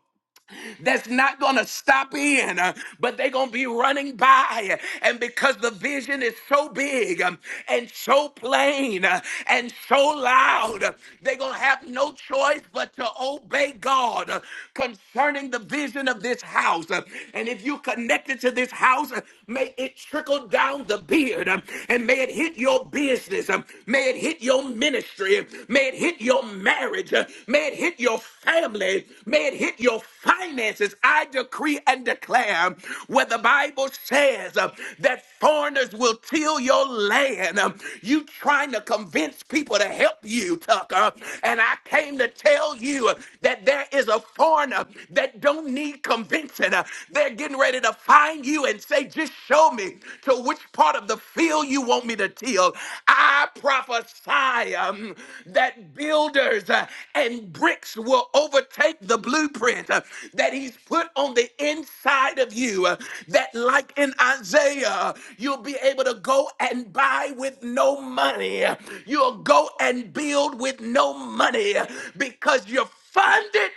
that's not going to stop in, uh, but they're going to be running by. And because the vision is so big um, and so plain uh, and so loud, uh, they're going to have no choice but to obey God uh, concerning the vision of this house. Uh, And if you connected to this house, uh, may it trickle down the beard um, and may it hit your business. um, May it hit your ministry. um, May it May it hit your marriage. Uh, May it hit your family. May it hit your finances. I decree and declare where the Bible says uh, that foreigners will till your land. Um, You trying to convince people to help you, Tucker. And I came to tell you uh, that there is a foreigner that don't need convincing. Uh, They're getting ready to find you and say, just show me to which part of of the field you want me to till. I prophesy um, that builders uh, and bricks will overtake the blueprint uh, that He's put on the inside of you. uh, that, like in Isaiah, you'll be able to go and buy with no money. You'll go and build with no money because you're funded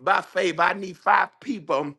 by favor. I need five people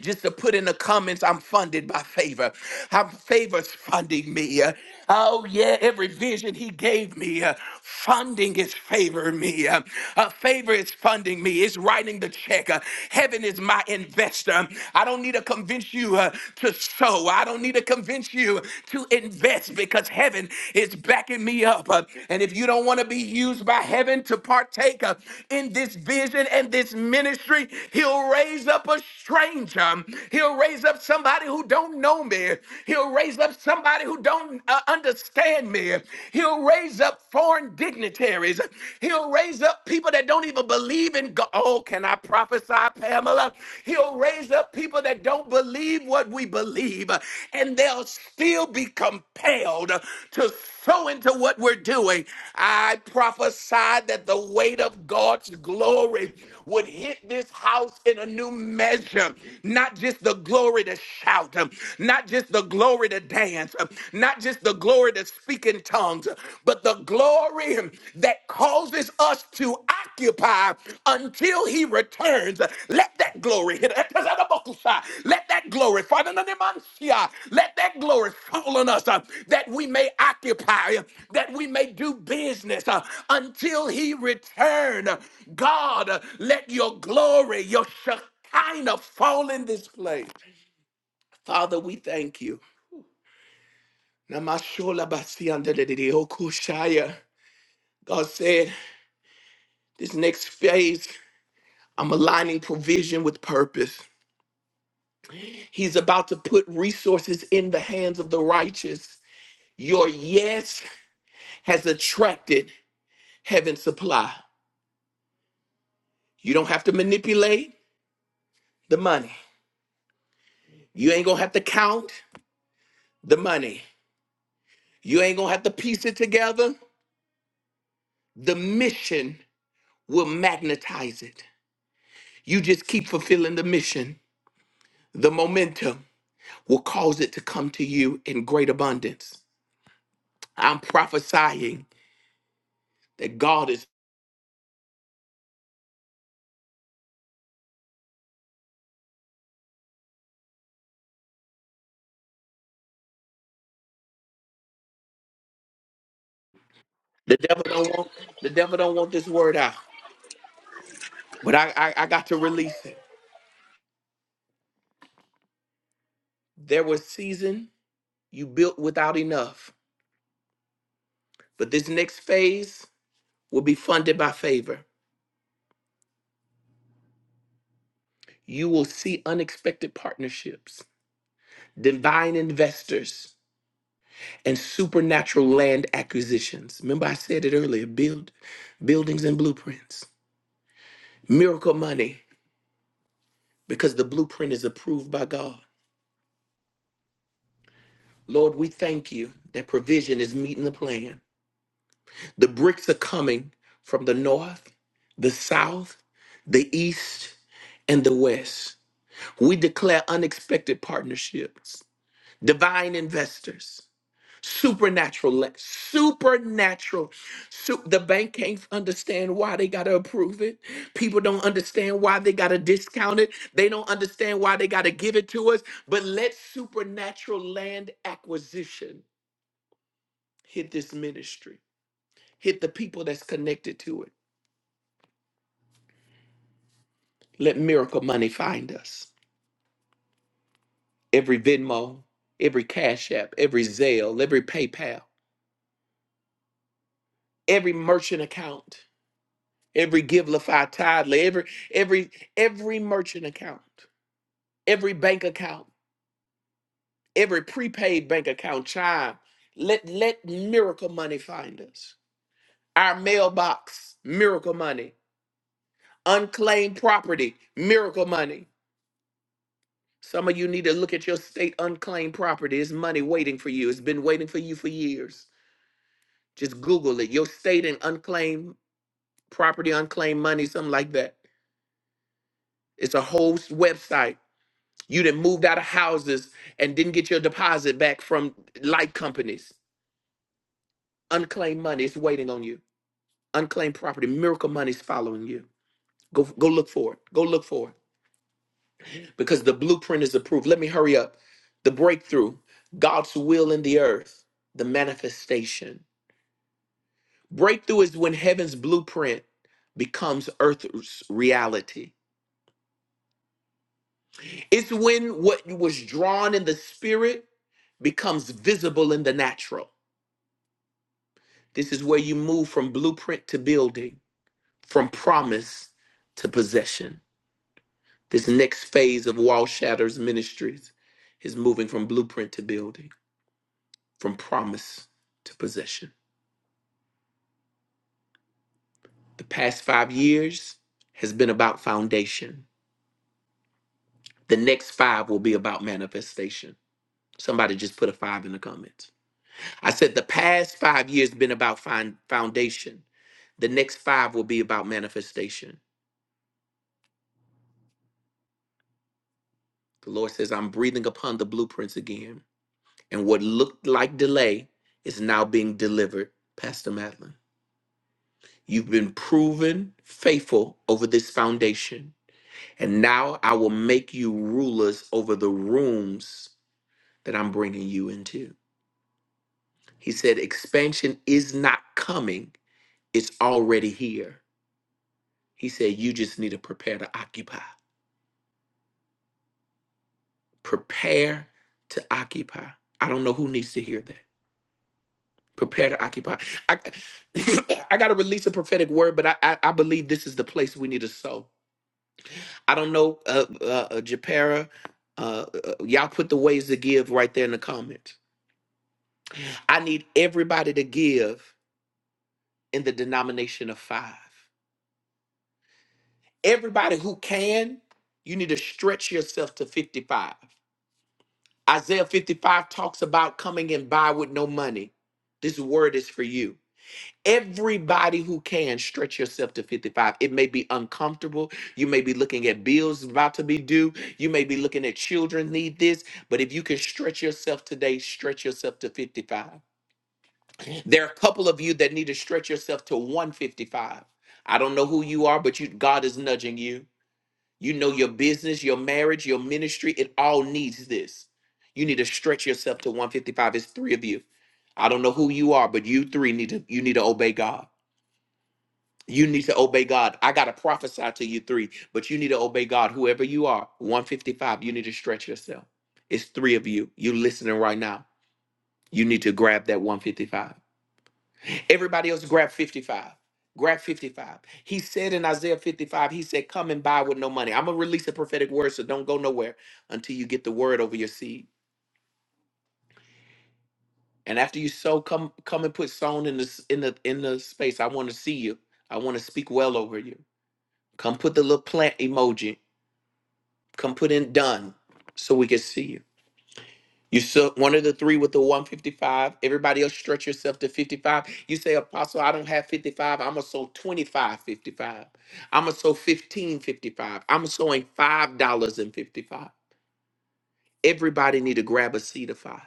just to put in the comments, I'm funded by favor. I'm favor's funding me. Uh, Oh, yeah, every vision he gave me, uh, funding is favoring me. Uh, uh, favor is funding me. It's writing the check. Uh, heaven is my investor. I don't need to convince you uh, to sow. I don't need to convince you to invest because heaven is backing me up. Uh, and if you if you don't want to be used by heaven to partake uh, in this vision and this ministry, he'll raise up a stranger. He'll raise up somebody who don't know me. He'll raise up somebody who don't uh, understand me. He'll raise up foreign dignitaries. He'll raise up people that don't even believe in God. Oh, can I prophesy, Pamela? He'll raise up people that that don't believe what we believe, and they'll still be compelled to sow into what we're doing. I prophesied that the weight of God's glory would hit this house in a new measure. Not just the glory to shout, um, not just the glory to dance, um, not just the glory to speak in tongues, but the glory that causes us to occupy until he returns. Let that glory hit. Let that glory, Father, let that glory fall on us uh, that we may occupy, uh, that we may do business uh, until he return. God, uh, let your glory, your Shekinah fall in this place. Father, we thank you. Namashola basi andedede okushaya. God said, this next phase I'm aligning provision with purpose. He's about to put resources in the hands of the righteous. Your yes has attracted heaven's supply. You don't have to manipulate the money. You ain't gonna have to count the money. You ain't gonna have to piece it together. The mission will magnetize it. You just keep fulfilling the mission. The momentum will cause it to come to you in great abundance. I'm prophesying that God is The devil don't want the devil don't want this word out. But I, I I got to release it. There was season you built without enough. But this next phase will be funded by favor. You will see unexpected partnerships, divine investors, and supernatural land acquisitions. Remember I said it earlier, build buildings and blueprints. Miracle money because the blueprint is approved by God. Lord, we thank you that provision is meeting the plan. The bricks are coming from the north, the south, the east, and the west. We declare unexpected partnerships, divine investors, supernatural, le- supernatural. su- the bank can't understand why they got to approve it. People don't understand why they got to discount it. They don't understand why they got to give it to us. But let supernatural land acquisition hit this ministry, hit the people that's connected to it Let miracle money find us. Every Venmo, every Cash App, every Zelle, every PayPal, every merchant account, every Givelify Tidely, every every every merchant account, every bank account, every prepaid bank account, Chime. Let let miracle money find us. Our mailbox, miracle money. Unclaimed property, miracle money. Some of you need to look at your state unclaimed property. It's money waiting for you. It's been waiting for you for years. Just Google it. Your state and unclaimed property, unclaimed money, something like that. It's a whole s- website. You done moved out of houses and didn't get your deposit back from light companies. Unclaimed money is waiting on you. Unclaimed property, miracle money is following you. Go go look for it. Go look for it. Because the blueprint is approved. Let me hurry up. The breakthrough, God's will in the earth, the manifestation. Breakthrough is when heaven's blueprint becomes earth's reality. It's when what was drawn in the spirit becomes visible in the natural. This is where you move from blueprint to building, from promise to possession. This next phase of Wall Shatters Ministries is moving from blueprint to building, from promise to possession. The past five years has been about foundation. The next five will be about manifestation. Somebody just put a five in the comments. I said the past five years been about find foundation. The next five will be about manifestation. The Lord says, I'm breathing upon the blueprints again. And what looked like delay is now being delivered, Pastor Madeline. You've been proven faithful over this foundation. And now I will make you rulers over the rooms that I'm bringing you into. He said, Expansion is not coming, it's already here. He said, You just need to prepare to occupy. Prepare to occupy. I don't know who needs to hear that. prepare to occupy. I, [coughs] I got to release a prophetic word, but I, I, I believe this is the place we need to sow. I don't know, uh, uh, uh, Japera, uh, uh, y'all put the ways to give right there in the comments. I need everybody to give in the denomination of five. Everybody who can, you need to stretch yourself to 55. Isaiah 55 talks about coming and buy with no money. This word is for you. everybody who can stretch yourself to 55 it may be uncomfortable you may be looking at bills about to be due you may be looking at children need this but if you can stretch yourself today stretch yourself to 55 there are a couple of you that need to stretch yourself to 155 i don't know who you are but you god is nudging you you know your business your marriage your ministry it all needs this you need to stretch yourself to 155 it's three of you i don't know who you are but you three need to you need to obey god you need to obey God. I got to prophesy to you three, but you need to obey God. Whoever you are, 155, you need to stretch yourself. It's three of you. You listening right now. You need to grab that 155. Everybody else grab 55. Grab 55. He said in Isaiah 55, he said, Come and buy with no money. I'm going to release a prophetic word, so don't go nowhere until you get the word over your seed. And after you sow, come come and put sown in the s- in the in the space. I want to see you. I want to speak well over you. Come put the little plant emoji Come put in done so we can see you. You so one of the three with the 155. Everybody else stretch yourself to 55. You say, Apostle, I don't have 55. I'ma sow 2555 I'ma sow 15 i am going sowing five dollars and 55. Everybody need to grab a seed of five.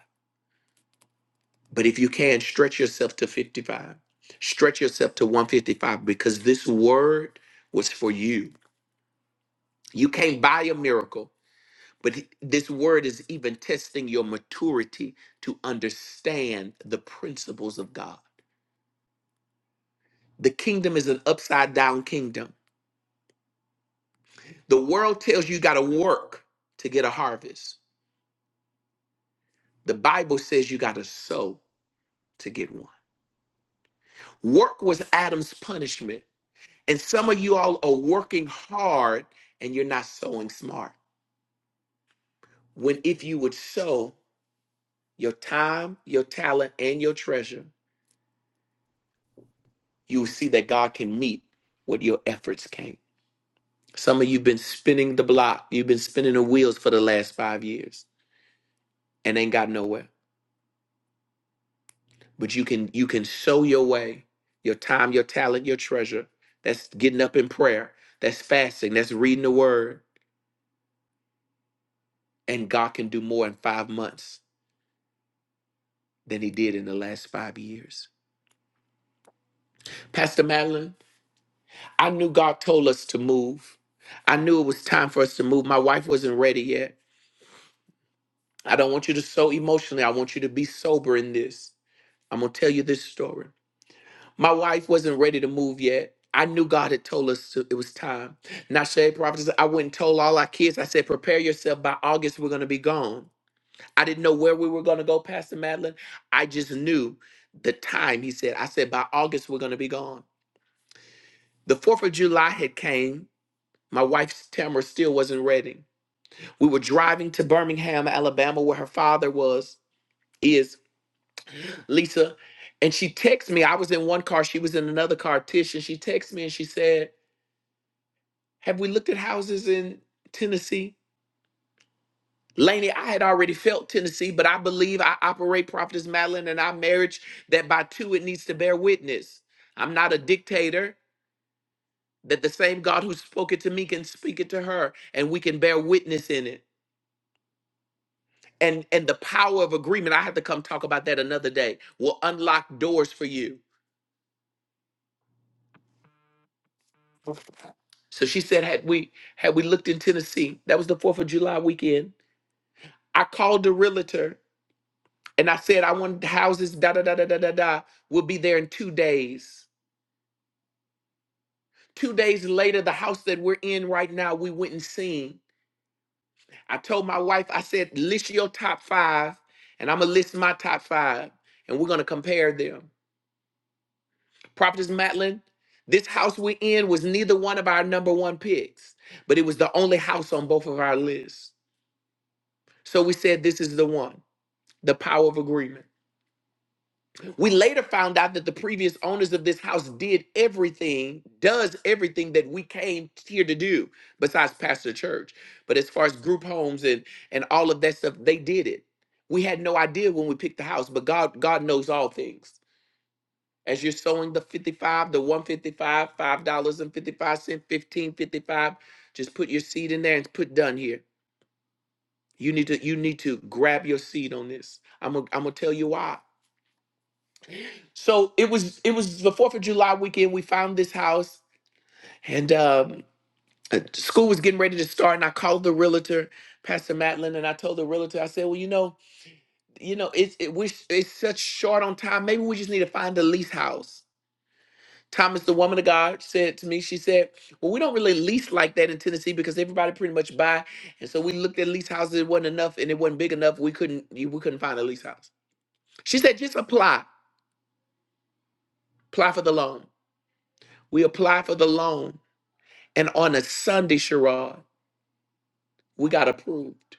But if you can, stretch yourself to 55. Stretch yourself to 155 because this word was for you. You can't buy a miracle. But he- this word is even testing your maturity to understand the principles of God. The kingdom is an upside down kingdom. The world tells you got to work to get a harvest. The Bible says you got to sow to get one. Work was Adam's punishment. And some of you all are working hard and you're not sowing smart. When if you would sow your time, your talent, and your treasure, you will see that God can meet what your efforts can't. Some of you've been spinning the block, you've been spinning the wheels for the last five years and ain't got nowhere. But you can you can sow your way, your time, your talent, your treasure. That's getting up in prayer. That's fasting. That's reading the word. And God can do more in five months than he did in the last five years. Pastor Madeline, I knew God told us to move. I knew it was time for us to move. My wife wasn't ready yet. I don't want you to sow emotionally. I want you to be sober in this. I'm gonna tell you this story. My wife wasn't ready to move yet. I knew God had told us to, it was time. And I Prophets, I went and told all our kids, I said, prepare yourself. By August, we're going to be gone. I didn't know where we were going to go, Pastor Madeline. I just knew the time, he said. I said, by August, we're going to be gone. The 4th of July had came. My wife's Tamara still wasn't ready. We were driving to Birmingham, Alabama, where her father was, is Lisa. And she texted me. I was in one car. She was in another car, Tish. And she texted me and she said, Have we looked at houses in Tennessee? Laney, I had already felt Tennessee, but I believe I operate Prophetess Madeline and our marriage that by two it needs to bear witness. I'm not a dictator, that the same God who spoke it to me can speak it to her, and we can bear witness in it. And and the power of agreement, I have to come talk about that another day, will unlock doors for you. So she said, had we had we looked in Tennessee, that was the fourth of July weekend. I called the realtor And I said, I wanted houses, da da da da da da da, will be there in two days. Two days later, the house that we're in right now, we went and seen. I told my wife, I said, list your top five, and I'm gonna list my top five, and we're gonna compare them. Prophetess Matlin, this house we're in was neither one of our number one picks, but it was the only house on both of our lists. So we said, this is the one, the power of agreement. We later found out that the previous owners of this house did everything, does everything that we came here to do, besides pastor church. But as far as group homes and and all of that stuff, they did it. We had no idea when we picked the house, but God God knows all things. As you're sowing the 55, the 155, five dollars and 55 cent, 1555, just put your seed in there and put done here. You need to you need to grab your seed on this. I'm gonna I'm gonna tell you why. So it was it was the Fourth of July weekend. We found this house, and um, uh, school was getting ready to start. And I called the realtor, Pastor Matlin, and I told the realtor, I said, "Well, you know, you know, it's it, we it's such short on time. Maybe we just need to find a lease house." Thomas, the woman of God, said to me, she said, Well, we don't really lease like that in Tennessee because everybody pretty much buy. And so we looked at lease houses, it wasn't enough, and it wasn't big enough. We couldn't we couldn't find a lease house. She said, just apply, apply for the loan. We apply for the loan And on a Sunday, Sherrod, we got approved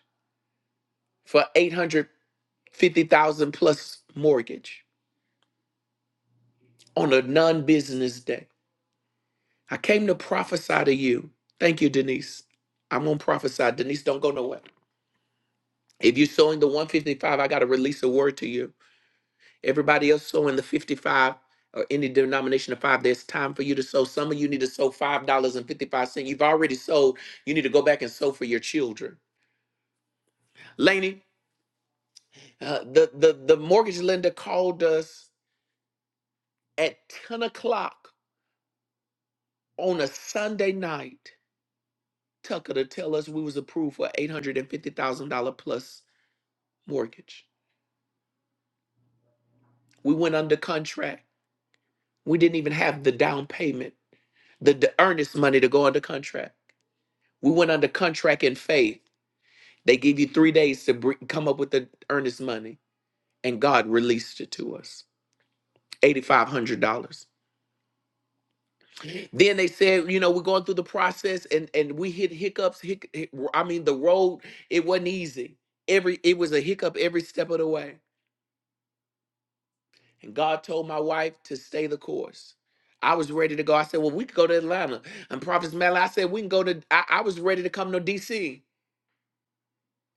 for 850,000 plus mortgage on a non-business day. I came to prophesy to you. Thank you, Denise. I'm going to prophesy. Denise, don't go nowhere. If you're sowing the 155, I got to release a word to you. Everybody else sowing the 55 or any denomination of five, there's time for you to sow. Some of you need to sow $5.55. You've already sowed. You need to go back and sow for your children. Laney, Uh, the, the, the mortgage lender called us at 10 o'clock on a Sunday night, Tucker, to tell us we was approved for $850,000 plus mortgage. We went under contract. We didn't even have the down payment, the, the earnest money to go under contract. We went under contract in faith. They give you three days to br- come up with the earnest money, and God released it to us, $8,500. Then they said, you know, we're going through the process and and we hit hiccups. Hic- hic- I mean, the road it wasn't easy. Every it was a hiccup every step of the way. And God told my wife to stay the course. I was ready to go. I said, well, we could go to Atlanta. And Prophet Malley, I said, we can go to. I, I was ready to come to D.C.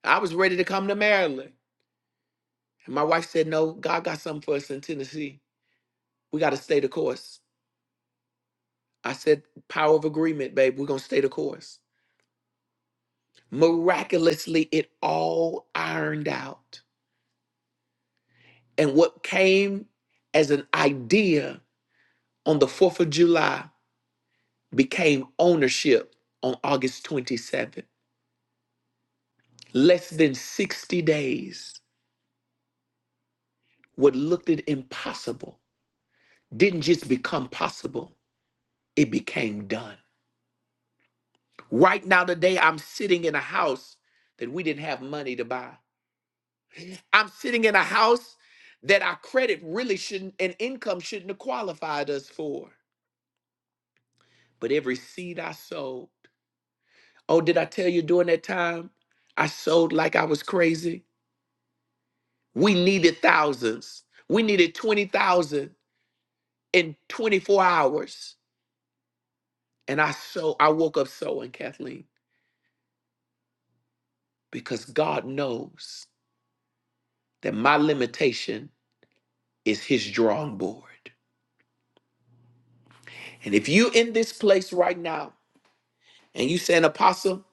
I was ready to come to Maryland. And my wife said, no, God got something for us in Tennessee. We got to stay the course. I said, power of agreement, babe. We're gonna stay the course. Miraculously, it all ironed out. And what came as an idea on the 4th of July became ownership on August 27th. Less than 60 days, what looked it impossible didn't just become possible, it became done. Right now, today, I'm sitting in a house that we didn't have money to buy. I'm sitting in a house that our credit really shouldn't and income shouldn't have qualified us for. But every seed I sowed, oh, did I tell you during that time? I sowed like I was crazy. We needed thousands. We needed 20,000 in 24 hours. And I sow, I woke up sowing, Kathleen, because God knows that my limitation is his drawing board. And if you in this place right now and you saying, Apostle,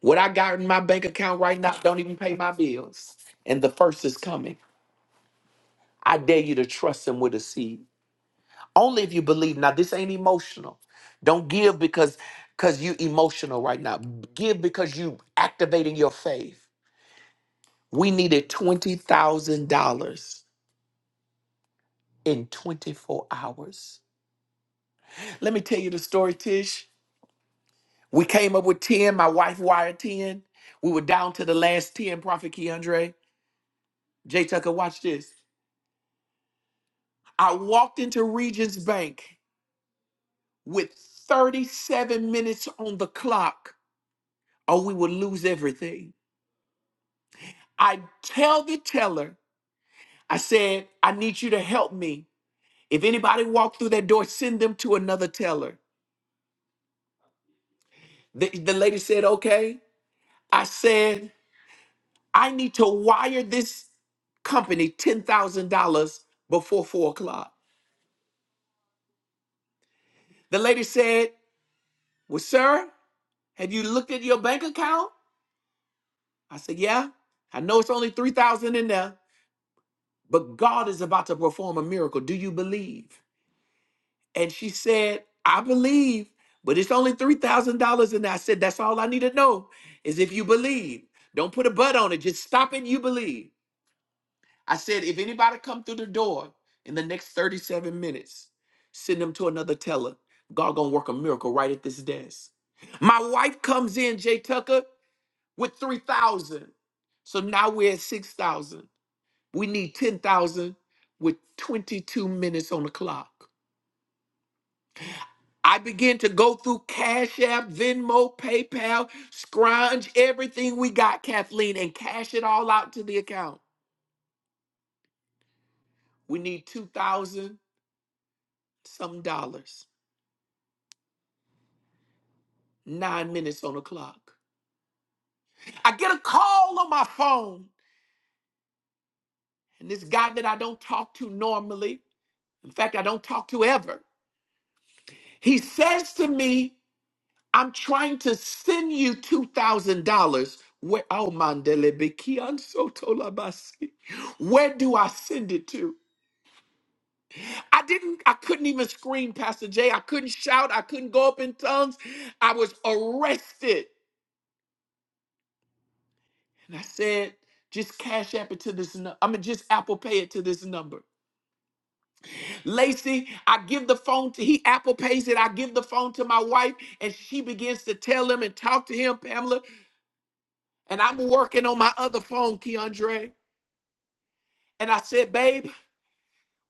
what I got in my bank account right now don't even pay my bills, and the first is coming, I dare you to trust him with a seed. Only if you believe. Now, this ain't emotional. Don't give because because you emotional right now. Give because you activating your faith. We needed twenty thousand dollars in twenty four hours. Let me tell you the story, Tish. We came up with ten. My wife wired ten. We were down to the last ten. Prophet Keandre Jay Tucker, watch this. I walked into Regent's Bank with thirty seven minutes on the clock, or we would lose everything. I tell the teller, I said, I need you to help me. If anybody walked through that door, send them to another teller. The, the lady said, okay. I said, I need to wire this company $10,000 before four o'clock. The lady said, well, sir, have you looked at your bank account? I said, yeah. I know it's only 3000 in there, but God is about to perform a miracle. Do you believe? And she said, I believe, but it's only $3,000. And I said, That's all I need to know is if you believe. Don't put a but on it. Just stop it. You believe. I said, If anybody come through the door in the next 37 minutes, send them to another teller. God gonna work a miracle right at this desk. My wife comes in, Jay Tucker, with 3,000. So now we're at 6,000. We need 10,000 with 22 minutes on the clock. I began to go through Cash App, Venmo, PayPal, scrounge everything we got, Kathleen, and cash it all out to the account. We need 2,000 some dollars, nine minutes on the clock. I get a call on my phone, and this guy that I don't talk to normally, in fact, I don't talk to ever, he says to me, I'm trying to send you $2,000. Where, oh, Mandele Biki, Anso Tolabasi. Where do I send it to? I didn't, I couldn't even scream, Pastor Jay. I couldn't shout. I couldn't go up in tongues. I was arrested. And I said, just cash app it to this. nu- I mean, just Apple Pay it to this number. Lacey, I give the phone to, he Apple Pays it. I give the phone to my wife and she begins to tell him and talk to him, Pamela. And I'm working on my other phone, Keandre. And I said, babe,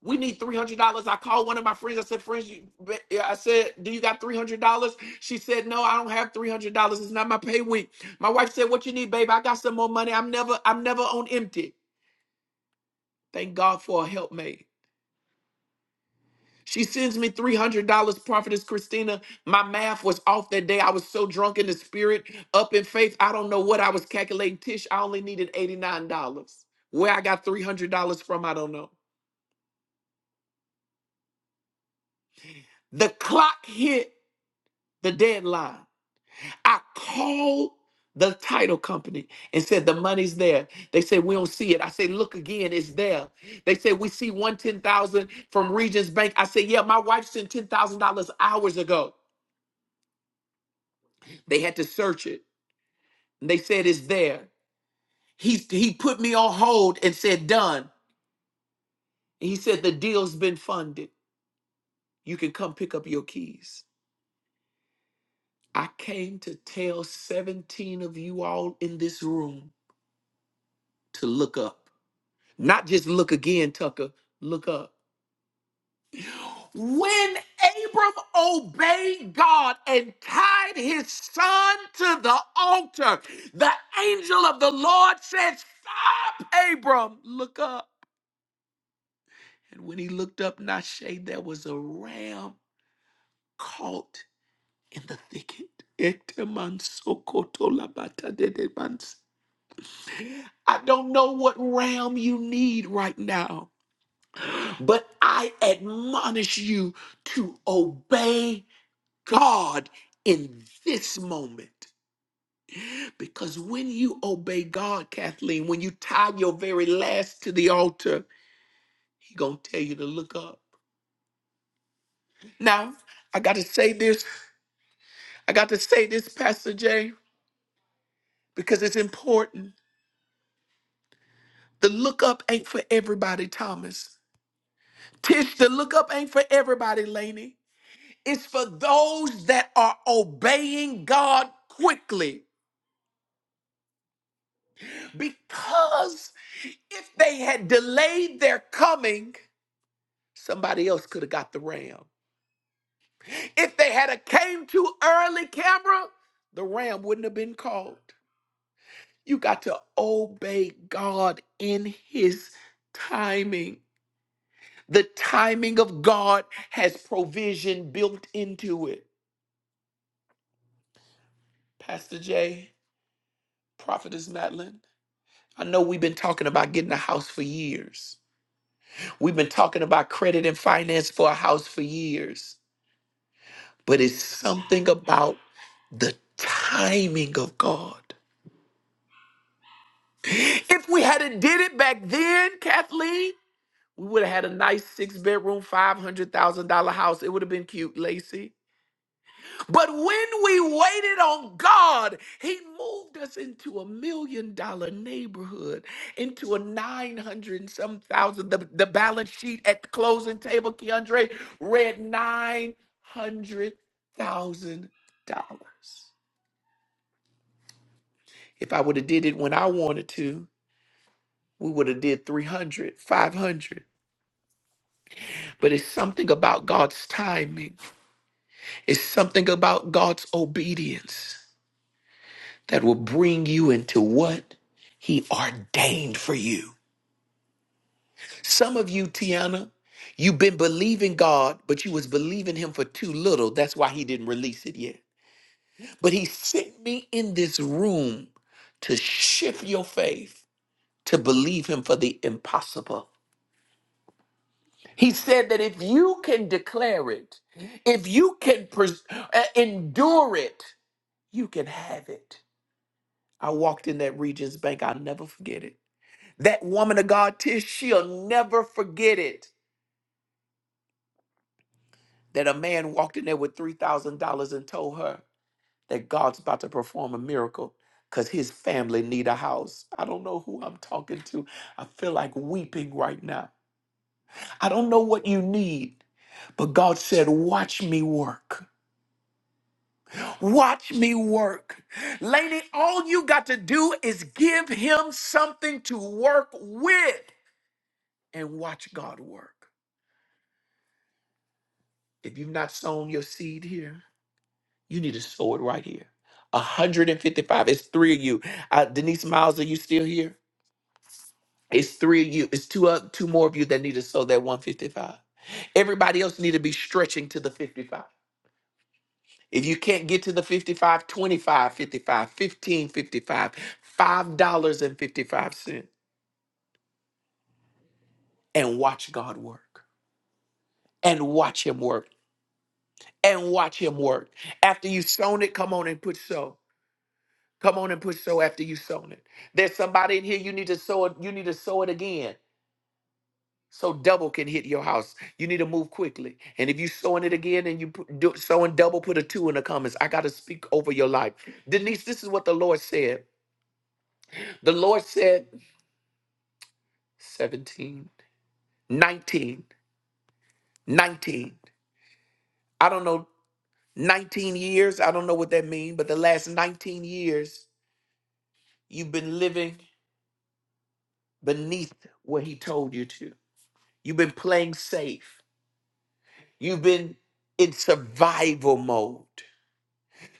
We need three hundred dollars. I called one of my friends. I said, "Friends, you, yeah," I said, do you got three hundred dollars?" She said, "No, I don't have three hundred dollars. It's not my pay week." My wife said, "What you need, babe? I got some more money. I'm never, I'm never on empty." Thank God for a helpmate. She sends me three hundred dollars. Prophetess Christina, my math was off that day. I was so drunk in the spirit, up in faith. I don't know what I was calculating. Tish, I only needed eighty nine dollars. Where I got three hundred dollars from, I don't know. The clock hit the deadline. I called the title company and said the money's there. They said we don't see it. I said look again, it's there. They said we see one ten thousand from Regents Bank. I said yeah, my wife sent ten thousand dollars hours ago. They had to search it. they said it's there. He he put me on hold and said done. he said the deal's been funded. You can come pick up your keys. I came to tell 17 of you all in this room to look up. Not just look again, Tucker, look up. When Abram obeyed God and tied his son to the altar, the angel of the Lord said, Stop, Abram, look up. And when he looked up, Nashe, there was a ram caught in the thicket. Etemansokotolamatadedemansi. I don't know what ram you need right now, but I admonish you to obey God in this moment. Because when you obey God, Kathleen, when you tie your very last to the altar, He gonna tell you to look up. Now, I gotta say this, I gotta say this, Pastor Jay, because it's important. The look up ain't for everybody, Thomas. Tish, the look up ain't for everybody, Laney. It's for those that are obeying God quickly. Because if they had delayed their coming, Somebody else could have got the ram. If they had a came too early, camera. the ram wouldn't have been called. You got to obey God in his timing. The timing of God has provision built into it. Pastor Jay, Prophetess Madeline, I know we've been talking about getting a house for years. We've been talking about credit and finance for a house for years. but it's something about the timing of God. If we had a did it back then, Kathleen, we would have had a nice six bedroom, five hundred thousand dollar house. It would have been cute, Lacey. But when we waited on God, He moved us into a million dollar neighborhood, into a nine hundred and some thousand. The, the balance sheet at the closing table, Keandre read nine hundred thousand dollars. If I would have did it when I wanted to, we would have did 300, 500. But it's something about God's timing. It's something about God's obedience that will bring you into what he ordained for you. Some of you, Tiana, you've been believing God, but you was believing him for too little. That's why he didn't release it yet. But he sent me in this room to shift your faith to believe him for the impossible. He said that if you can declare it, if you can pres- uh, endure it, you can have it. I walked in that Regions Bank. I'll never forget it. That woman of God, Tish, she'll never forget it. That a man walked in there with $3,000 and told her that God's about to perform a miracle because his family need a house. I don't know who I'm talking to. I feel like weeping right now. I don't know what you need, but God said, watch me work. Watch me work. Lady, all you got to do is give him something to work with and watch God work. If you've not sown your seed here, you need to sow it right here. 155. It's three of you. Uh, Denise Miles, are you still here? It's three of you. It's two uh, two more of you that need to sow that 155. Everybody else need to be stretching to the 55. If you can't get to the 55, 25, 55, $5.55. and watch God work and watch him work and watch him work. After you've sown it, come on and put sow. Come on and put sow after you've sown it. There's somebody in here you need to sow it, you need to sow it again. So double can hit your house. You need to move quickly. And if you sowing it again and you put, do, sowing double, put a two in the comments. I got to speak over your life. Denise, this is what the Lord said. The Lord said 17, 19, nineteen. I don't know 19 years, I don't know what that means, but the last 19 years, you've been living beneath what he told you to. You've been playing safe. You've been in survival mode.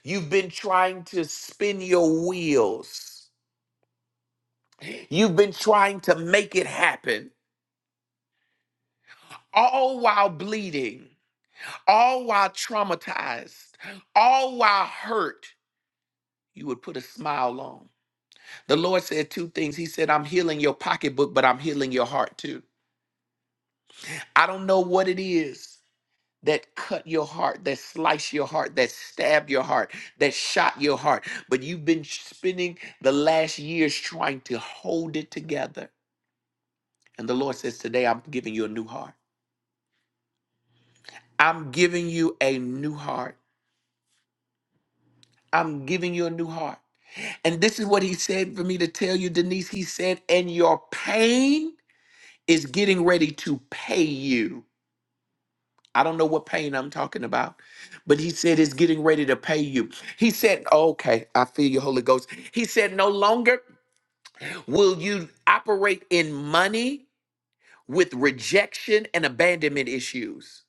You've been trying to spin your wheels. You've been trying to make it happen, all while bleeding, all while traumatized, all while hurt. You would put a smile on. The Lord said two things. He said, I'm healing your pocketbook, but I'm healing your heart too. I don't know what it is that cut your heart, that sliced your heart, that stabbed your heart, that shot your heart, but you've been spending the last years trying to hold it together. And the Lord says, Today I'm giving you a new heart. I'm giving you a new heart. I'm giving you a new heart. And this is what he said for me to tell you, Denise. He said, And your pain is getting ready to pay you. I don't know what pain I'm talking about, but he said it's getting ready to pay you. He said, okay, I feel you, Holy Ghost. He said, no longer will you operate in money with rejection and abandonment issues.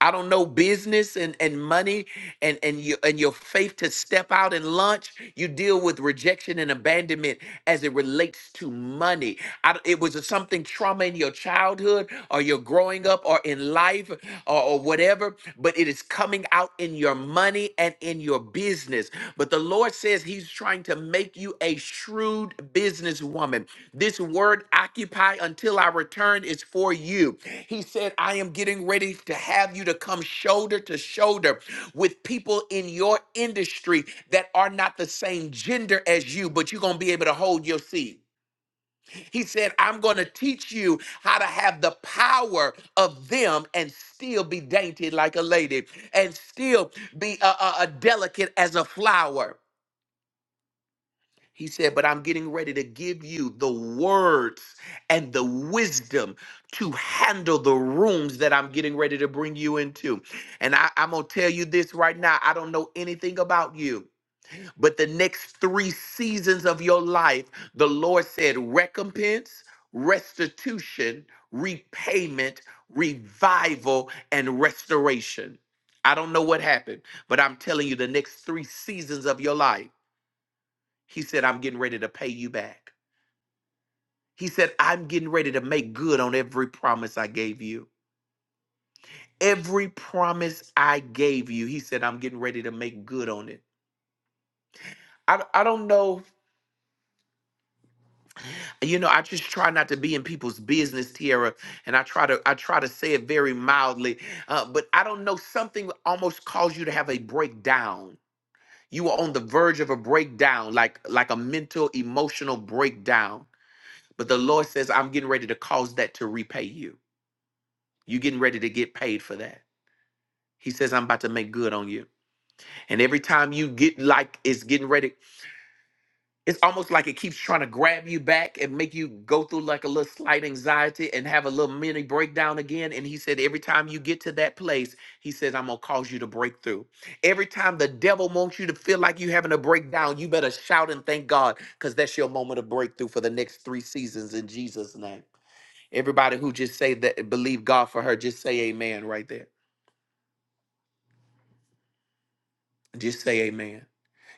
I don't know business and, and money and, and your and your faith to step out and launch. You deal with rejection and abandonment as it relates to money. I, d- it was a something trauma in your childhood or your growing up or in life or, or whatever, but it is coming out in your money and in your business. But the Lord says He's trying to make you a shrewd businesswoman. This word occupy until I return is for you. He said, I am getting ready to have you to come shoulder to shoulder with people in your industry that are not the same gender as you, but you're going to be able to hold your seat. He said, I'm going to teach you how to have the power of them and still be dainty like a lady and still be uh, uh, uh, delicate as a flower. He said, But I'm getting ready to give you the words and the wisdom to handle the rooms that I'm getting ready to bring you into. And I, am going to tell you this right now. I don't know anything about you, but the next three seasons of your life, the Lord said, recompense, restitution, repayment, revival, and restoration. I don't know what happened, but I'm telling you, the next three seasons of your life. He said, I'm getting ready to pay you back. He said, I'm getting ready to make good on every promise I gave you. Every promise I gave you, he said, I'm getting ready to make good on it. I, I don't know. You know, I just try not to be in people's business, Tiara, and I try to I try to say it very mildly. Uh, but I don't know. Something almost caused you to have a breakdown. You were on the verge of a breakdown, like like a mental, emotional breakdown. But the Lord says, I'm getting ready to cause that to repay you. You getting ready to get paid for that. He says, I'm about to make good on you. And every time you get like it's getting ready, it's almost like it keeps trying to grab you back and make you go through like a little slight anxiety and have a little mini breakdown again. And he said, every time you get to that place, he says, I'm gonna cause you to break through. Every time the devil wants you to feel like you're having a breakdown, you better shout and thank God, because that's your moment of breakthrough for the next three seasons in Jesus' name. Everybody who just say that believe God for her, just say amen right there. Just say amen.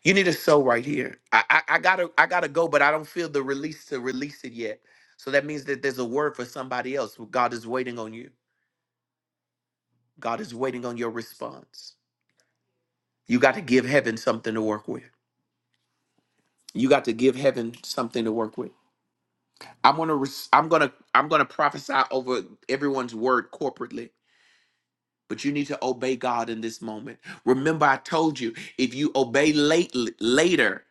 You need a soul right here. I, I I gotta I gotta go, but I don't feel the release to release it yet. So that means that there's a word for somebody else. Well, God is waiting on you. God is waiting on your response. You got to give heaven something to work with. You got to give heaven something to work with. I'm gonna res- I'm gonna I'm gonna prophesy over everyone's word corporately. But you need to obey God in this moment. Remember, I told you if you obey late later.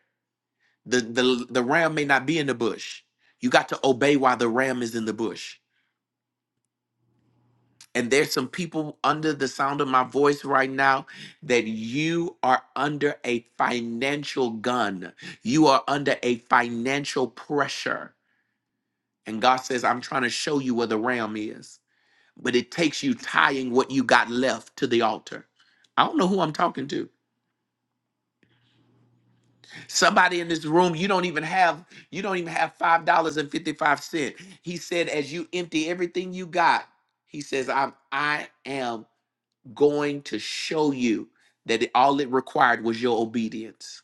The, the the ram may not be in the bush. You got to obey while the ram is in the bush. And there's some people under the sound of my voice right now that you are under a financial gun. You are under a financial pressure. And God says, I'm trying to show you where the ram is. But it takes you tying what you got left to the altar. I don't know who I'm talking to Somebody in this room, you don't even have you don't even have five dollars and fifty five cent. He said, as you empty everything you got, he says, I'm I am going to show you that it- all it required was your obedience.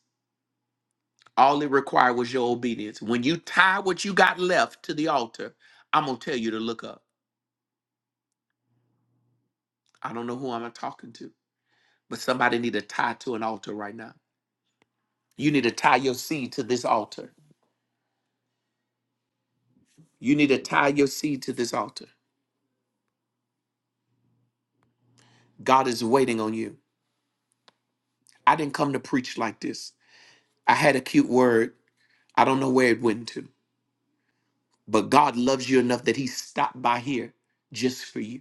All it required was your obedience. When you tie what you got left to the altar, I'm gonna tell you to look up. I don't know who I'm talking to, but somebody need to tie to an altar right now. You need to tie your seed to this altar. You need to tie your seed to this altar. God is waiting on you. I didn't come to preach like this. I had a cute word. I don't know where it went to, but God loves you enough that He stopped by here just for you.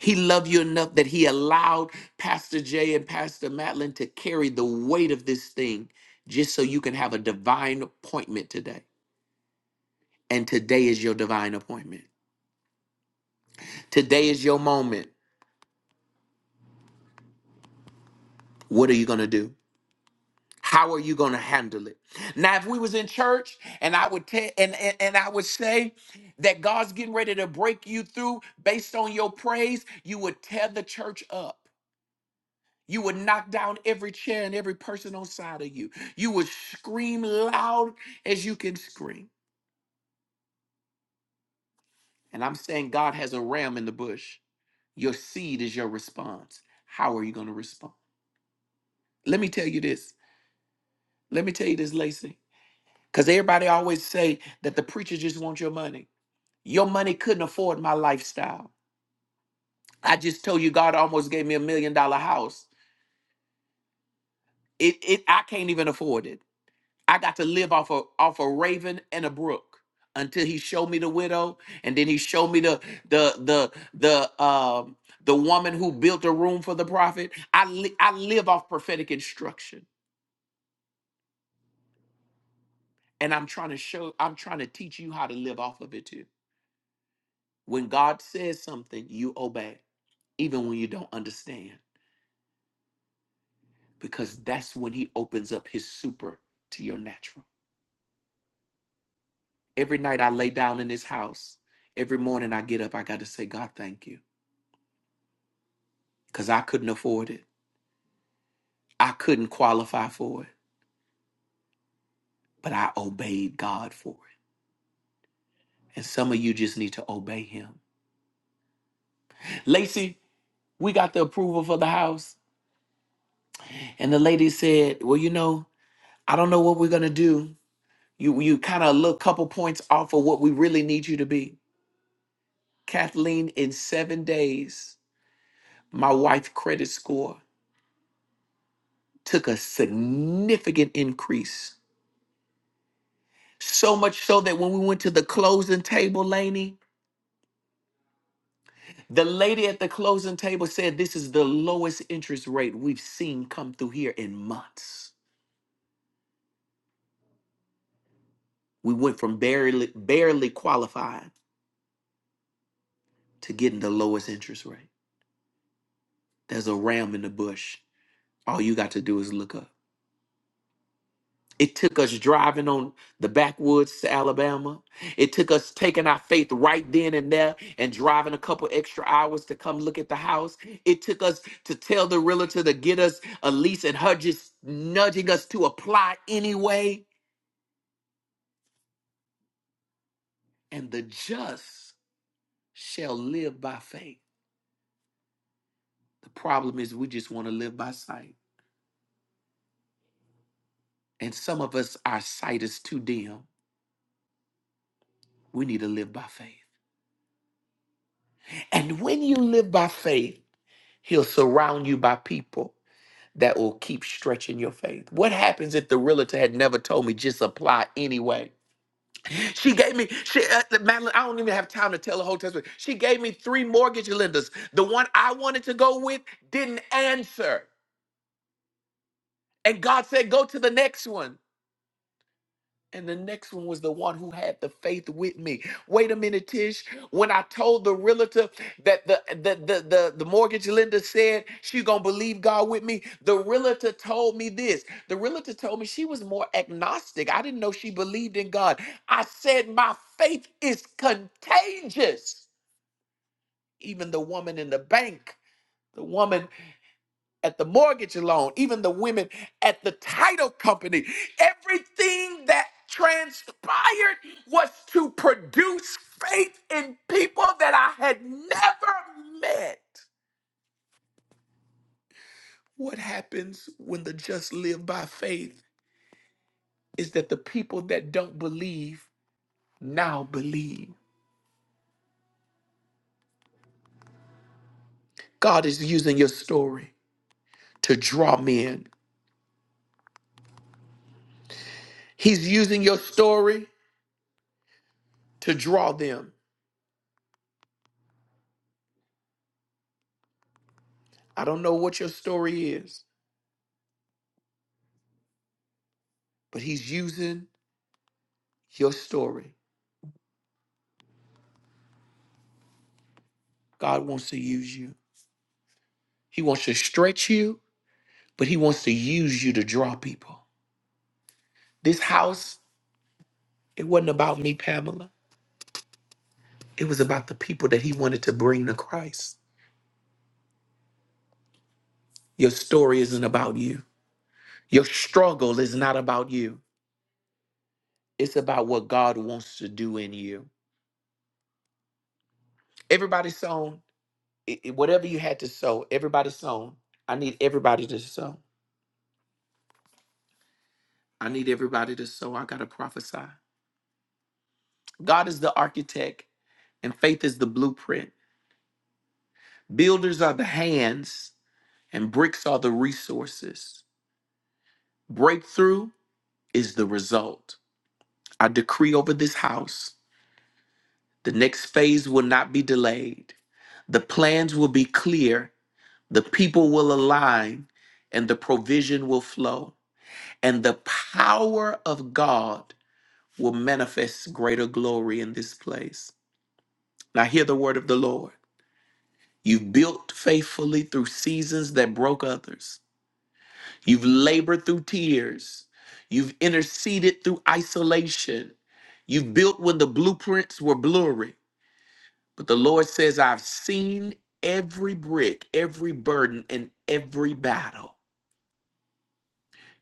He loved you enough that He allowed Pastor Jay and Pastor Madeline to carry the weight of this thing just so you can have a divine appointment today. And today is your divine appointment. Today is your moment. What are you going to do? How are you going to handle it? Now, if we was in church and I would tell and, and and I would say that God's getting ready to break you through based on your praise, you would tear the church up. You would knock down every chair and every person on side of you. You would scream loud as you can scream. And I'm saying God has a ram in the bush. Your seed is your response. How are you going to respond? Let me tell you this. Let me tell you this, Lacey. Because everybody always say that the preacher just wants your money. Your money couldn't afford my lifestyle. I just told you God almost gave me a million dollar house. It it I can't even afford it. I got to live off a, off a raven and a brook until he showed me the widow and then he showed me the the the the um the woman who built a room for the prophet. I li- I live off prophetic instruction and I'm trying to show I'm trying to teach you how to live off of it too. When God says something, you obey even when you don't understand because that's when he opens up his super to your natural. Every night I lay down in this house, every morning I get up, I got to say, God, thank you, because I couldn't afford it. I couldn't qualify for it, but I obeyed God for it. And some of you just need to obey him. Lacey, we got the approval for the house. And the lady said, Well, you know, I don't know what we're going to do. You, you kind of look a couple points off of what we really need you to be. Kathleen, in seven days, my wife credit score took a significant increase. So much so that when we went to the closing table, Laney, the lady at the closing table said, This is the lowest interest rate we've seen come through here in months. We went from barely, barely qualified to getting the lowest interest rate. There's a ram in the bush. All you got to do is look up. It took us driving on the backwoods to Alabama. It took us taking our faith right then and there and driving a couple extra hours to come look at the house. It took us to tell the realtor to get us a lease and her just nudging us to apply anyway. And the just shall live by faith. The problem is we just want to live by sight. And some of us, our sight is too dim. We need to live by faith. And when you live by faith, he'll surround you by people that will keep stretching your faith. What happens if the realtor had never told me just apply anyway? She gave me, she, uh, Madeline, I don't even have time to tell the whole testimony. She gave me three mortgage lenders. The one I wanted to go with didn't answer. And God said, go to the next one. And the next one was the one who had the faith with me. Wait a minute, Tish. When I told the realtor that the the the the, the mortgage lender said she gonna believe God with me, the realtor told me this. The realtor told me she was more agnostic. I didn't know she believed in God. I said my faith is contagious. Even the woman in the bank, the woman at the mortgage loan, even the women at the title company. Everything that transpired was to produce faith in people that I had never met. What happens when the just live by faith is that the people that don't believe now believe. God is using your story to draw men, He's using your story to draw them. I don't know what your story is, but He's using your story. God wants to use you. He wants to stretch you, but He wants to use you to draw people. This house, it wasn't about me, Pamela. It was about the people that He wanted to bring to Christ. Your story isn't about you. Your struggle is not about you. It's about what God wants to do in you. Everybody sown, i- i- whatever you had to sow, everybody sown. I need everybody to sow. I need everybody to sow. I got to prophesy. God is the architect and faith is the blueprint. Builders are the hands, and bricks are the resources. Breakthrough is the result. I decree over this house the next phase will not be delayed. The plans will be clear, the people will align, and the provision will flow. And the power of God will manifest greater glory in this place. Now, hear the word of the Lord. You've built faithfully through seasons that broke others. You've labored through tears. You've interceded through isolation. You've built when the blueprints were blurry. But the Lord says, I've seen every brick, every burden, and every battle.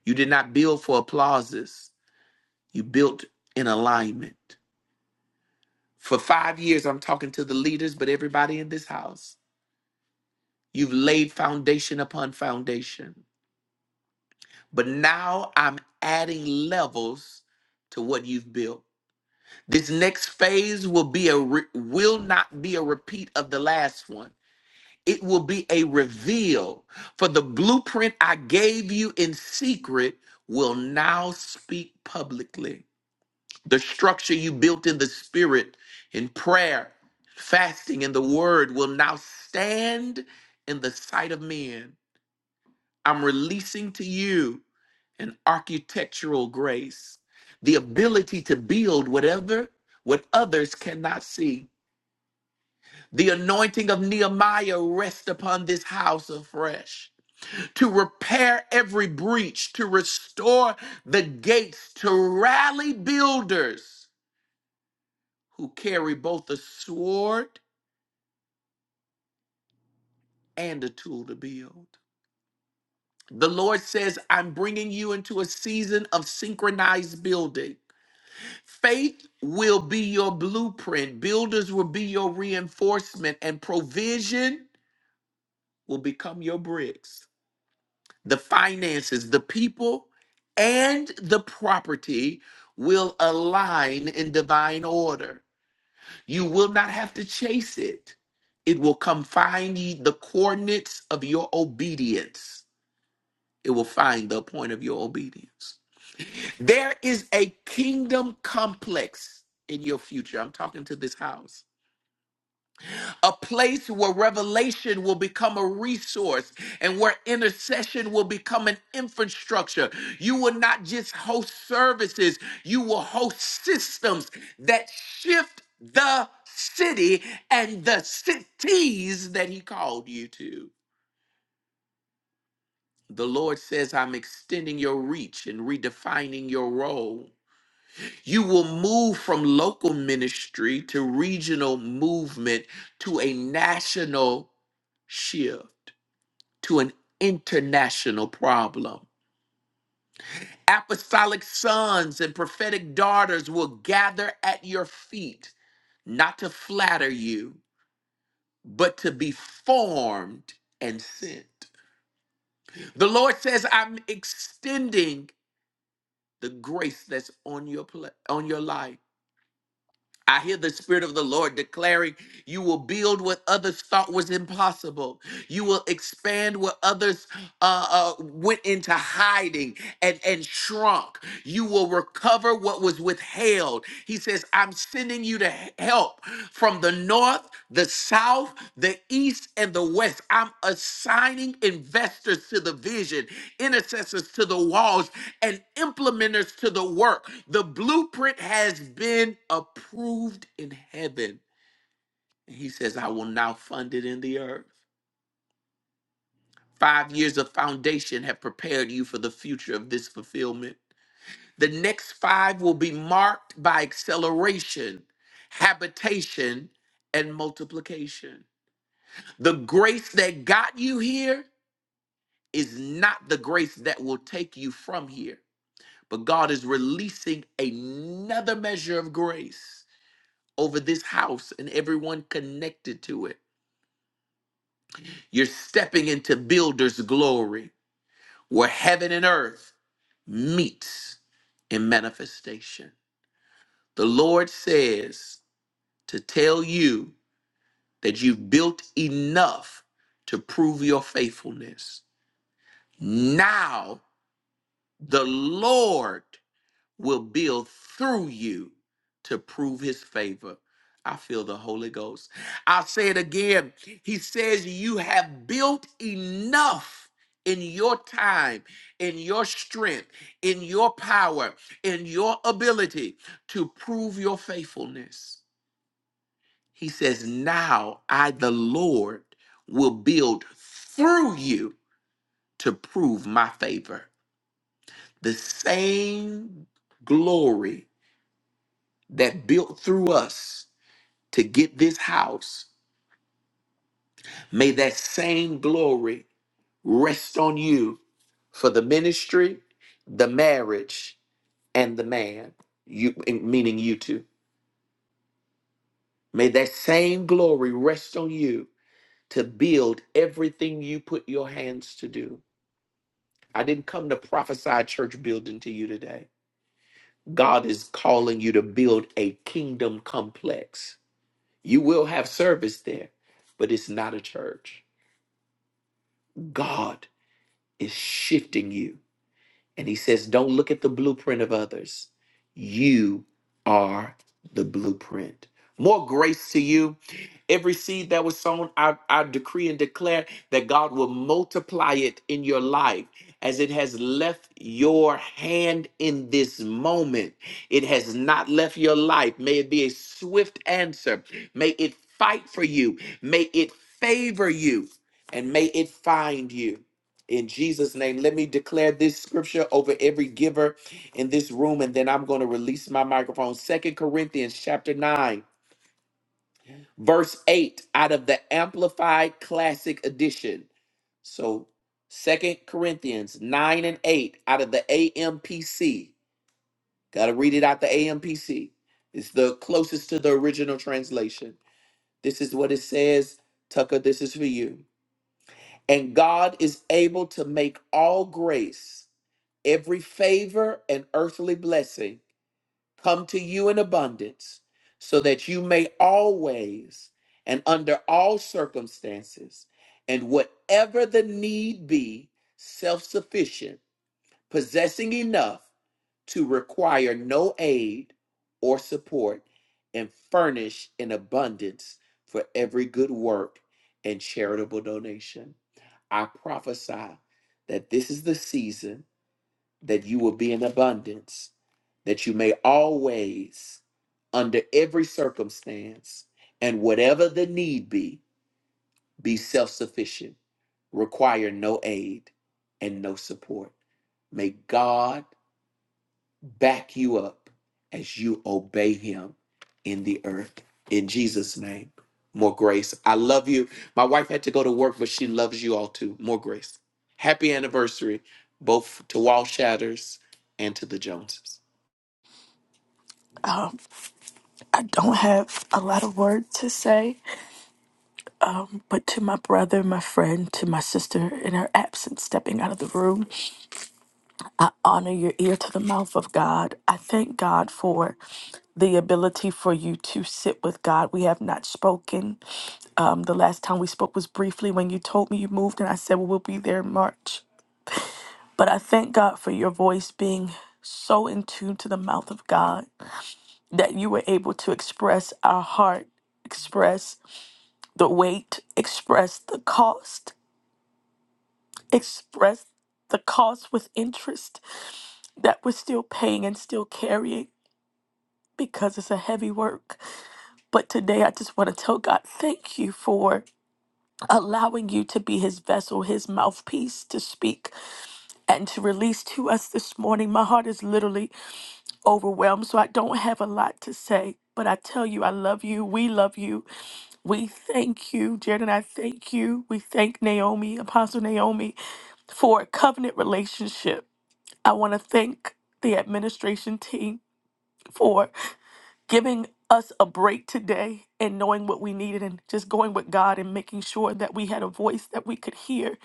You did not build for applauses, you built in alignment. For five years, I'm talking to the leaders, but everybody in this house. You've laid foundation upon foundation. But now I'm adding levels to what you've built. This next phase will be a re- will not be a repeat of the last one. It will be a reveal for the blueprint I gave you in secret will now speak publicly. The structure you built in the spirit in prayer, fasting and the word will now stand in the sight of men. I'm releasing to you an architectural grace, the ability to build whatever what others cannot see. The anointing of Nehemiah rests upon this house afresh to repair every breach, to restore the gates, to rally builders who carry both a sword and a tool to build. The Lord says, I'm bringing you into a season of synchronized building. Faith will be your blueprint. Builders will be your reinforcement, and provision will become your bricks. The finances, the people, and the property will align in divine order. You will not have to chase it. It will come find ye the coordinates of your obedience. It will find the point of your obedience. There is a kingdom complex in your future. I'm talking to this house a place where revelation will become a resource and where intercession will become an infrastructure. You will not just host services, you will host systems that shift the city and the cities that He called you to. The Lord says, I'm extending your reach and redefining your role. You will move from local ministry to regional movement to a national shift. to an international problem. Apostolic sons and prophetic daughters will gather at your feet, not to flatter you, but to be formed and sent. The Lord says, I'm extending the grace that's on your pla- on your life. I hear the Spirit of the Lord declaring, You will build what others thought was impossible. You will expand what others uh, uh, went into hiding. and, and shrunk. You will recover what was withheld. He says, I'm sending you to he- help from the north, the south, the east, and the west. I'm assigning investors to the vision, intercessors to the walls, and implementers to the work. The blueprint has been approved in heaven. And he says, I will now fund it in the earth. Five years of foundation have prepared you for the future of this fulfillment. The next five will be marked by acceleration, habitation, and multiplication. The grace that got you here is not the grace that will take you from here, but God is releasing another measure of grace over this house and everyone connected to it. You're stepping into builder's glory, where heaven and earth meets in manifestation. The Lord says, to tell you that you've built enough to prove your faithfulness. Now the Lord will build through you to prove his favor. I feel the Holy Ghost. I'll say it again. He says, You have built enough in your time, in your strength, in your power, in your ability to prove your faithfulness. He says, Now I, the Lord, will build through you to prove my favor. The same glory that built through us to get this house, may that same glory rest on you for the ministry, the marriage, and the man, you, meaning you two. May that same glory rest on you to build everything you put your hands to do. I didn't come to prophesy church building to you today. God is calling you to build a kingdom complex. You will have service there, but it's not a church. God is shifting you. And he says, Don't look at the blueprint of others. You are the blueprint. More grace to you. Every seed that was sown, I, I decree and declare that God will multiply it in your life as it has left your hand in this moment. It has not left your life. May it be a swift answer. May it fight for you. May it favor you. And may it find you in Jesus' name. Let me declare this scripture over every giver in this room, and then I'm going to release my microphone. Second Corinthians chapter 9, verse 8, out of the Amplified Classic Edition. So Second Corinthians 9 and 8 out of the AMPC. Gotta read it out the AMPC. It's the closest to the original translation. This is what it says. Tucker, this is for you. And God is able to make all grace, every favor and earthly blessing come to you in abundance, so that you may always and under all circumstances and whatever the need be, self sufficient, possessing enough to require no aid or support, and furnish in abundance for every good work and charitable donation. I prophesy that this is the season that you will be in abundance, that you may always, under every circumstance, and whatever the need be, be self sufficient, require no aid and no support. May God back you up as you obey him in the earth. In Jesus' name, more grace. I love you. My wife had to go to work, but she loves you all too. More grace. Happy anniversary, both to Wall Shatters and to the Joneses. I don't have a lot of words to say, but to my brother, my friend, to my sister in her absence, stepping out of the room, honor your ear to the mouth of God. I thank God for the ability for you to sit with God. We have not spoken. Um, the last time we spoke was briefly when you told me you moved, and I said, Well, we'll be there in March. But I thank God for your voice being so in tune to the mouth of God that you were able to express our heart, express The weight expressed the cost, expressed the cost with interest that we're still paying and still carrying because it's a heavy work. But today I just want to tell God, thank you for allowing you to be his vessel, his mouthpiece to speak and to release to us this morning. My heart is literally overwhelmed, so I don't have a lot to say. But I tell you, I love you. We love you. We thank you, Jared, and I thank you. We thank Naomi, Apostle Naomi, for a covenant relationship. I want to thank the administration team for giving us a break today and knowing what we needed and just going with God and making sure that we had a voice that we could hear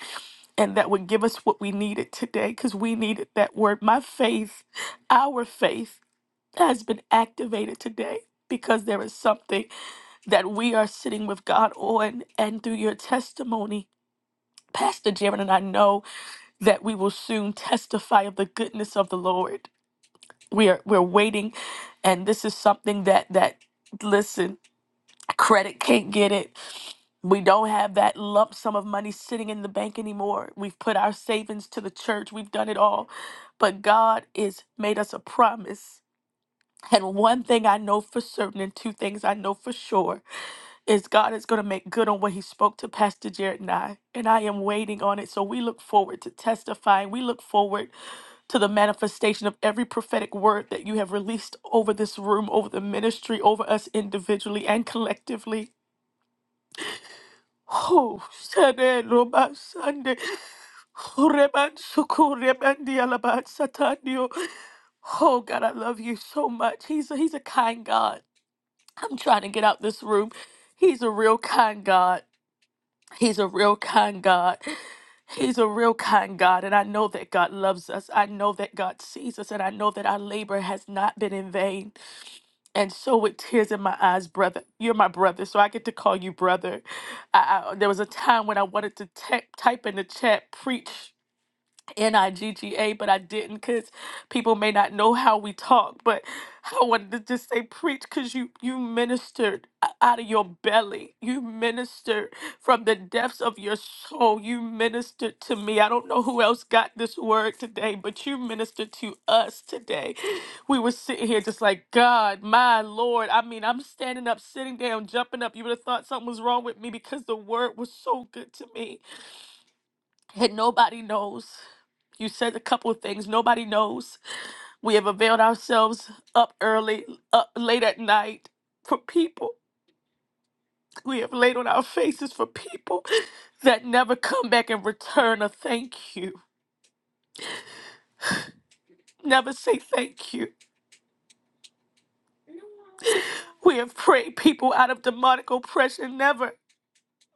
and that would give us what we needed today because we needed that word. My faith, our faith has been activated today because there is something that we are sitting with God on. And through your testimony, Pastor Jaron and I know that we will soon testify of the goodness of the Lord. We are we're waiting, and this is something that that listen, credit can't get it. We don't have that lump sum of money sitting in the bank anymore. We've put our savings to the church. We've done it all. But God is made us a promise. And one thing I know for certain, and two things I know for sure, is God is going to make good on what He spoke to Pastor Jared and I. And I am waiting on it. So we look forward to testifying. We look forward to the manifestation of every prophetic word that you have released over this room, over the ministry, over us individually and collectively. Oh, Sunday, Roba, Sunday. Oh, Reban, Suku, Reban, Dialaban, Satanio. Oh, God, I love you so much. He's a, he's a kind God. I'm trying to get out this room. He's a real kind God. He's a real kind God. He's a real kind God. And I know that God loves us. I know that God sees us. And I know that our labor has not been in vain. And so, with tears in my eyes, brother, you're my brother. So, I get to call you brother. I, I, there was a time when I wanted to te- type in the chat, preach. N I G G A, but I didn't because people may not know how we talk. But I wanted to just say, preach, because you you ministered o- out of your belly. You ministered from the depths of your soul. You ministered to me. I don't know who else got this word today, but you ministered to us today. We were sitting here just like God, my Lord. I mean, I'm standing up, sitting down, jumping up. You would have thought something was wrong with me because the word was so good to me and nobody knows. You said a couple of things. Nobody knows. We have availed ourselves up early, up late at night for people. We have laid on our faces for people that never come back and return a thank you, never say thank you. We have prayed people out of demonic oppression, never.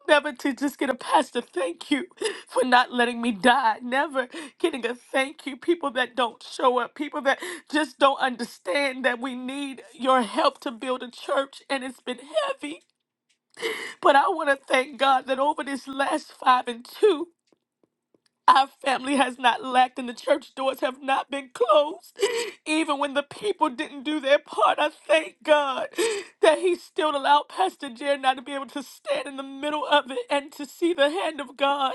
Never to just get a pastor thank you for not letting me die. Never getting a thank you. People that don't show up, people that just don't understand that we need your help to build a church, and it's been heavy. But I want to thank God that over this last five and two. Our family has not lacked, and the church doors have not been closed. Even when the people didn't do their part, I thank God that He still allowed Pastor Jeremiah to be able to stand in the middle of it and to see the hand of God.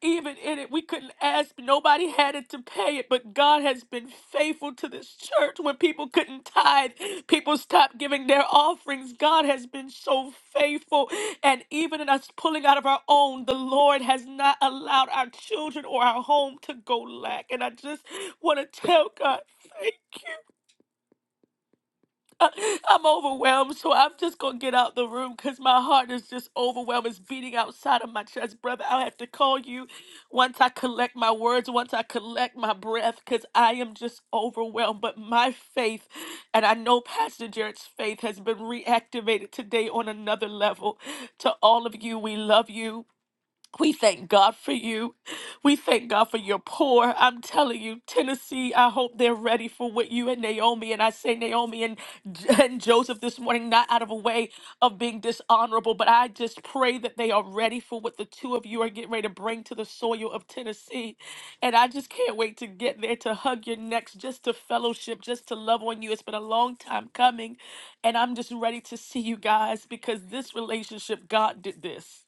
Even in it, we couldn't ask, nobody had it to pay it, but God has been faithful to this church. When people couldn't tithe, people stopped giving their offerings. God has been so faithful. And even in us pulling out of our own, the Lord has not allowed our children or our home to go lack. And I just want to tell God, I'm overwhelmed. So I'm just going to get out the room because my heart is just overwhelmed. It's beating outside of my chest, brother. I'll have to call you once I collect my words, once I collect my breath, because I am just overwhelmed. But my faith, and I know Pastor Jared's faith has been reactivated today on another level. To all of you, we love you. We thank God for you. We thank God for your poor. I'm telling you, Tennessee, I hope they're ready for what you and Naomi, and I say Naomi and, [laughs] and Joseph this morning, not out of a way of being dishonorable, but I just pray that they are ready for what the two of you are getting ready to bring to the soil of Tennessee. And I just can't wait to get there to hug your necks, just to fellowship, just to love on you. It's been a long time coming, and I'm just ready to see you guys because this relationship, God did this.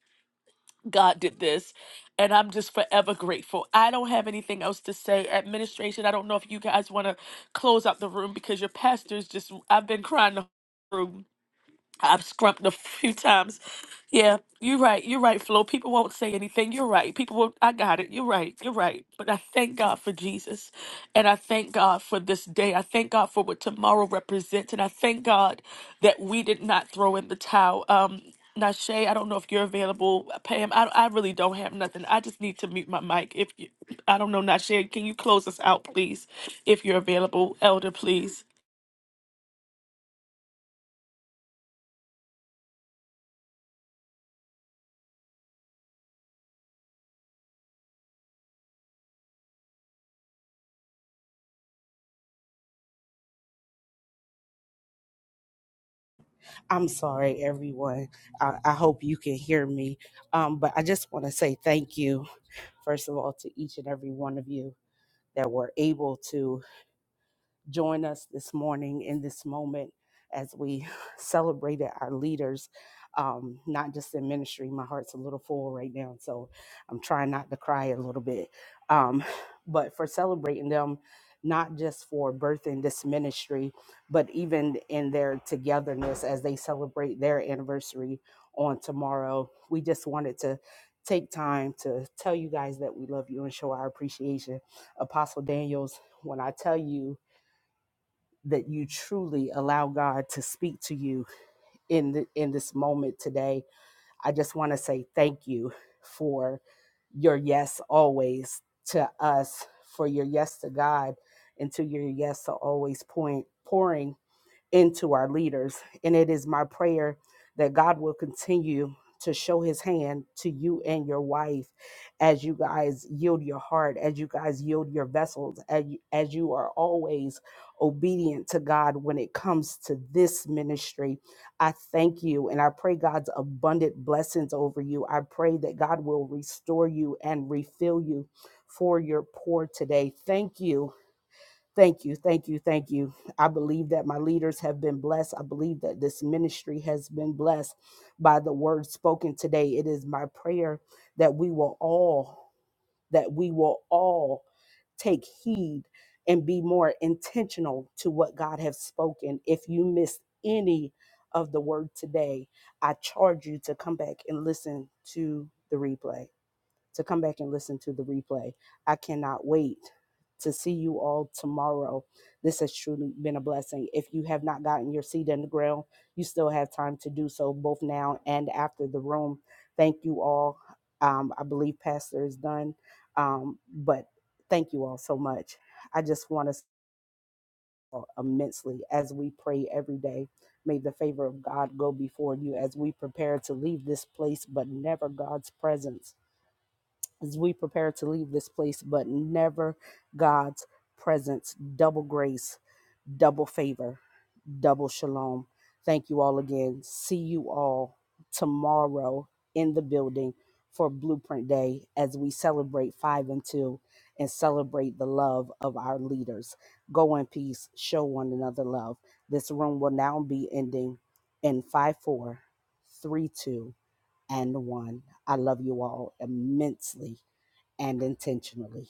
God did this. And I'm just forever grateful. I don't have anything else to say. Administration, I don't know if you guys want to close out the room because your pastor's just, I've been crying the whole room. I've scrumped a [laughs] few times yeah, you're right. You're right, Flo. People won't say anything. You're right. People will. I got it. You're right. You're right. But I thank God for Jesus. And I thank God for this day. I thank God for what tomorrow represents. And I thank God that we did not throw in the towel. Um, Nashe, I don't know if you're available. uh, Pam, I, I really don't have nothing. I just need to mute my mic. If you, I don't know, Nashe, can you close us out, please? If you're available, Elder, please. I'm sorry, everyone. I, I hope you can hear me. Um, but I just want to say thank you, first of all, to each and every one of you that were able to. join us this morning in this moment as we [laughs] celebrated our leaders, um, not just in ministry. My heart's a little full right now, so I'm trying not to cry a little bit. Um, [sighs] but for celebrating them, not just for birthing this ministry, but even in their togetherness as they celebrate their anniversary on tomorrow. We just wanted to take time to tell you guys that we love you and show our appreciation. Apostle Daniels, when I tell you, that you truly allow God to speak to you in the, in this moment today. I just want to say thank you for your yes always to us, for your yes to God, and to your yes to always point pouring into our leaders. And it is my prayer that God will continue to show his hand to you and your wife as you guys yield your heart, as you guys yield your vessels, as you, as you are always obedient to God when it comes to this ministry. I thank you and I pray God's abundant blessings over you. I pray that God will restore you and refill you for your pour today. Thank you Thank you, thank you, thank you. I believe that my leaders have been blessed. I believe that this ministry has been blessed by the word spoken today. It is my prayer that we will all that we will all take heed and be more intentional to what God has spoken. If you missed any of the word today, I charge you to come back and listen to the replay to come back and listen to the replay. I cannot wait to see you all tomorrow. This has truly been a blessing. If you have not gotten your seat in the grill, you still have time to do so both now and after the room. Thank you all. Um, I believe Pastor is done, um, but thank you all so much. I just want us all immensely as we pray every day. May the favor of God go before you as we prepare to leave this place, but never God's presence as we prepare to leave this place, but never God's presence. Double grace, double favor, double shalom. Thank you all again. See you all tomorrow in the building for Blueprint Day as we celebrate 5 and 2 and celebrate the love of our leaders. Go in peace, show one another love. This room will now be ending in 5, 4, 3, 2, and 1. I love you all immensely and intentionally.